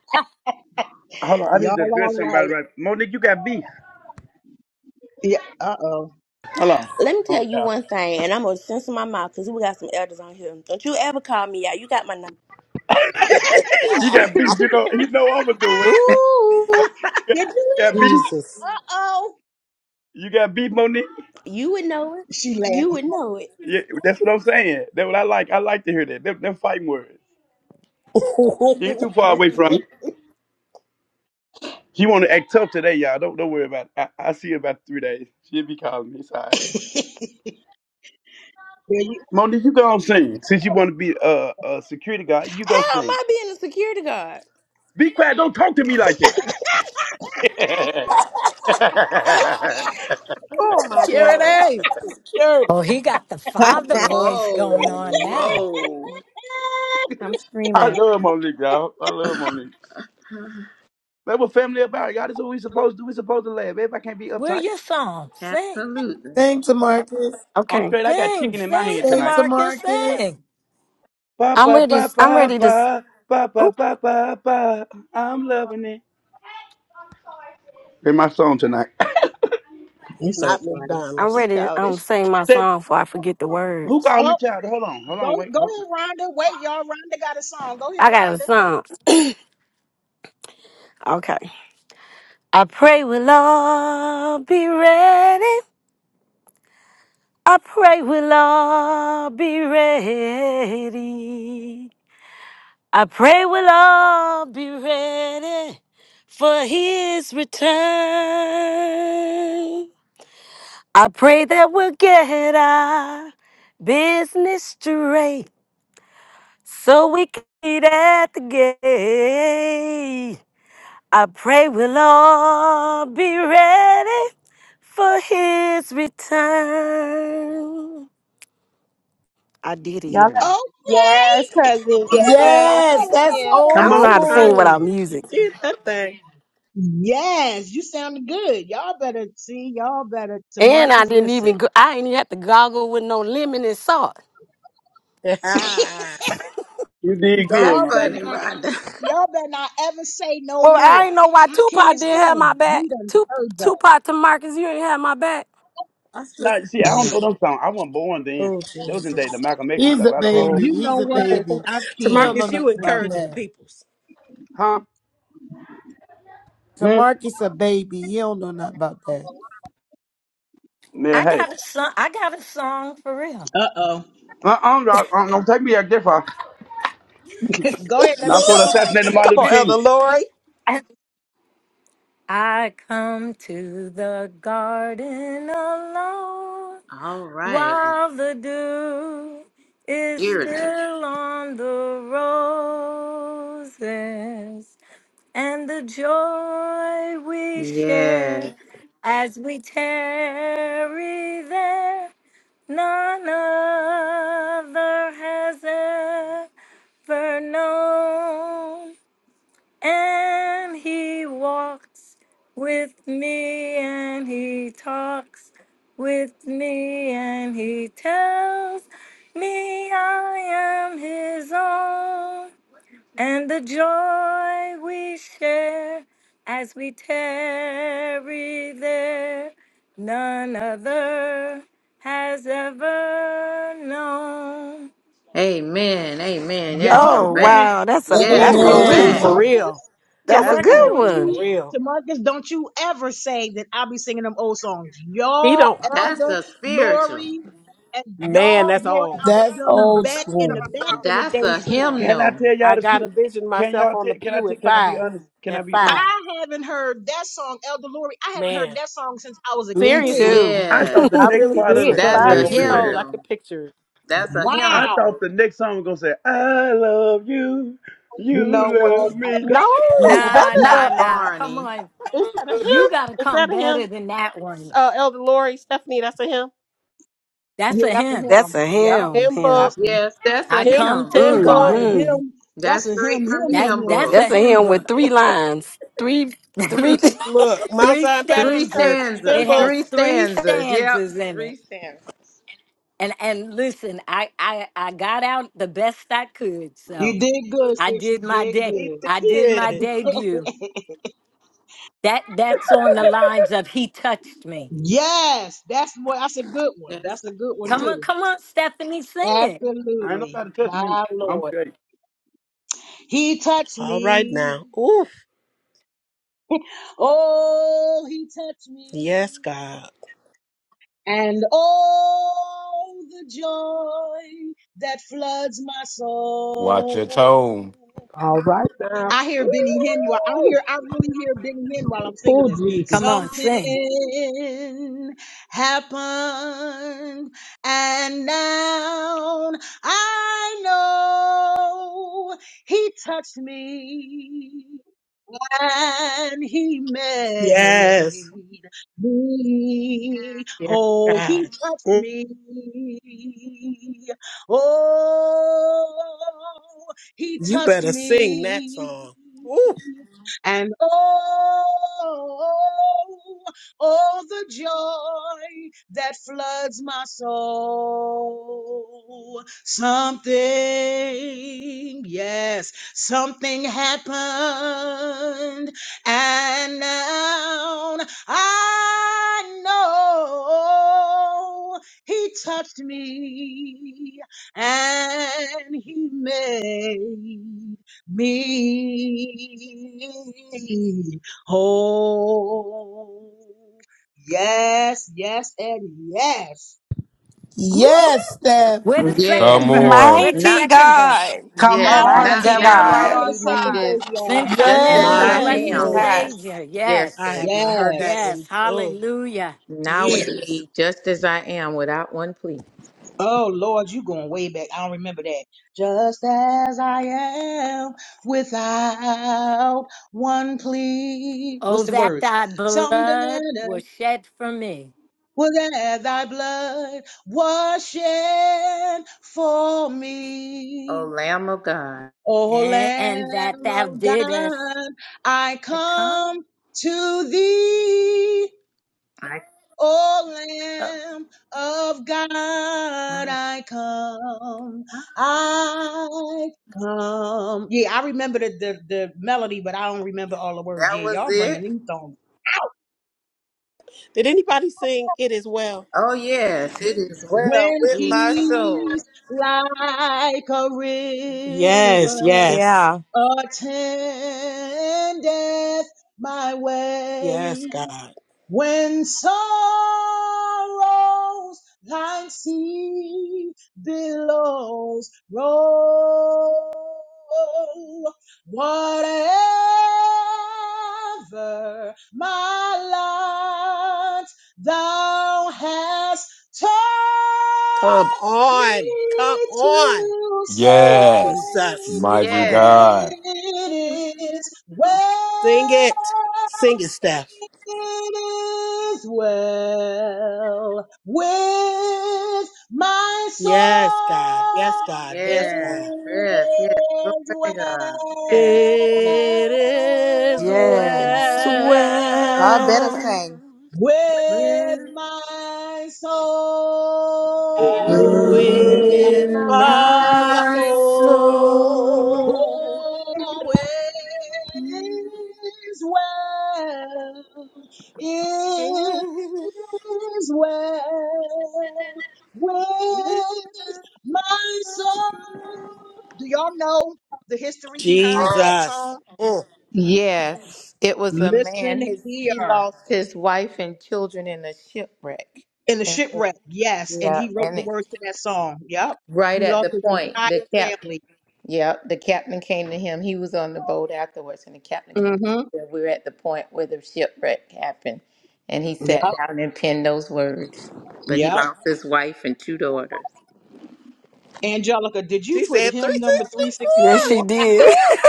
Speaker 4: Hold on, I need
Speaker 1: Y'all
Speaker 4: to address
Speaker 1: all
Speaker 4: somebody.
Speaker 1: right.
Speaker 4: Right, Monique, you got beef.
Speaker 1: Yeah. Uh oh.
Speaker 4: Hold on.
Speaker 19: Let me
Speaker 4: Hold
Speaker 19: tell
Speaker 4: on
Speaker 19: you
Speaker 4: now.
Speaker 19: one thing, and I'm gonna censor my mouth because we got some elders on here. Don't you ever call me out. You got my number.
Speaker 4: [LAUGHS] you got beef.
Speaker 19: [LAUGHS]
Speaker 4: You know, you know I'm gonna do it. No,
Speaker 12: Ooh,
Speaker 4: You got
Speaker 1: Did you
Speaker 4: you
Speaker 1: hear
Speaker 4: got beef.
Speaker 12: Jesus.
Speaker 1: that? Uh oh.
Speaker 4: You got beef, Monique.
Speaker 19: You would know it.
Speaker 1: She
Speaker 19: You
Speaker 1: laughing.
Speaker 19: would know it.
Speaker 4: Yeah, that's what I'm saying. That's what I like. I like to hear that. Them, them fighting words. You ain't too far
Speaker 12: [LAUGHS]
Speaker 4: away from. me. She want to act tough today, y'all. Don't don't worry about it. I, I see her about three days. She'll be calling me. It's all right.
Speaker 1: [LAUGHS] There you-
Speaker 4: Monique, you go on sing. Since you want to be a, a security guard, you go
Speaker 19: How am
Speaker 4: sing.
Speaker 19: I being a security guard?
Speaker 4: Be quiet. Don't talk to me like that. [LAUGHS]
Speaker 19: Oh my God.
Speaker 12: Security. Security.
Speaker 2: Oh, he got the father
Speaker 20: [LAUGHS]
Speaker 2: voice going
Speaker 15: Whoa,
Speaker 2: on now.
Speaker 15: whoa.
Speaker 20: I'm
Speaker 4: I
Speaker 20: screaming.
Speaker 4: love Monique, y'all. I love Monique. That's what family about, y'all. That's what we supposed to do. We supposed to laugh. If I can't be
Speaker 2: Where
Speaker 4: uptight,
Speaker 2: your song? Sing,
Speaker 15: Absolutely.
Speaker 13: Thank to Marcus.
Speaker 4: I'm
Speaker 21: Okay.
Speaker 4: straight. I got
Speaker 2: sing,
Speaker 4: chicken in my
Speaker 2: sing,
Speaker 4: hand
Speaker 13: Thank
Speaker 4: tonight.
Speaker 13: to
Speaker 2: Tamarcus,
Speaker 13: Marcus.
Speaker 2: sing.
Speaker 4: Ba
Speaker 21: I'm
Speaker 4: ba
Speaker 21: ready.
Speaker 4: ba
Speaker 21: I'm
Speaker 4: ba
Speaker 21: ready to. s-
Speaker 4: ba ba ba
Speaker 21: Oop,
Speaker 4: ba ba ba. I'm loving it. That's my song tonight. [LAUGHS]
Speaker 1: It's so
Speaker 12: Not
Speaker 1: funny.
Speaker 21: I'm
Speaker 14: You
Speaker 12: McDonald's.
Speaker 21: ready to um,
Speaker 14: childish.
Speaker 21: sing my
Speaker 4: That,
Speaker 21: song before I forget the
Speaker 4: who
Speaker 21: words.
Speaker 4: called me
Speaker 1: Oh,
Speaker 4: child? Hold on. Hold
Speaker 1: go
Speaker 4: on. Wait.
Speaker 1: go
Speaker 4: Hold on.
Speaker 1: ahead, Rhonda. Wait, y'all. Rhonda got a song. Go ahead,
Speaker 21: I got a
Speaker 1: Rhonda.
Speaker 21: song. Okay. I pray we'll all be ready. I pray we'll all be ready. I pray we'll all be ready for his return. I pray that we'll get our business straight. So we can at the gate. I pray we'll all be ready for his return. I did it,
Speaker 9: Y'all, let-
Speaker 21: y'all.
Speaker 1: Okay.
Speaker 9: Yes, cousin. Yes.
Speaker 13: Yes,
Speaker 1: Better
Speaker 13: that's
Speaker 1: Come
Speaker 9: Again.
Speaker 1: on and
Speaker 21: I
Speaker 12: Come
Speaker 13: old
Speaker 21: don't know
Speaker 12: on,
Speaker 21: how
Speaker 1: bring
Speaker 21: to sing
Speaker 12: Rhonda.
Speaker 21: without
Speaker 13: school.
Speaker 12: You
Speaker 21: music.
Speaker 12: did that thing.
Speaker 1: it. Yes, you sound good. Y'all better see. Y'all better to
Speaker 21: And I
Speaker 1: Marcus
Speaker 21: didn't even
Speaker 1: listen.
Speaker 21: go, I ain't even have to goggle with no lemon and salt.
Speaker 1: [LAUGHS]
Speaker 4: You did good,
Speaker 15: That's
Speaker 1: Y'all
Speaker 4: Rhonda.
Speaker 1: better
Speaker 15: funny,
Speaker 1: not.
Speaker 15: Rhonda.
Speaker 1: Y'all better not ever say no
Speaker 21: Well, I
Speaker 1: more.
Speaker 21: ain't know why
Speaker 1: I
Speaker 21: Tupac
Speaker 1: can't
Speaker 21: didn't have
Speaker 1: sing.
Speaker 21: my back.
Speaker 1: We done
Speaker 21: Tup-
Speaker 1: heard y'all.
Speaker 21: Tupac to Marcus, you ain't have my back.
Speaker 12: [LAUGHS]
Speaker 4: Nah, see, I don't know them songs. I wasn't born then.
Speaker 12: Oh
Speaker 4: That was in the day the
Speaker 12: Jesus.
Speaker 4: Malcolm X and
Speaker 13: He's
Speaker 4: stuff.
Speaker 13: a
Speaker 4: I don't know
Speaker 12: Oh.
Speaker 4: them.
Speaker 13: baby.
Speaker 1: You
Speaker 13: He's
Speaker 1: know
Speaker 13: a
Speaker 12: [LAUGHS]
Speaker 1: what?
Speaker 13: baby.
Speaker 1: I
Speaker 13: He don't
Speaker 1: can't.
Speaker 13: know
Speaker 12: Tamarcus,
Speaker 13: nothing
Speaker 12: you
Speaker 1: I
Speaker 13: about
Speaker 12: encouraging
Speaker 1: can't.
Speaker 12: the
Speaker 13: that.
Speaker 12: peoples.
Speaker 4: Huh?
Speaker 13: To
Speaker 4: Hmm?
Speaker 13: Marcus, a baby. He don't know nothing about that.
Speaker 4: Yeah,
Speaker 2: I
Speaker 4: hey.
Speaker 2: got a song. I got a song for real.
Speaker 1: Uh oh.
Speaker 4: Uh, I'm, i I, don't take me back that far.
Speaker 1: [LAUGHS] Go ahead. Let me
Speaker 4: Not for
Speaker 1: shut
Speaker 4: the
Speaker 1: my mic.
Speaker 4: assassinate
Speaker 1: Go ahead.
Speaker 4: Martin
Speaker 12: Come
Speaker 4: Luther
Speaker 12: on,
Speaker 4: King.
Speaker 12: Elder Lori.
Speaker 2: I I come to the garden alone
Speaker 15: [LAUGHS] All right.
Speaker 2: while the dew is
Speaker 15: Spiritual.
Speaker 2: still on the roses and the joy we
Speaker 15: Yes.
Speaker 2: share as we tarry there. None other has ever known. And he walks with me and he talks with me and he tells me I am his own and the joy we share as we tarry there, none other has ever known.
Speaker 15: Amen. Amen. Yes,
Speaker 1: Y'all
Speaker 15: go
Speaker 21: Oh
Speaker 15: back.
Speaker 1: bringing.
Speaker 21: wow, that's a
Speaker 15: Yes,
Speaker 1: Wait a
Speaker 12: That's
Speaker 21: ooh
Speaker 15: go
Speaker 12: old
Speaker 1: minute, to
Speaker 12: school
Speaker 21: wee.
Speaker 12: for
Speaker 13: Amen.
Speaker 15: back.
Speaker 1: Marcus.
Speaker 12: real.
Speaker 1: To
Speaker 21: That's a
Speaker 12: That's
Speaker 1: Marcus,
Speaker 21: good
Speaker 12: old
Speaker 1: don't
Speaker 12: school for
Speaker 21: one.
Speaker 1: you?
Speaker 12: real.
Speaker 1: To Marcus, don't you ever say that I'll be singing them old songs.
Speaker 12: He
Speaker 1: Y'all,
Speaker 12: don't
Speaker 15: That's
Speaker 1: Elder,
Speaker 15: a spiritual.
Speaker 1: Lori, and
Speaker 12: man,
Speaker 1: y'all
Speaker 12: that's
Speaker 1: brought
Speaker 12: old.
Speaker 1: out
Speaker 13: That's
Speaker 1: them
Speaker 13: old
Speaker 1: back
Speaker 13: school.
Speaker 1: in the back in the
Speaker 15: That's
Speaker 1: day
Speaker 15: a
Speaker 1: song.
Speaker 4: Can I
Speaker 15: hymnal.
Speaker 4: tell y'all
Speaker 12: I
Speaker 4: the
Speaker 12: got
Speaker 4: truth?
Speaker 12: a vision
Speaker 4: Can
Speaker 12: myself
Speaker 4: y'all
Speaker 12: on
Speaker 4: tell?
Speaker 12: the
Speaker 4: Can I
Speaker 12: pew
Speaker 4: tell?
Speaker 12: at
Speaker 4: Can I be
Speaker 12: five.
Speaker 4: honest? Can I
Speaker 12: At
Speaker 4: be honest?
Speaker 12: five.
Speaker 1: I haven't heard that song, Elder Lori. I haven't heard
Speaker 12: Man.
Speaker 1: that song since I was a
Speaker 21: Me
Speaker 1: kid.
Speaker 12: Seriously.
Speaker 21: too.
Speaker 4: I
Speaker 15: Yes.
Speaker 4: thought the
Speaker 12: I
Speaker 4: next
Speaker 12: really
Speaker 21: [LAUGHS]
Speaker 4: part of
Speaker 22: [LAUGHS]
Speaker 4: the
Speaker 12: did.
Speaker 4: song
Speaker 15: That's
Speaker 4: was
Speaker 15: a
Speaker 12: Five
Speaker 4: gonna
Speaker 12: years
Speaker 4: be saying.
Speaker 12: old.
Speaker 22: Listen,
Speaker 12: I
Speaker 15: hymnal.
Speaker 12: could picture it.
Speaker 15: That's a
Speaker 4: I
Speaker 15: hymnal.
Speaker 1: Wow.
Speaker 4: thought the next song was gonna say, "I love you,
Speaker 1: You
Speaker 4: you
Speaker 1: know what?
Speaker 4: love me."
Speaker 12: No, that
Speaker 2: Nah,
Speaker 12: is
Speaker 2: nah,
Speaker 12: a
Speaker 15: Not
Speaker 2: nah. Come
Speaker 15: Barney.
Speaker 2: on.
Speaker 12: is that a
Speaker 2: You got to
Speaker 12: him? Is
Speaker 2: come
Speaker 12: that a
Speaker 2: better
Speaker 12: him?
Speaker 2: than that one.
Speaker 12: Uh Elder Lori, Stephanie, that's a him.
Speaker 2: That's
Speaker 1: Yeah,
Speaker 2: a
Speaker 1: that's him.
Speaker 2: hymn.
Speaker 21: That's a
Speaker 1: Yep.
Speaker 21: hymn.
Speaker 12: Him
Speaker 21: hymn.
Speaker 1: That's
Speaker 12: book.
Speaker 1: a,
Speaker 15: Yes, that's a
Speaker 2: I
Speaker 12: Him
Speaker 2: come
Speaker 15: hymn.
Speaker 2: to the
Speaker 12: him
Speaker 1: that's
Speaker 12: book.
Speaker 1: a
Speaker 2: garden.
Speaker 21: Mm-hmm.
Speaker 1: him. That's
Speaker 15: That's
Speaker 1: a him,
Speaker 15: straight from
Speaker 1: him,
Speaker 15: the
Speaker 2: That's
Speaker 1: him,
Speaker 15: hymn
Speaker 2: that's
Speaker 1: him.
Speaker 15: book.
Speaker 21: That's
Speaker 2: a
Speaker 21: a
Speaker 2: hymn
Speaker 21: hymn with
Speaker 2: book.
Speaker 21: three lines. Three,
Speaker 2: [LAUGHS]
Speaker 21: three.
Speaker 12: Look, Mount
Speaker 2: three
Speaker 12: Zion
Speaker 15: Three
Speaker 12: Baptist Church,
Speaker 2: stanzas. It
Speaker 15: stanzas.
Speaker 12: Kimba,
Speaker 2: has
Speaker 15: Three
Speaker 2: three
Speaker 15: stanzas. Yep.
Speaker 2: stanzas in it.
Speaker 15: Three stanzas.
Speaker 2: And and listen, I I I got out the best I could. So
Speaker 1: You did good,
Speaker 2: I
Speaker 1: sis. You
Speaker 2: did my
Speaker 1: did
Speaker 2: day.
Speaker 12: he
Speaker 1: good.
Speaker 2: I did my
Speaker 12: did.
Speaker 2: debut. That that's on the lines of "He touched
Speaker 1: [LAUGHS]
Speaker 2: me."
Speaker 1: yes, that's what. That's a good one.
Speaker 15: Yes.
Speaker 1: That's a good one
Speaker 2: Come on,
Speaker 1: too.
Speaker 2: come on, Stephanie, sing it.
Speaker 4: [LAUGHS] ain't
Speaker 1: Absolutely,
Speaker 4: nobody touch me.
Speaker 1: my
Speaker 4: I'm
Speaker 1: Lord.
Speaker 4: straight.
Speaker 1: He touched
Speaker 12: All right
Speaker 1: me.
Speaker 12: now. Oof.
Speaker 1: Oh, he touched me.
Speaker 12: Yes, God.
Speaker 1: And oh, the joy that floods my
Speaker 22: watch your tone.
Speaker 1: soul.
Speaker 12: All right now.
Speaker 1: I hear Benny Hinn. While I
Speaker 12: Ooh,
Speaker 1: hear, I really hear Benny Hinn while I'm singing
Speaker 12: oh,
Speaker 1: this.
Speaker 12: Jesus.
Speaker 2: Come on,
Speaker 1: Something
Speaker 2: sing.
Speaker 1: happened, and now I know He touched me and he
Speaker 12: Yes.
Speaker 1: made me.
Speaker 12: Yes,
Speaker 1: Oh, he
Speaker 12: God.
Speaker 1: touched
Speaker 12: Mm,
Speaker 1: me. Oh, he
Speaker 12: You
Speaker 1: touched
Speaker 12: better sing that
Speaker 1: me.
Speaker 12: song. Ooh,
Speaker 1: And oh, oh, the joy that floods my soul. Something, yes Something happened, and now I know he touched me and he made me whole. Yes, yes, and yes. Woo!
Speaker 13: Yes, Steph.
Speaker 2: Where the
Speaker 22: Come
Speaker 2: second
Speaker 15: Yes.
Speaker 2: verse?
Speaker 22: on.
Speaker 2: Where the
Speaker 15: Not
Speaker 18: Mighty
Speaker 2: second verse?
Speaker 18: God.
Speaker 23: Come
Speaker 1: I
Speaker 15: yes.
Speaker 1: don't,
Speaker 23: on,
Speaker 15: Not
Speaker 18: Mighty
Speaker 1: I
Speaker 23: that was
Speaker 1: don't
Speaker 15: now
Speaker 23: right
Speaker 18: God.
Speaker 15: all
Speaker 1: remember the
Speaker 15: we
Speaker 23: on
Speaker 15: need
Speaker 1: second
Speaker 23: time.
Speaker 15: is
Speaker 1: verse, y'all.
Speaker 2: Since
Speaker 1: I
Speaker 2: I
Speaker 1: don't
Speaker 15: just
Speaker 2: met
Speaker 15: as
Speaker 1: remember
Speaker 2: the
Speaker 15: I
Speaker 12: my
Speaker 1: some of
Speaker 13: Yes.
Speaker 1: them
Speaker 2: blessed
Speaker 15: am.
Speaker 12: Lord.
Speaker 1: verses.
Speaker 18: Jesus.
Speaker 2: Savior,
Speaker 15: Yes,
Speaker 12: I
Speaker 2: yes,
Speaker 15: dear.
Speaker 12: have not heard that
Speaker 1: Yes.
Speaker 2: yes,
Speaker 12: in oh
Speaker 2: hallelujah.
Speaker 15: Now we
Speaker 12: years.
Speaker 15: need just as I am without one plea.
Speaker 1: Oh Lord, you going way back. I don't remember that. Just as I am without one plea.
Speaker 2: Oh,
Speaker 1: What's the
Speaker 2: that
Speaker 1: words?
Speaker 2: thy
Speaker 1: Something
Speaker 2: blood
Speaker 1: that
Speaker 2: was shed for me,
Speaker 1: was as thy blood was shed for
Speaker 15: Oh
Speaker 1: me.
Speaker 15: Lamb of God.
Speaker 1: O
Speaker 2: and and that
Speaker 1: Lamb
Speaker 2: thou
Speaker 1: of
Speaker 2: didst
Speaker 1: God, I
Speaker 2: come.
Speaker 1: come to thee.
Speaker 15: I,
Speaker 1: O Lamb of God,
Speaker 15: I-
Speaker 1: I come, I come. Yeah, I remember the, the, the melody, but I don't remember all the words.
Speaker 15: that
Speaker 1: Yeah,
Speaker 15: was
Speaker 1: y'all bringing
Speaker 15: it.
Speaker 1: these songs out.
Speaker 12: Did anybody sing It Is Well?
Speaker 15: Oh yes, it is well
Speaker 1: When
Speaker 15: with
Speaker 12: Jesus.
Speaker 15: my soul.
Speaker 1: peace like a
Speaker 12: Yes,
Speaker 1: river
Speaker 12: yes.
Speaker 20: Yeah.
Speaker 1: attendeth my way,
Speaker 12: Yes, God.
Speaker 1: When sorrows like sea billows roll, whatever my lot, thou hast
Speaker 12: Come
Speaker 1: taught me
Speaker 12: on. Come on.
Speaker 1: to say,
Speaker 12: Oh,
Speaker 22: Yes.
Speaker 12: Jesus, my
Speaker 22: Mighty
Speaker 15: Yes.
Speaker 12: Lord.
Speaker 22: God.
Speaker 1: it is
Speaker 12: Sing
Speaker 1: well.
Speaker 12: it. Sing it, Steph.
Speaker 1: It is well with my
Speaker 12: Yes, God. Yes,
Speaker 1: soul.
Speaker 12: God.
Speaker 1: It
Speaker 12: Yes,
Speaker 15: Yes.
Speaker 12: God.
Speaker 15: Yes. Yes. Glory
Speaker 1: is
Speaker 15: to
Speaker 1: well
Speaker 15: God. Yes.
Speaker 12: It
Speaker 21: [LAUGHS]
Speaker 12: is
Speaker 21: yes.
Speaker 20: Y'all better
Speaker 12: well
Speaker 21: Well,
Speaker 20: sing.
Speaker 1: with
Speaker 15: Yes.
Speaker 1: my soul.
Speaker 2: with
Speaker 12: with
Speaker 15: With
Speaker 21: in
Speaker 2: my
Speaker 12: my
Speaker 21: my
Speaker 15: my soul.
Speaker 21: soul.
Speaker 2: soul.
Speaker 12: soul.
Speaker 1: Oh, it is well, it is well with my soul. Do y'all know the history behind that
Speaker 12: Jesus.
Speaker 1: song?
Speaker 12: Mm.
Speaker 15: Yes, it was a man.
Speaker 1: Listen
Speaker 15: His he
Speaker 1: here.
Speaker 15: lost his wife and children in a shipwreck,
Speaker 1: In the
Speaker 15: and
Speaker 1: shipwreck, yes. And
Speaker 15: yeah,
Speaker 1: he wrote
Speaker 15: and
Speaker 1: the
Speaker 15: it,
Speaker 1: words to that song. Yep.
Speaker 15: right
Speaker 1: He
Speaker 15: at
Speaker 1: lost
Speaker 15: the
Speaker 1: his
Speaker 15: point,
Speaker 1: entire
Speaker 15: the captain,
Speaker 1: family.
Speaker 15: yeah, the captain came to him. He was on the boat afterwards, and the captain came. To him.
Speaker 1: Mm-hmm.
Speaker 15: and We are at the point where the shipwreck happened, and he
Speaker 1: Yep.
Speaker 15: sat down and penned those words. But he
Speaker 1: Yep.
Speaker 15: lost his wife and two daughters.
Speaker 1: Angelica, did
Speaker 12: She
Speaker 1: you put
Speaker 12: said
Speaker 1: him number
Speaker 21: Yes,
Speaker 12: 364.
Speaker 1: 364?
Speaker 21: she did.
Speaker 12: Woo!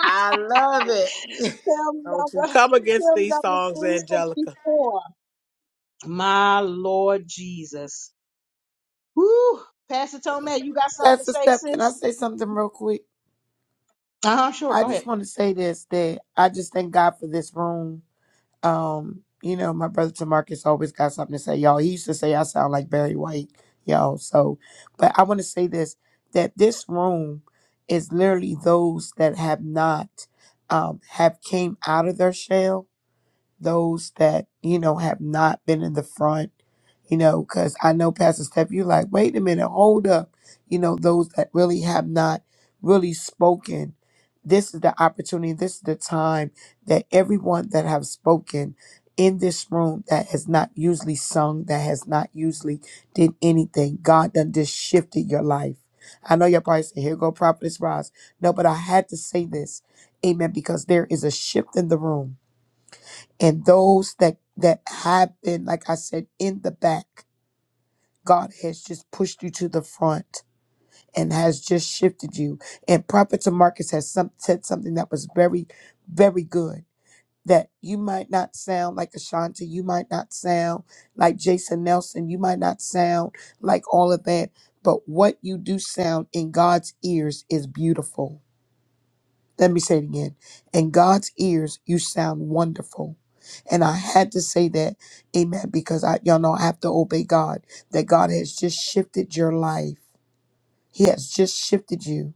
Speaker 15: I love it.
Speaker 1: Hymn
Speaker 12: Don't you
Speaker 1: number,
Speaker 12: come against
Speaker 1: hymn
Speaker 12: these
Speaker 1: number
Speaker 12: songs, Angelica.
Speaker 1: 364. My Lord Jesus. Woo! Pastor Tomei, you got something to
Speaker 13: Pastor
Speaker 1: say,
Speaker 13: Steph, can I
Speaker 1: sis?
Speaker 13: say something real quick?
Speaker 1: Uh huh, sure.
Speaker 13: I
Speaker 1: Go ahead.
Speaker 13: just want to say this that I just thank God for this room. Um, you know, my brother Tamarcus always got something to say, y'all. He used to say I sound like Barry White, y'all. So, but I want to say this that this room is literally those that have not um have came out of their shell those that, you know, have not been in the front, you know, because I know Pastor Steph, you like, wait a minute, hold up. You know, those that really have not really spoken. This is the opportunity, this is the time that everyone that have spoken in this room that has not usually sung, that has not usually did anything, God done just shifted your life. I know you probably price. Here go prophetess Ross. No, but I had to say this. Amen. Because there is a shift in the room and those that that have been like i said in the back god has just pushed you to the front and has just shifted you and prophet to has some, said something that was very very good that you might not sound like ashanti you might not sound like jason nelson you might not sound like all of that but what you do sound in god's ears is beautiful let me say it again. In God's ears, you sound wonderful. And I had to say that, amen, because I, y'all know I have to obey God, that God has just shifted your life. He has just shifted you,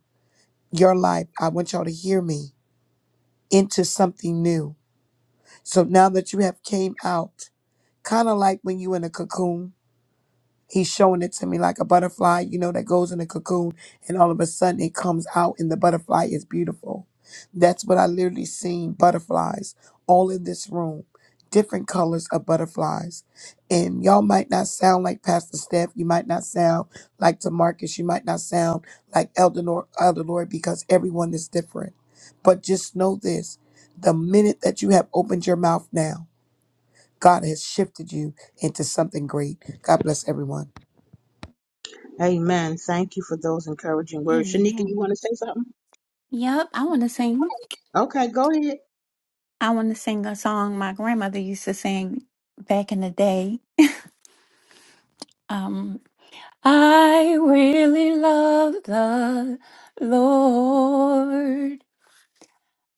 Speaker 13: your life. I want y'all to hear me into something new. So now that you have came out, kind of like when you in a cocoon, He's showing it to me like a butterfly, you know, that goes in a cocoon and all of a sudden it comes out and the butterfly is beautiful. That's what I literally seen butterflies all in this room, different colors of butterflies. And y'all might not sound like Pastor Steph, you might not sound like Tamarcus, you might not sound like Elder Nor- Elder Lord because everyone is different. But just know this the minute that you have opened your mouth now, God has shifted you into something great. God bless everyone.
Speaker 1: Amen. Thank you for those encouraging words. Shanika, you
Speaker 18: Amen.
Speaker 1: want to say something?
Speaker 18: Yep, I want to sing.
Speaker 1: Okay, go ahead.
Speaker 18: I want to sing a song my grandmother used to sing back in the day. Um, I really love the Lord.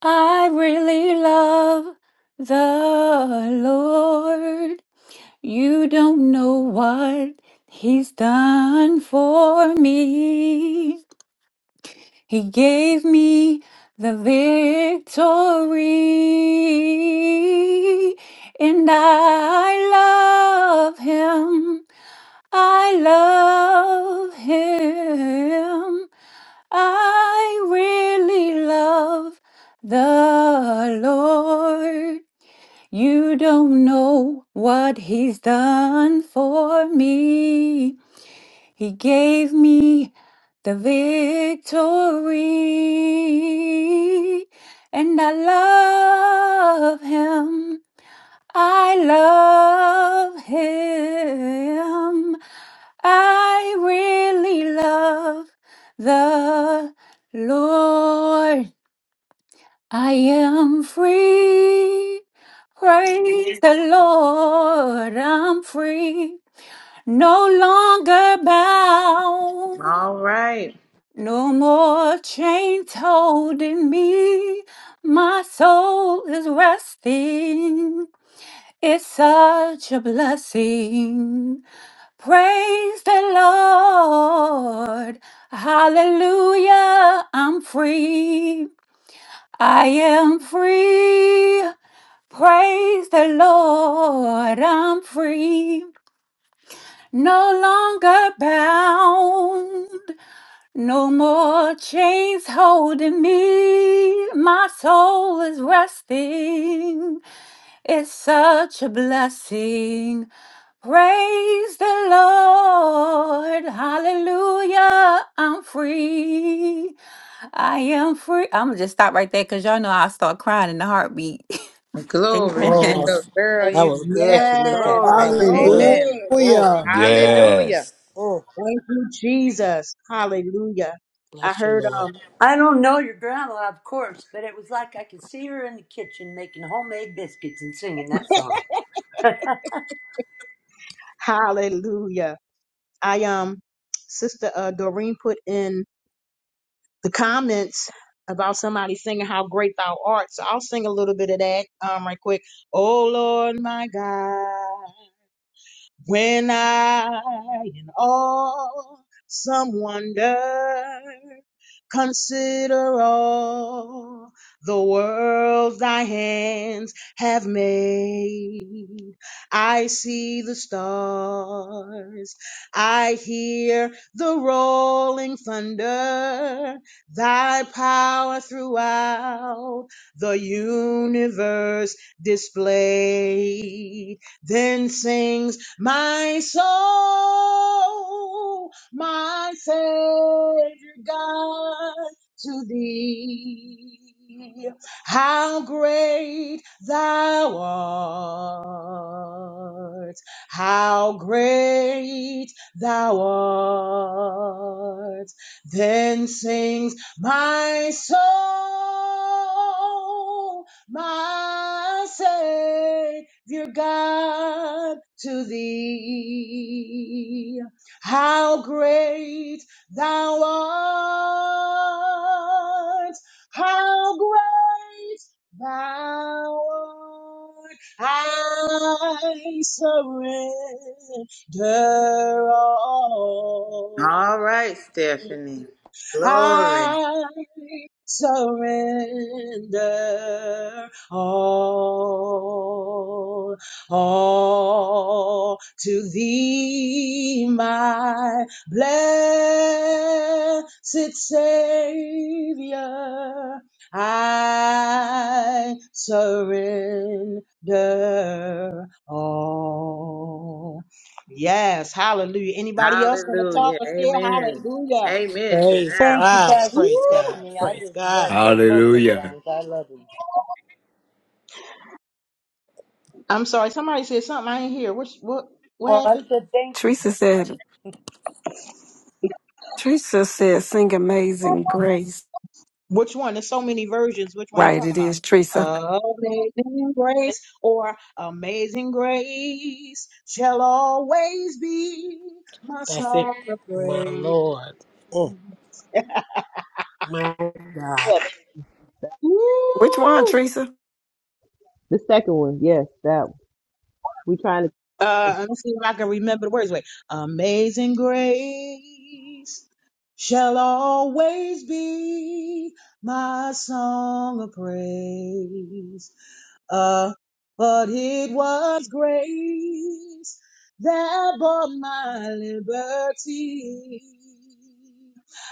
Speaker 18: I really love the Lord. You don't know what he's done for me. He gave me the victory, and I love him. I love him. I really love the Lord. You don't know what he's done for me. He gave me the victory. And I love him. I love him. I really love the Lord. I am free. Praise the Lord. I'm free. No longer
Speaker 15: [LAUGHS]
Speaker 18: bound.
Speaker 15: All right.
Speaker 18: No more chains holding me. My soul is resting. It's such a blessing. Praise the Lord. Hallelujah. I'm free. I am free. Praise the Lord, I'm free, no longer bound, no more chains holding me. My soul is resting, it's such a blessing. Praise the Lord. Hallelujah. I'm free. I am free. I'm going to just stop right there because y'all know I start crying in a heartbeat. [LAUGHS]
Speaker 15: Glory
Speaker 18: Amen.
Speaker 15: to
Speaker 12: Oh,
Speaker 15: the
Speaker 12: that
Speaker 15: girl you
Speaker 12: was good,
Speaker 15: yes.
Speaker 12: Shanika.
Speaker 1: Yes.
Speaker 15: Glory.
Speaker 12: That was
Speaker 1: Go
Speaker 12: good.
Speaker 13: Hallelujah.
Speaker 15: Amen.
Speaker 1: ahead.
Speaker 12: Oh,
Speaker 13: Hallelujah.
Speaker 1: Hallelujah.
Speaker 15: Hallelujah.
Speaker 22: Yes.
Speaker 12: oh,
Speaker 1: Thank you, Jesus. Hallelujah. I
Speaker 12: bless you,
Speaker 1: heard
Speaker 12: Lord.
Speaker 1: um
Speaker 24: I don't know your grandma, of course, but it was like I could see her in the kitchen making homemade biscuits and singing that song. [LAUGHS]
Speaker 1: hallelujah. I um sister uh Doreen put in the comments about somebody singing how great thou art. So I'll sing a little bit of that um right quick. Oh Lord my God. When I in awesome wonder consider all the world thy hands have made, I see the stars, I hear the rolling thunder, thy power throughout the universe displayed. Then sings my soul, my Savior God, to thee. How great thou art! How great thou art! Then sings my soul, my Savior dear God, to thee. How great thou art! How great thou art! I surrender all.
Speaker 15: All right, Stephanie. Glory.
Speaker 1: I surrender all, all to thee, my blessed Savior. I surrender all. Yes, hallelujah. Anybody else want to talk
Speaker 15: Hallelujah.
Speaker 1: or say
Speaker 15: Amen.
Speaker 1: hallelujah?
Speaker 15: Amen to
Speaker 12: Praise
Speaker 15: that
Speaker 24: Thank you,
Speaker 15: one.
Speaker 12: God.
Speaker 24: Pastor
Speaker 12: Praise
Speaker 1: Woo!
Speaker 12: God.
Speaker 24: Stephanie. I
Speaker 12: Praise
Speaker 24: just love
Speaker 12: God.
Speaker 24: those both those
Speaker 22: Hallelujah.
Speaker 24: songs. I love them.
Speaker 1: I'm sorry, somebody said something I ain't hear. Which what what
Speaker 24: Oh, I
Speaker 1: happened?
Speaker 24: said
Speaker 21: [LAUGHS]
Speaker 24: thank you.
Speaker 21: Teresa said. Teresa said, "Sing Amazing Grace."
Speaker 1: Which one? There's so many versions. Which one you
Speaker 21: Right,
Speaker 1: talking
Speaker 21: it
Speaker 1: about?
Speaker 21: is Teresa.
Speaker 1: Amazing grace or amazing grace shall always be my
Speaker 12: That's it,
Speaker 1: song of
Speaker 12: my
Speaker 1: praise.
Speaker 12: Lord. Oh, my God.
Speaker 9: Yeah,
Speaker 21: Which one,
Speaker 1: Woo!
Speaker 21: Teresa?
Speaker 9: the second one, yes, that We trying
Speaker 1: Uh,
Speaker 9: to
Speaker 1: let me see if I can remember the words. Wait, amazing grace shall always be my song of praise. Uh, but it was grace that bought my liberty.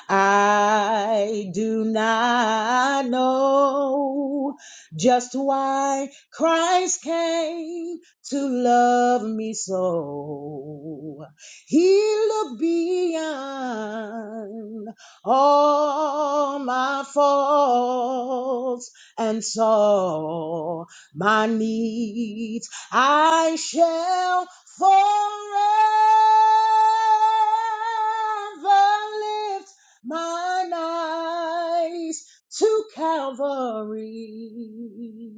Speaker 1: I do not know just why Christ came to love me so. He looked beyond all my faults and saw my needs I shall forever lift mine eyes to Calvary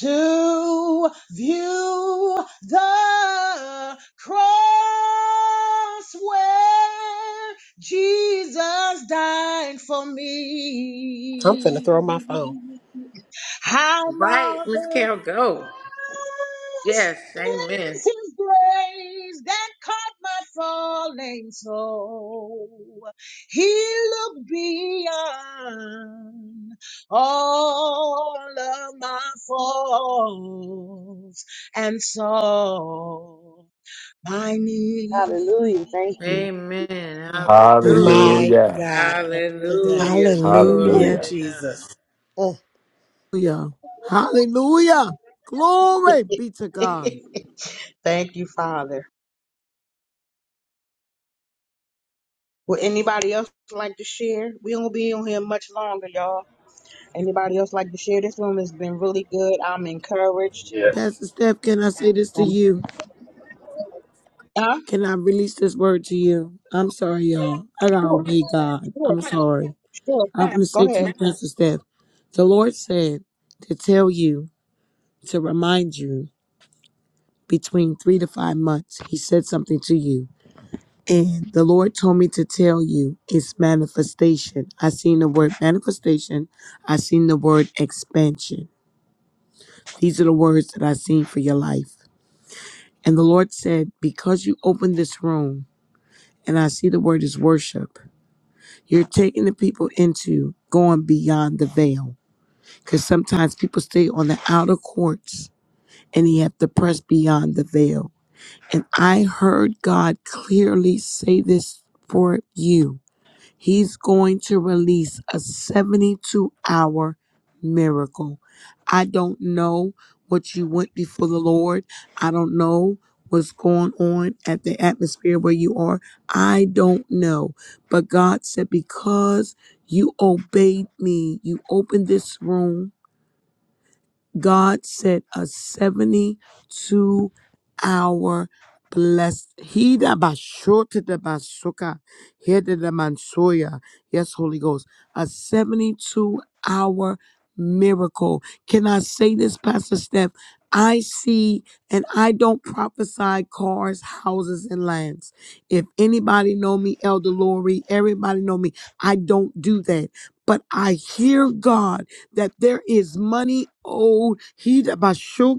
Speaker 1: to view the cross where Jesus died for
Speaker 12: I'm finna
Speaker 1: me.
Speaker 12: throw my phone.
Speaker 1: How
Speaker 15: Right, Miss
Speaker 1: marvelous!
Speaker 15: Carol, go. Yes,
Speaker 1: This
Speaker 15: amen.
Speaker 1: is grace that caught my falling soul. He looked beyond all of my faults and saw my need.
Speaker 9: hallelujah. Thank you.
Speaker 15: Amen. Hallelujah.
Speaker 12: My
Speaker 22: Hallelujah.
Speaker 12: God, on today.
Speaker 15: Hallelujah.
Speaker 12: Oh,
Speaker 15: Glory
Speaker 21: Hallelujah.
Speaker 15: to
Speaker 22: Hallelujah.
Speaker 15: God.
Speaker 12: Jesus. Oh,
Speaker 13: Hallelujah. Glory be to God.
Speaker 1: [LAUGHS] Thank you, Father. Would anybody else like to share? We won't be on here much longer, y'all. Anybody else like to share? This room has been really good. I'm encouraged.
Speaker 17: Yes.
Speaker 13: Pastor Steph, can I say this to
Speaker 1: Um,
Speaker 13: you?
Speaker 1: huh?
Speaker 13: Can I release this word to you? I'm sorry, y'all. I gotta
Speaker 1: Sure,
Speaker 13: obey God.
Speaker 1: sure,
Speaker 13: I'm sorry.
Speaker 1: sure.
Speaker 13: I'm gonna
Speaker 1: Go
Speaker 13: say to
Speaker 1: ahead.
Speaker 13: you, Pastor Steph, the Lord said to tell you, to remind you, between three to five months, He said something to you. And the Lord told me to tell you it's manifestation. I seen the word manifestation. I seen the word expansion. These are the words that I seen for your life. And the Lord said, because you opened this room, and I see the word is worship, you're taking the people into going beyond the veil. Because sometimes people stay on the outer courts and you have to press beyond the veil. And I heard God clearly say this for you He's going to release a 72 hour miracle. I don't know what you went before the Lord. I don't know what's going on at the atmosphere where you are. I don't know. But God said, because you obeyed me, you opened this room God set a 72 hour blessed. He that bashorted the basuka, he that the mansoya. Yes, Holy Ghost. A 72 hour miracle. Can I say this, Pastor Steph? I see and I don't prophesy cars, houses, and lands. If anybody know me, Elder Lori, everybody know me, I don't do that. But I hear God that there is money owed. He da ba sho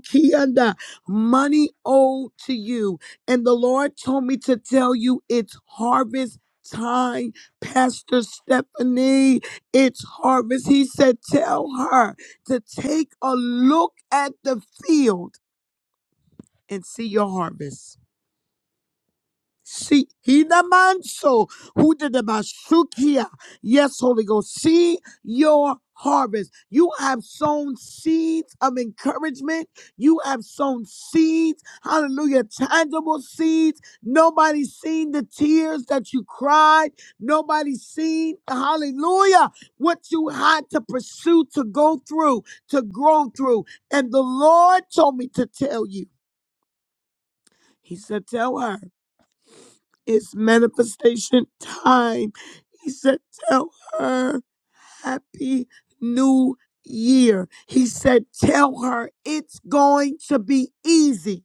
Speaker 13: money owed to you. And the Lord told me to tell you it's harvest time, Pastor Stephanie. It's harvest. He said, Tell her to take a look at the field and see your harvest. See, Hinamanso, who did the Bashukia. Yes, Holy Ghost, see your harvest. You have sown seeds of encouragement. You have sown seeds, hallelujah, tangible seeds. Nobody's seen the tears that you cried. Nobody's seen, hallelujah, what you had to pursue, to go through, to grow through. And the Lord told me to tell you. He said, Tell her. It's manifestation time. He said, Tell her happy new year. He said, Tell her it's going to be easy.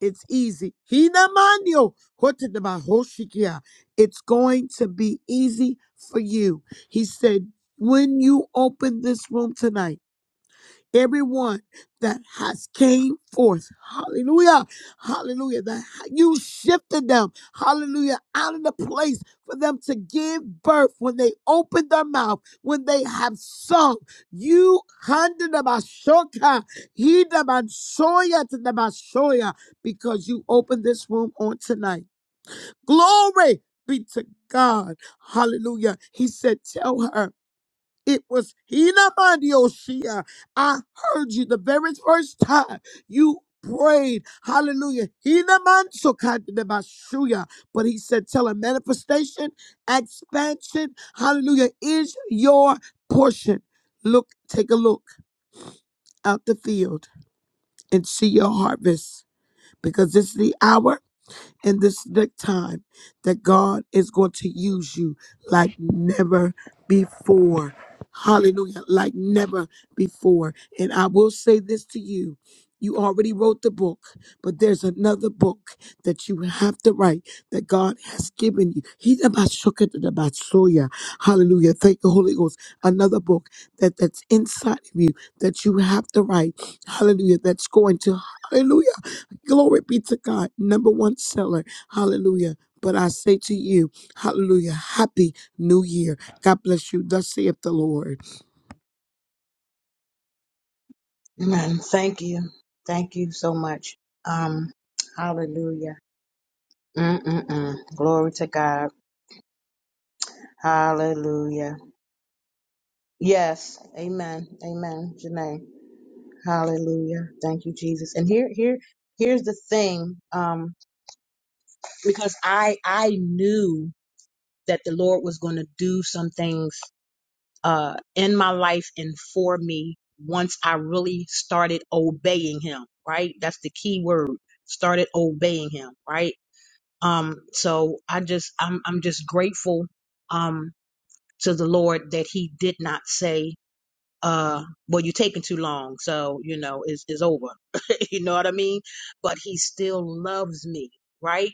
Speaker 13: It's easy. Hinamanyo hotedabahoshikia. It's going to be easy for you. He said, When you open this room tonight, everyone that has came forth hallelujah hallelujah that you shifted them hallelujah out of the place for them to give birth when they opened their mouth when they have sung you handed them a shoka, he them a shoya to them a shoya, because you opened this room on tonight glory be to god hallelujah he said tell her it was Hinamanioshia. I heard you the very first time you prayed. Hallelujah. Hinamansokandemashuya. But he said, tell him manifestation, expansion, hallelujah, is your portion. Look, take a look out the field and see your harvest because this is the hour in this next time that God is going to use you like never before. Hallelujah, like never before. And I will say this to you. You already wrote the book, but there's another book that you have to write that God has given you. He's about shook it about soya. Hallelujah. Thank the Holy Ghost. Another book that, that's inside of you that you have to write. Hallelujah. That's going to hallelujah. Glory be to God, number one seller. Hallelujah. But I say to you, hallelujah, happy new year. God bless you. Thus saith the Lord.
Speaker 1: Amen. Thank you. Thank you so much. Um, hallelujah. Mm-mm-mm. Glory to God. Hallelujah. Yes. Amen. Amen. Janae. Hallelujah. Thank you, Jesus. And here, here, here's the thing. Um, because I, I knew that the Lord was going to do some things uh, in my life and for me once I really started obeying him, right? That's the key word. Started obeying him, right? Um, so I just I'm I'm just grateful um to the Lord that he did not say uh well you're taking too long so you know it's, it's over [LAUGHS] you know what i mean but he still loves me right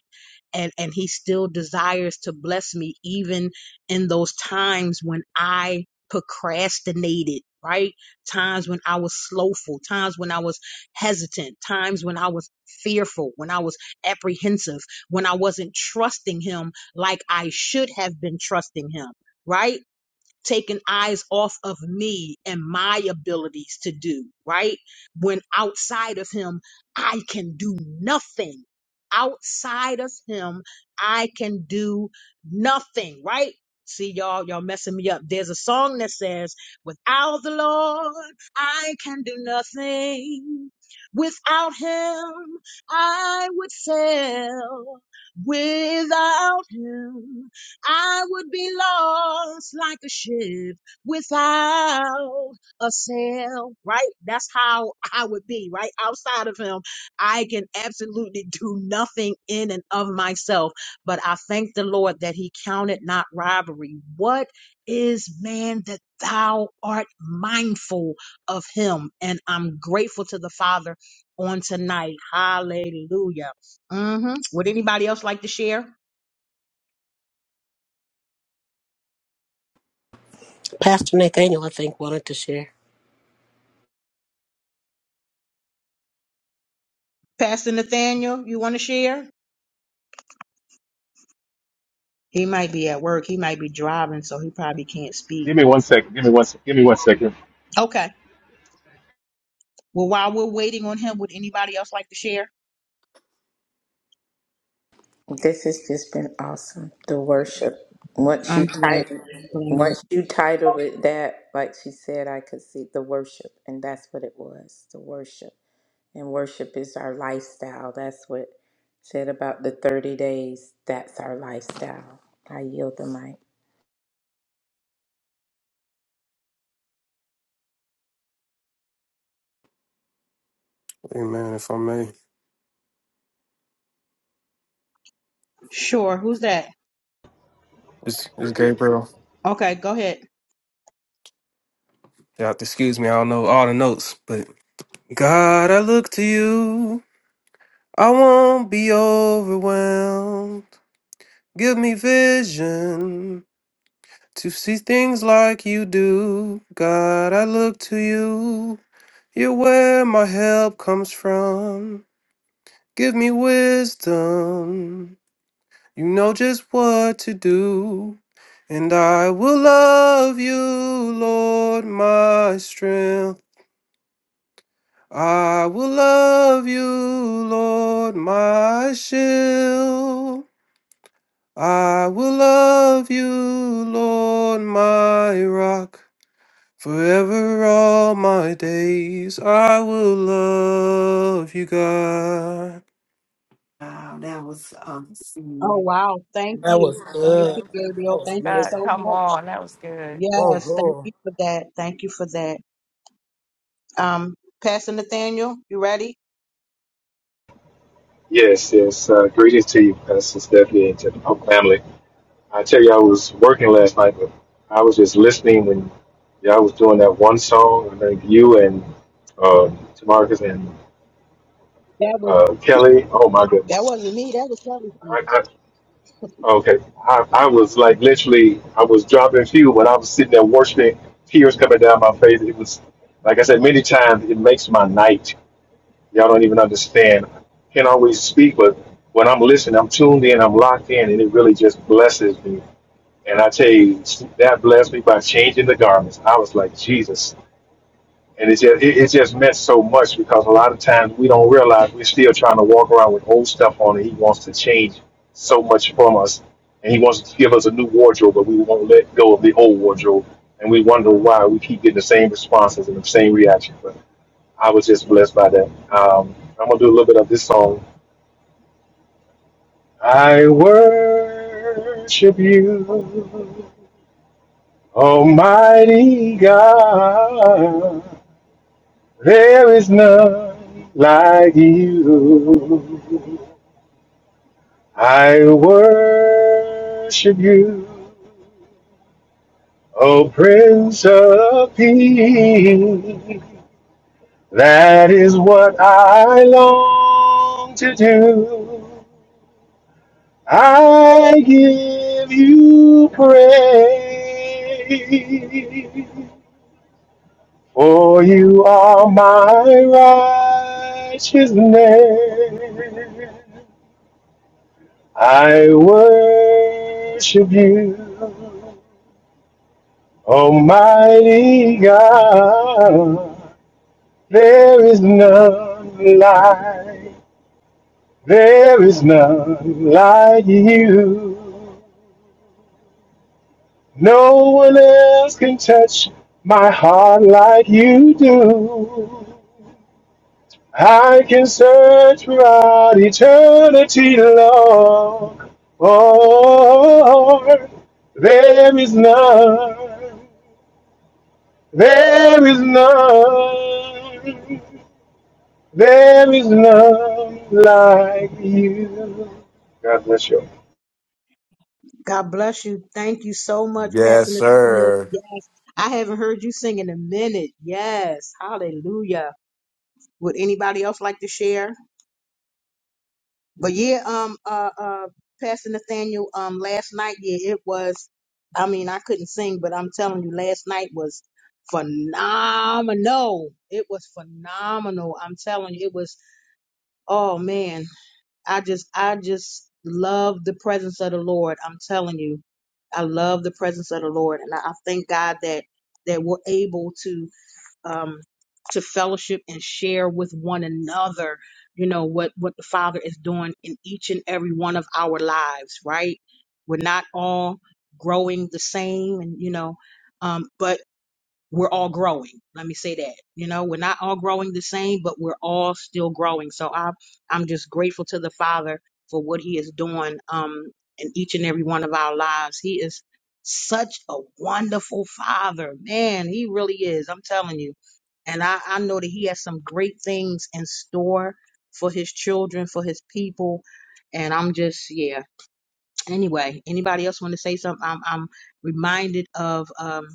Speaker 1: and and he still desires to bless me even in those times when i procrastinated right times when i was slowful times when i was hesitant times when i was fearful when i was apprehensive when i wasn't trusting him like i should have been trusting him right taking eyes off of me and my abilities to do, right? When outside of him, I can do nothing. Outside of him, I can do nothing, right? See y'all, y'all messing me up. There's a song that says, without the Lord, I can do nothing. Without him, I would fail. Without him, I would be lost like a ship without a sail, right? That's how I would be, right? Outside of Him, I can absolutely do nothing in and of myself. But I thank the Lord that He counted not robbery. What is man that thou art mindful of him? And I'm grateful to the Father on tonight. Hallelujah. hmm Would anybody else like to share?
Speaker 12: Pastor Nathaniel, I think, wanted to share.
Speaker 1: Pastor Nathaniel, you want to share? He might be at work. He might be driving, so he probably can't speak.
Speaker 17: Give me one second. Give me one. sec- Give me one second.
Speaker 1: Okay. Well, while we're waiting on him, would anybody else like to share?
Speaker 15: This has just been awesome. The worship. Once you
Speaker 1: I'm
Speaker 15: type,
Speaker 1: glad. I'm glad.
Speaker 15: once you titled it that, like she said, I could see the worship, and that's what it was. The worship, and worship is our lifestyle. That's what said about the thirty days. That's our lifestyle. I yield the mic.
Speaker 25: Hey man, if I may,
Speaker 1: Sure. Who's that?
Speaker 25: it's, it's Gabriel.
Speaker 1: Okay, go ahead.
Speaker 25: You have to excuse me. I don't know all the notes, but God, I look to you. I won't be overwhelmed. Give me vision to see things like you do. God, I look to you. You're where my help comes from. Give me wisdom. You know just what to do. And I will love you, Lord, my strength. I will love you, Lord, my shield. I will love you, Lord, my rock. Forever all my days I will love you, God.
Speaker 21: Wow, that was
Speaker 1: Oh,
Speaker 21: awesome.
Speaker 1: wow. Thank
Speaker 12: That
Speaker 1: you.
Speaker 12: was
Speaker 1: Thank you,
Speaker 12: good. That
Speaker 1: Gabriel.
Speaker 12: was
Speaker 1: Thank you
Speaker 11: Uh,
Speaker 12: amazing.
Speaker 1: so much.
Speaker 12: Oh,
Speaker 1: Yes, thank
Speaker 12: oh.
Speaker 1: you for that. Thank you for that. Um, Pastor Nathaniel, you ready?
Speaker 17: Yes, yes. Uh, greetings to you, Pastor Stephanie, and to the whole family. I tell you, I was working last night, but I was just listening when y'all was doing that one song. I think you and um, Tamarcus and
Speaker 1: That was
Speaker 17: uh, Kelly. Oh my
Speaker 1: that
Speaker 17: goodness!
Speaker 1: wasn't me. That was Kelly.
Speaker 17: Okay. I, I was like literally, I was dropping fuel, but I was sitting there worshiping, tears coming down my face. It was, like I said, many times it makes my night. Y'all don't even understand. Can't always speak, but when I'm listening, I'm tuned in, I'm locked in, and it really just blesses me. And I tell you, that blessed me by changing the garments. I was like, Jesus, and it's just, it, it just meant so much because a lot of times we don't realize we're still trying to walk around with old stuff on and he wants to change so much from us. And he wants to give us a new wardrobe, but we won't let go of the old wardrobe. And we wonder why we keep getting the same responses and the same reaction. But I was just blessed by that. Um, I'm going to do a little bit of this song. I worship you, Almighty God. There is none like you. I worship you, O Prince of Peace. That is what I long to do. I give you praise, for you are my righteousness. I worship you, Almighty God. There is none like, there is none like you. No one else can touch my heart like you do. I can search throughout eternity, long. Oh, there is none. There is none. There is none like you. God bless you.
Speaker 1: God bless you. Thank you so much, Pastor
Speaker 22: Yes,
Speaker 1: Nathaniel.
Speaker 22: sir.
Speaker 1: I haven't heard you sing in a minute. Yes. Hallelujah. Would anybody else like to share? But yeah, um uh uh Pastor Nathaniel, um last night, yeah, it was I mean, I couldn't sing, but I'm telling you, last night was phenomenal. It was phenomenal. I'm telling you, it was oh man. I just I just love the presence of the Lord. I'm telling you. I love the presence of the Lord. And I I thank God that that we're able to um, to fellowship and share with one another, you know, what, what the Father is doing in each and every one of our lives, right? We're not all growing the same and, you know, um, but we're all growing. Let me say that. You know, we're not all growing the same, but we're all still growing. So I'm I'm just grateful to the Father for what He is doing um in each and every one of our lives. He is such a wonderful father. Man, he really is. I'm telling you. And I, I know that he has some great things in store for his children, for his people. And I'm just, yeah anyway, anybody else want to say something? I'm, I'm reminded of, um,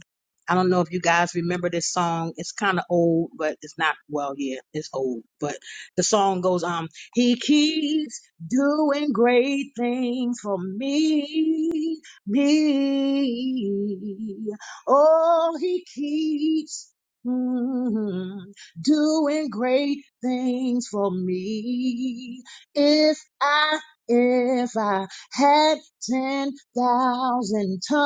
Speaker 1: I don't know if you guys remember this song. It's kind of old, but it's not, well, yeah, it's old, but the song goes, um, he keeps doing great things for me, me. Oh, he keeps mm, doing great things for me. If I, if I had 10,000 tongues,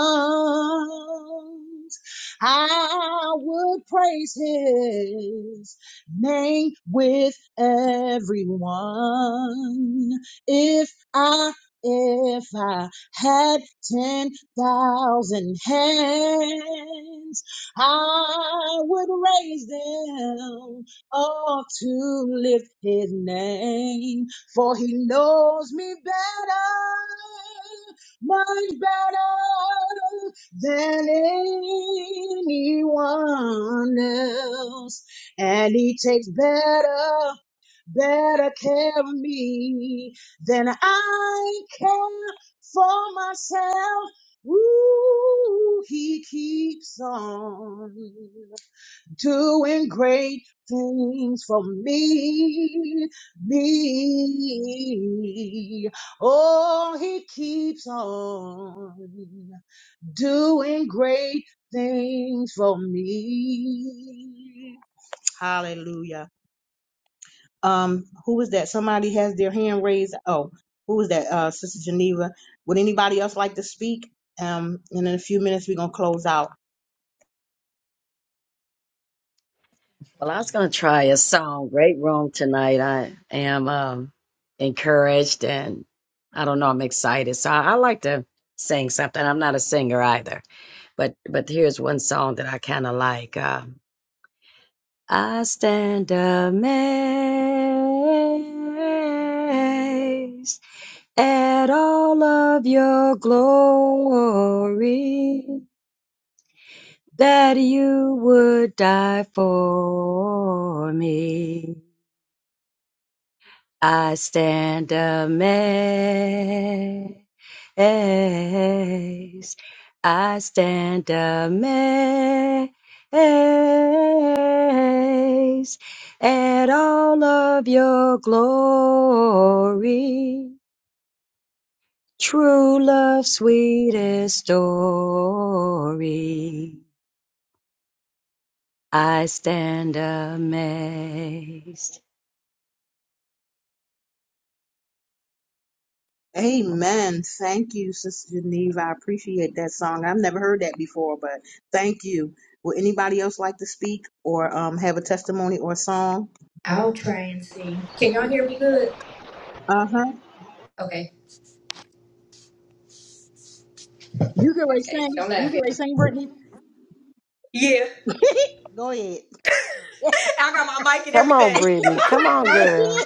Speaker 1: I would praise his name with everyone. If I, if I had 10,000 hands, I would raise them all to lift his name for he knows me better, much better than anyone else. And he takes better, better care of me than I care for myself. Ooh, he keeps on doing great things for me, me. Oh, he keeps on doing great things for me. Hallelujah. Um, who is that? Somebody has their hand raised. Oh, who is that? Uh, Sister Geneva. Would anybody else like to speak? Um, and in a few minutes we're gonna close out.
Speaker 26: Well, I was going to try a song. Great room tonight. I am um, encouraged and I don't know, I'm excited. So I, I like to sing something. I'm not a singer either, but but here's one song that I kind of like. Um, I stand amazed at all of your glory that you would die for me. I stand amazed. I stand amazed at all of your glory. True love's sweetest story. I stand amazed.
Speaker 1: Amen. Thank you, Sister Geneva. I appreciate that song. I've never heard that before, but thank you. Would anybody else like to speak or um, have a testimony or a song?
Speaker 3: I'll try and see. Can y'all hear me good?
Speaker 1: Uh huh.
Speaker 3: Okay.
Speaker 1: You can already
Speaker 3: Okay.
Speaker 1: sing.
Speaker 3: Don't
Speaker 1: You
Speaker 3: laugh.
Speaker 1: can already sing, Brittany.
Speaker 3: Yeah.
Speaker 1: Go ahead.
Speaker 3: [LAUGHS]
Speaker 1: [LAUGHS] go ahead.
Speaker 3: I got my mic and
Speaker 21: Come on,
Speaker 3: everything. [LAUGHS]
Speaker 21: Brittany. Come on, girl.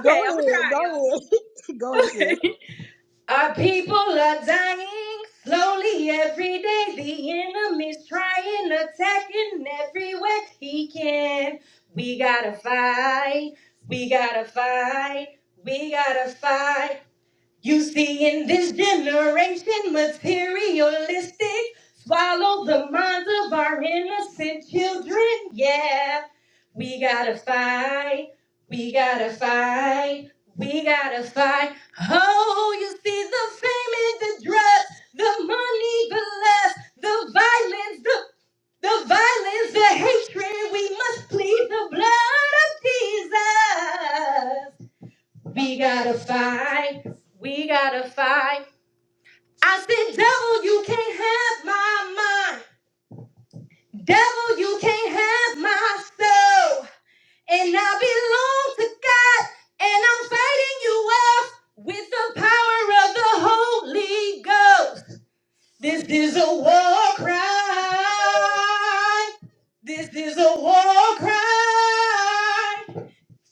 Speaker 1: Go
Speaker 3: Okay, I'm gonna
Speaker 1: ahead. Go
Speaker 3: try,
Speaker 1: ahead. [LAUGHS] Go ahead,
Speaker 3: y'all. Okay.
Speaker 1: sis.
Speaker 3: Our people are dying slowly every day. The enemy's trying, attacking everywhere he can. We gotta fight. We gotta fight. We gotta fight. You see, in this generation, materialistic, swallow the minds of our innocent children. Yeah, we gotta fight, we gotta fight, we gotta fight. Oh, you see the fame and the drugs, the money, the lust, the violence, the the violence, the hatred, we must plead the blood of Jesus. We gotta fight. We gotta fight. I said, devil, you can't have my mind. Devil, you can't have my soul. And I belong to God. And I'm fighting you off with the power of the Holy Ghost. This is a war cry. This is a war cry.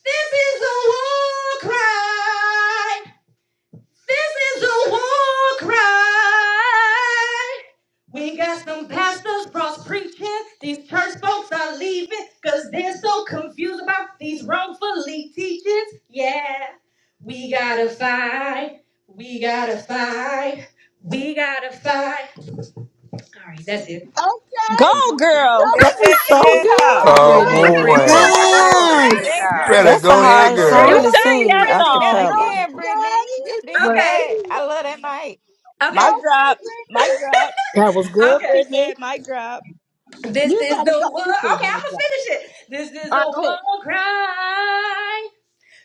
Speaker 3: This is a war cry. This is a war cry. We got some pastors cross preaching. These church folks are leaving because they're so confused about these wrongfully teachings. Yeah, we gotta fight. We gotta fight. We gotta fight. All right, that's it.
Speaker 14: Go,
Speaker 1: Okay.
Speaker 14: girl.
Speaker 16: Yeah,
Speaker 21: That was
Speaker 1: Okay.
Speaker 21: so
Speaker 16: yeah,
Speaker 11: Come
Speaker 16: yeah.
Speaker 21: good,
Speaker 11: on,
Speaker 15: All
Speaker 22: Come
Speaker 15: right,
Speaker 1: Okay.
Speaker 21: Brittany.
Speaker 15: Brittany.
Speaker 22: on.
Speaker 1: [LAUGHS]
Speaker 11: Brittany. You
Speaker 15: Glory
Speaker 13: Yes.
Speaker 11: did
Speaker 15: to
Speaker 11: that,
Speaker 22: You
Speaker 15: God.
Speaker 22: better
Speaker 11: girl.
Speaker 21: That's
Speaker 11: I
Speaker 21: a
Speaker 22: go
Speaker 11: need you to
Speaker 22: ahead,
Speaker 21: hard
Speaker 11: go.
Speaker 14: Girl,
Speaker 3: Y'all
Speaker 14: you
Speaker 21: song
Speaker 22: girl.
Speaker 21: to
Speaker 3: want me to
Speaker 14: sang
Speaker 3: speak
Speaker 11: You
Speaker 14: that
Speaker 11: need
Speaker 21: sing
Speaker 11: to
Speaker 21: a
Speaker 11: seen that
Speaker 14: song.
Speaker 21: cappella.
Speaker 11: again, Brittany.
Speaker 1: okay.
Speaker 11: You
Speaker 3: first?
Speaker 11: did
Speaker 9: so
Speaker 11: that. I love that night.
Speaker 3: Okay.
Speaker 14: My
Speaker 3: Okay,
Speaker 1: Okay,
Speaker 14: drop, my
Speaker 1: Brittany.
Speaker 14: drop.
Speaker 12: That was good,
Speaker 3: okay.
Speaker 14: She
Speaker 12: Brittany.
Speaker 14: said, my drop.
Speaker 3: This
Speaker 1: You
Speaker 3: is
Speaker 1: better
Speaker 3: the
Speaker 1: go.
Speaker 3: war.
Speaker 1: She said,
Speaker 3: Okay,
Speaker 1: "My
Speaker 3: I'm gonna
Speaker 1: God."
Speaker 3: finish it. This is
Speaker 1: All
Speaker 3: a
Speaker 1: right, go ahead.
Speaker 3: war cry.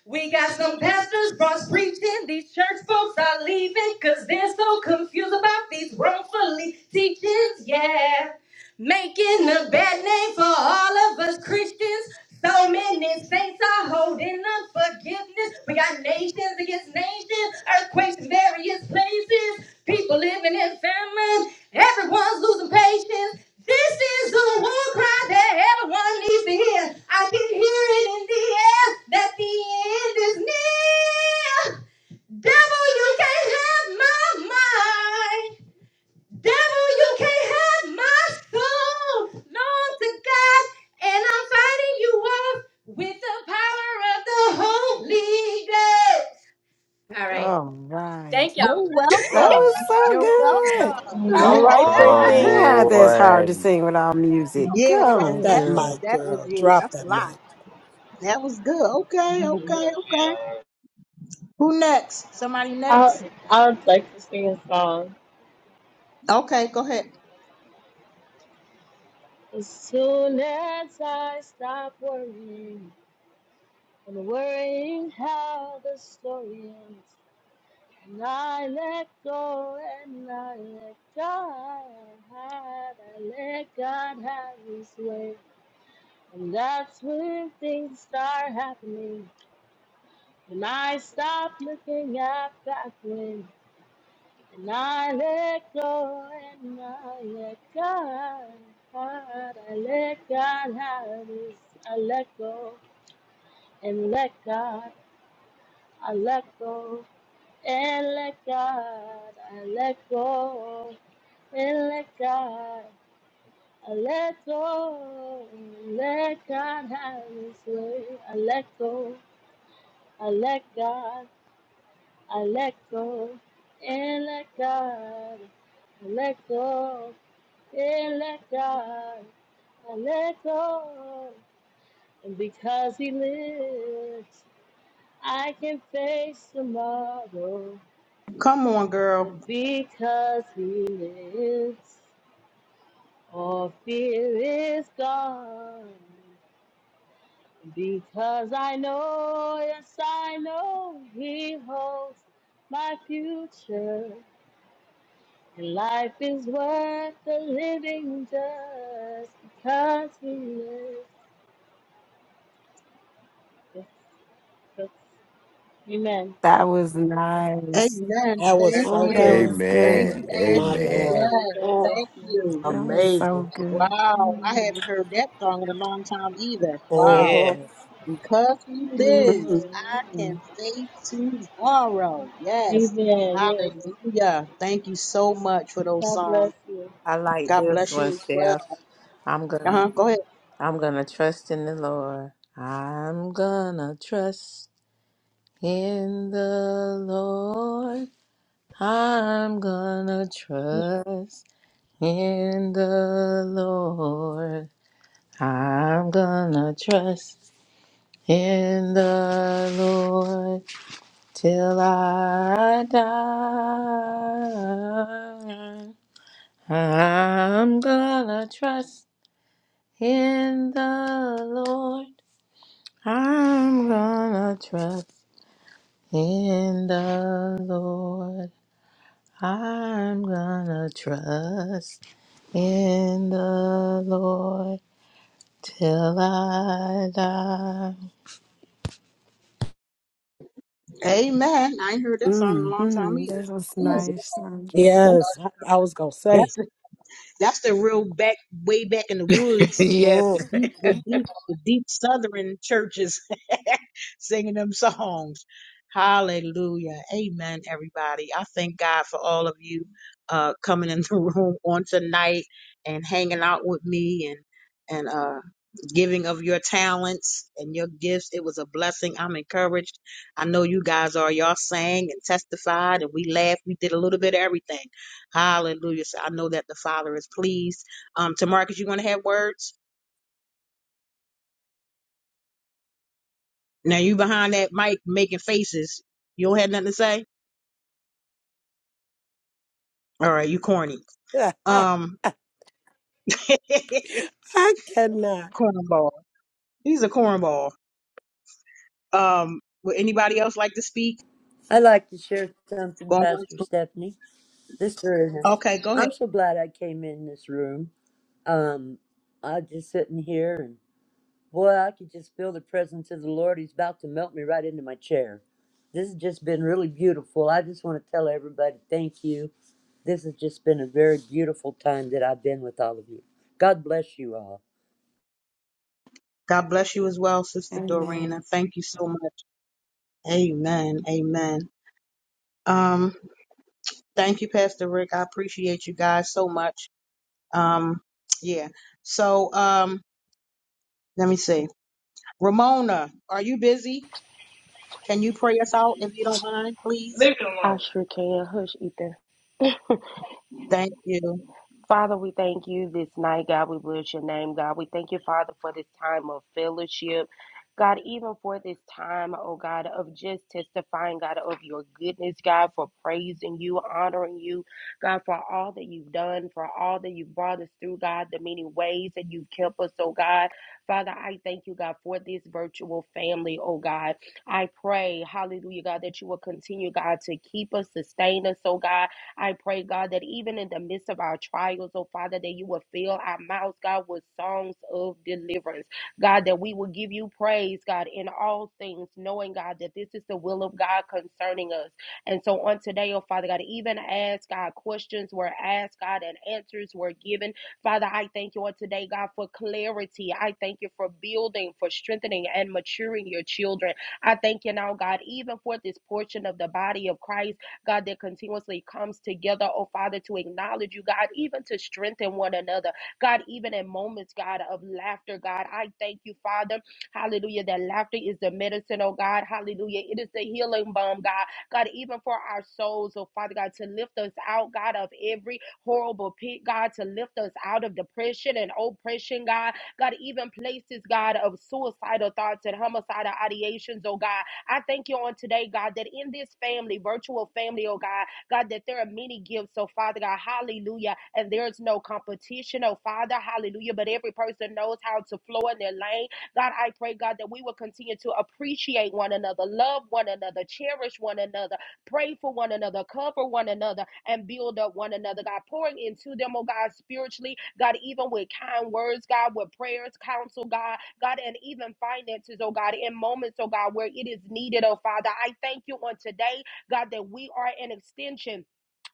Speaker 3: We got some pastors, bros preaching. These church folks are leaving because they're so confused about these wrongfully teachings. Yeah making a bad name for all of us Christians. So many saints are holding unforgiveness. We got nations against nations, earthquakes in various places, people living in famine. Everyone's losing patience. This is the war cry that everyone needs to hear. I can hear it in the air that the end is near. Devil, you can't have my mind. Devil, you can't have my soul. Long to God, and I'm fighting you off with the power of the Holy Ghost. All right.
Speaker 21: All right.
Speaker 3: Thank y'all.
Speaker 1: You're
Speaker 21: That
Speaker 1: welcome.
Speaker 21: was so
Speaker 1: You're
Speaker 11: Woo!
Speaker 21: good.
Speaker 1: welcome.
Speaker 12: All
Speaker 11: Come
Speaker 27: Amen.
Speaker 12: right,
Speaker 22: Come
Speaker 12: Brittany.
Speaker 27: Amen.
Speaker 11: on.
Speaker 21: Yeah, that's
Speaker 27: Okay.
Speaker 21: hard to
Speaker 22: on.
Speaker 21: sing without music.
Speaker 1: Yeah, that
Speaker 12: Drop
Speaker 21: Go,
Speaker 27: Yes.
Speaker 1: that
Speaker 12: that
Speaker 1: was
Speaker 21: girl.
Speaker 12: mic,
Speaker 1: that was
Speaker 12: girl.
Speaker 1: yeah,
Speaker 12: Drop
Speaker 1: that's a
Speaker 12: that
Speaker 1: lot.
Speaker 12: mic.
Speaker 1: That was good. Okay, okay, okay. Who next? Somebody next?
Speaker 27: I I would like to sing a song.
Speaker 1: Okay, go ahead.
Speaker 27: As soon as I stop worrying and worrying how the story ends, and I let go and I let God, I let God have His way, and that's when things start happening. And I stop looking at back when. And I let go, and I let God, I let God have this. I let go, and let God, I let go, and let God, I let go, and let God, I let go, and let God have His way. I let go, I let God. I let go and let God. I let go and let God. I let go. And because He lives, I can face tomorrow.
Speaker 1: Come on, girl.
Speaker 27: But because He lives, all fear is gone. Because I know, yes, I know He holds my future. And life is worth the living just because we live. Yes, yes. Amen.
Speaker 21: That was
Speaker 1: Amen.
Speaker 21: nice.
Speaker 12: That was
Speaker 1: Thank
Speaker 12: so
Speaker 21: Oh, that
Speaker 1: you.
Speaker 15: Amen.
Speaker 12: good.
Speaker 21: was
Speaker 1: Thank
Speaker 21: good.
Speaker 1: you,
Speaker 22: Amen.
Speaker 12: My
Speaker 1: Ashley.
Speaker 27: Thank
Speaker 22: Amen.
Speaker 12: Lord.
Speaker 27: you. God
Speaker 12: Mm,
Speaker 1: Yes.
Speaker 27: bless
Speaker 1: Thank you.
Speaker 27: you.
Speaker 21: That was
Speaker 27: Amen.
Speaker 21: so
Speaker 12: amazing.
Speaker 21: good.
Speaker 1: Wow. I
Speaker 27: Amen.
Speaker 1: haven't heard that song in a long time either. Wow.
Speaker 12: hmm
Speaker 15: Yes,
Speaker 1: Because he lives, I
Speaker 21: Mm-hmm.
Speaker 1: can face tomorrow. Yes.
Speaker 27: Amen. Yes.
Speaker 1: Hallelujah. Thank you so much for those
Speaker 27: God
Speaker 1: songs.
Speaker 27: bless you.
Speaker 15: I like
Speaker 1: God
Speaker 15: this
Speaker 1: bless you
Speaker 15: one,
Speaker 1: as well.
Speaker 15: Steph. I'm
Speaker 1: Uh
Speaker 15: gonna,
Speaker 1: huh. Go ahead.
Speaker 15: I'm gonna trust in the Lord. I'm gonna trust. In the Lord, I'm gonna
Speaker 9: much,
Speaker 15: trust. In the Lord, I'm gonna trust. In the Lord, till I die. I'm gonna trust in the Lord. I'm gonna trust in the Lord. I'm gonna trust in the Lord till I die.
Speaker 1: Amen. I ain't heard that song in a long time
Speaker 21: Mm-hmm.
Speaker 1: either.
Speaker 21: That was nice,
Speaker 1: Jesus.
Speaker 21: Sandra.
Speaker 12: Yes, I, I was going to say.
Speaker 1: That's That's the real back, way back in the
Speaker 15: [LAUGHS]
Speaker 1: woods, the
Speaker 15: yes.
Speaker 12: Mm.
Speaker 1: deep, the deep, the deep southern churches [LAUGHS] singing them songs. Hallelujah. Amen, everybody. I thank God for all of you uh, coming in the [LAUGHS] room on tonight and hanging out with me and, and, uh, giving of your talents and your gifts. It was a blessing. I'm encouraged. I know you guys are. Y'all sang and testified and we laughed. We did a little bit of everything. Hallelujah. So I know that the Father is pleased. Um, to you want to have words? Now you behind that mic making faces. You don't have nothing to say? All right, you corny.
Speaker 12: [LAUGHS]
Speaker 1: Um, [LAUGHS]
Speaker 12: I cannot.
Speaker 1: cornball. He's a cornball. Um, would anybody else like to speak?
Speaker 24: I'd like to share something,
Speaker 1: Go on.
Speaker 24: Pastor Stephanie. This room.
Speaker 1: Okay, go ahead.
Speaker 24: I'm so glad I came in this room. Um, I am just sitting here and boy, I could just feel the presence of the Lord. He's about to melt me right into my chair. This has just been really beautiful. I just want to tell everybody thank you This has just been a very beautiful time that I've been with all of you. God bless you all.
Speaker 1: God bless you as well, Sister Dorena.
Speaker 21: Amen.
Speaker 1: Thank you so much. Amen. Amen. Um, thank you, Pastor Rick. I appreciate you guys so much. Um, yeah. So, um, let me see. Ramona, are you busy? Can you pray us out if you don't mind, please?
Speaker 6: I sure can. Hush, Ethan.
Speaker 1: Thank you.
Speaker 6: Father, we thank you this night, God. We bless your name, God. We thank you, Father, for this time of fellowship. God, even for this time, oh God, of just testifying, God, of your goodness, God, for praising you, honoring you, God, for all that you've done, for all that you've brought us through, God, the many ways that you've kept us, oh God. Father, I thank you, God, for this virtual family, oh God. I pray, hallelujah, God, that you will continue, God, to keep us, sustain us, oh God. I pray, God, that even in the midst of our trials, oh Father, that you will fill our mouths, God, with songs of deliverance. God, that we will give you praise, God, in all things, knowing, God, that this is the will of God concerning us. And so on today, oh Father God, even as God questions were asked, God, and answers were given. Father, I thank you on today, God, for clarity. I thank you for building, for strengthening, and maturing your children. I thank you now, God, even for this portion of the body of Christ. God, that continuously comes together, oh Father, to acknowledge you, God, even to strengthen one another. God, even in moments, God, of laughter, God, I thank you, Father. Hallelujah. That laughter is the medicine, oh God. Hallelujah. It is the healing balm, God. God, even for our souls, oh Father God, to lift us out, God, of every horrible pit, God, to lift us out of depression and oppression, God. God, even places, God, of suicidal thoughts and homicidal ideations, oh God. I thank you on today, God, that in this family, virtual family, oh God, God, that there are many gifts. So, Father God, hallelujah. And there's no competition, oh Father, hallelujah. But every person knows how to flow in their lane. God, I pray, God, that we will continue to appreciate one another, love one another, cherish one another, pray for one another, cover one another, and build up one another. God, pouring into them, oh God, spiritually, God, even with kind words, God, with prayers, counsel, God. God, and even finances, oh God, in moments, oh God, where it is needed, oh Father. I thank you on today, God, that we are an extension.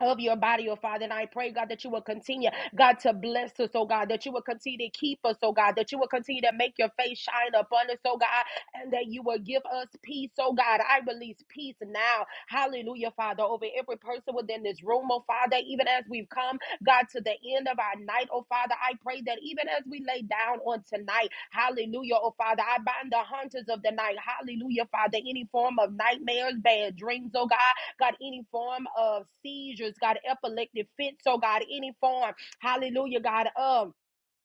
Speaker 6: Of your body, oh Father, and I pray, God, that you will continue, God, to bless us, oh God, that you will continue to keep us, oh God, that you will continue to make your face shine upon us, oh God, and that you will give us peace, oh God. I release peace now, hallelujah, Father, over every person within this room, oh Father, even as we've come, God, to the end of our night, oh Father, I pray that even as we lay down on tonight, Hallelujah. Oh, Father, I bind the hunters of the night. Hallelujah, Father. Any form of nightmares, bad dreams, oh God. God, any form of seizures, God, epileptic fits, oh God. Any form, hallelujah, God, of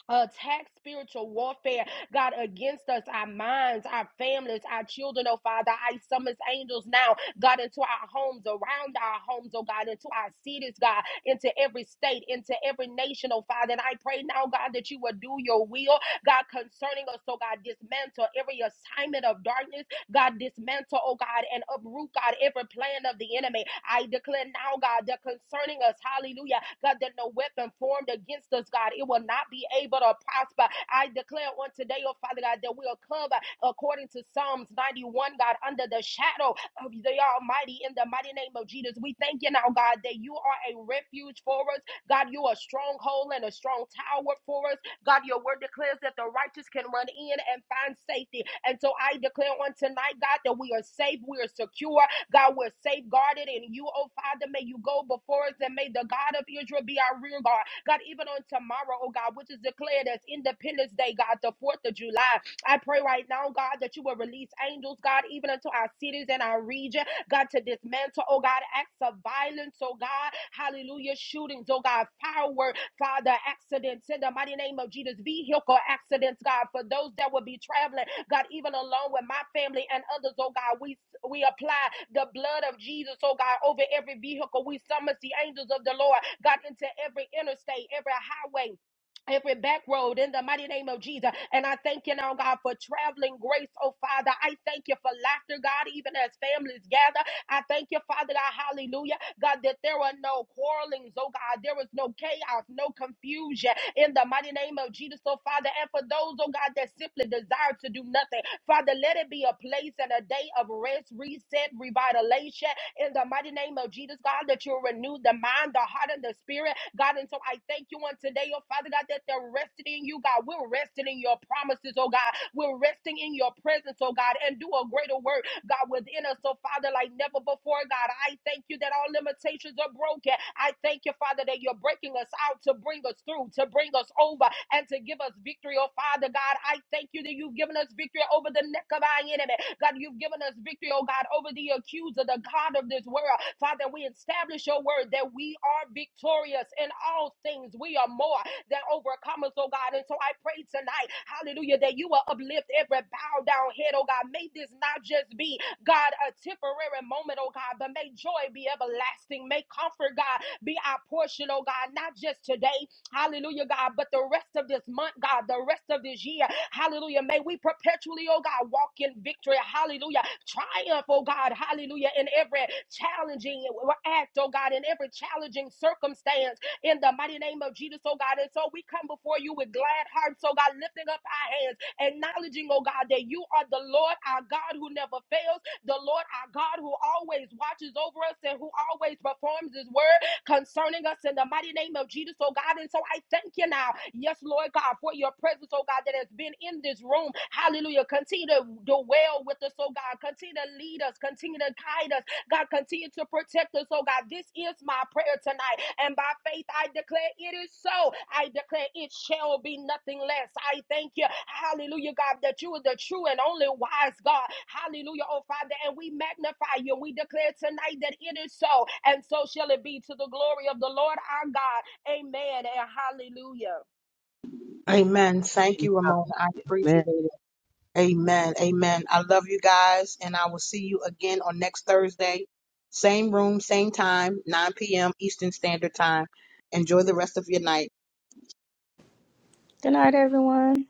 Speaker 6: attack spiritual warfare, God, against us, our minds, our families, our children, oh Father. I summons angels now, God, into our homes, around our homes, oh God, into our cities, God, into every state, into every nation, oh Father. And I pray now, God, that you will do your will, God, concerning us, oh God, dismantle every assignment of darkness God, dismantle, oh God, and uproot, God, every plan of the enemy. I declare now, God, that concerning us, hallelujah, God, that no weapon formed against us, God, it will not be able to prosper. I declare on today, oh Father God, that we'll cover according to Psalms 91, God, under the shadow of the Almighty in the mighty name of Jesus. We thank you now, God, that you are a refuge for us. God, you are a stronghold and a strong tower for us. God, your word declares that the righteous can run in and find safety. And so I declare on tonight, God, that we are safe, we are secure, God, we're safeguarded in you, oh Father. May you go before us and may the God of Israel be our rear guard. God, even on tomorrow, oh God, which is declared as Independence Day, God, the 4th of July. I pray right now, God, that you will release angels, God, even into our cities and our region, God, to dismantle, oh God, acts of violence, oh God, hallelujah, shootings, oh God, fireworks. Father, accidents in the mighty name of Jesus, vehicle accidents, God, for those that will be traveling, God, even alone with my family and others, oh God, we we apply the blood of Jesus, oh God, over every vehicle. We summons the angels of the Lord, God, into every interstate, every highway, every back road in the mighty name of Jesus. And I thank you now, God, for traveling grace, oh Father. I thank you for laughter, God, even as families gather. I thank you, Father God, hallelujah. God, that there are no quarrelings, oh God, there is no chaos, no confusion in the mighty name of Jesus, oh Father. And for those, oh God, that simply desire to do nothing, Father, let it be a place and a day of rest, reset, revitalization in the mighty name of Jesus, God, that you'll renew the mind, the heart, and the spirit, God. And so I thank you on today, oh Father God, that they're resting in you, God. We're resting in your promises, oh God. We're resting in your presence, oh God, and do a greater work God, within us. So, Father, like never before, God, I thank you that all limitations are broken. I thank you, Father, that you're breaking us out to bring us through, to bring us over, and to give us victory. Oh, Father, God, I thank you that you've given us victory over the neck of our enemy. God, you've given us us victory, oh God, over the accuser, the God of this world. Father, we establish your word that we are victorious in all things. We are more than overcomers, oh God. And so I pray tonight, hallelujah, that you will uplift every bow down head, oh God. May this not just be, God, a temporary moment, oh God, but may joy be everlasting. May comfort, God, be our portion, oh God, not just today, Hallelujah, God. But the rest of this month, God, the rest of this year, hallelujah. May we perpetually, oh God, walk in victory. Hallelujah. Triumph, oh God. Hallelujah. In every challenging act, oh God, in every challenging circumstance, in the mighty name of Jesus, oh God. And so we come before you with glad hearts, oh God, lifting up our hands, acknowledging, oh God, that you are the Lord our God who never fails, the Lord our God who always watches over us and who always performs his word concerning us in the mighty name of Jesus, oh God. And so I thank you now, yes, Lord God, for your presence, oh God, that has been in this room. Hallelujah. Continue to dwell with us, oh God. Continue to lead us, continue to guide us God, continue to protect us. Oh God, this is my prayer tonight. And by faith, I declare it is so. I declare it shall be nothing less. I thank you. Hallelujah, God, that you are the true and only wise God. Hallelujah, oh Father. And we magnify you. We declare tonight that it is so. And so shall it be to the glory of the Lord our God. Amen and hallelujah.
Speaker 1: Amen. Thank you, Ramona. I
Speaker 9: man.
Speaker 1: appreciate it. Amen. Amen. I love you guys, and I will see you again on next Thursday. Same room, same time, 9 p.m. Eastern Standard Time. Enjoy the rest of your night.
Speaker 14: Good night, everyone.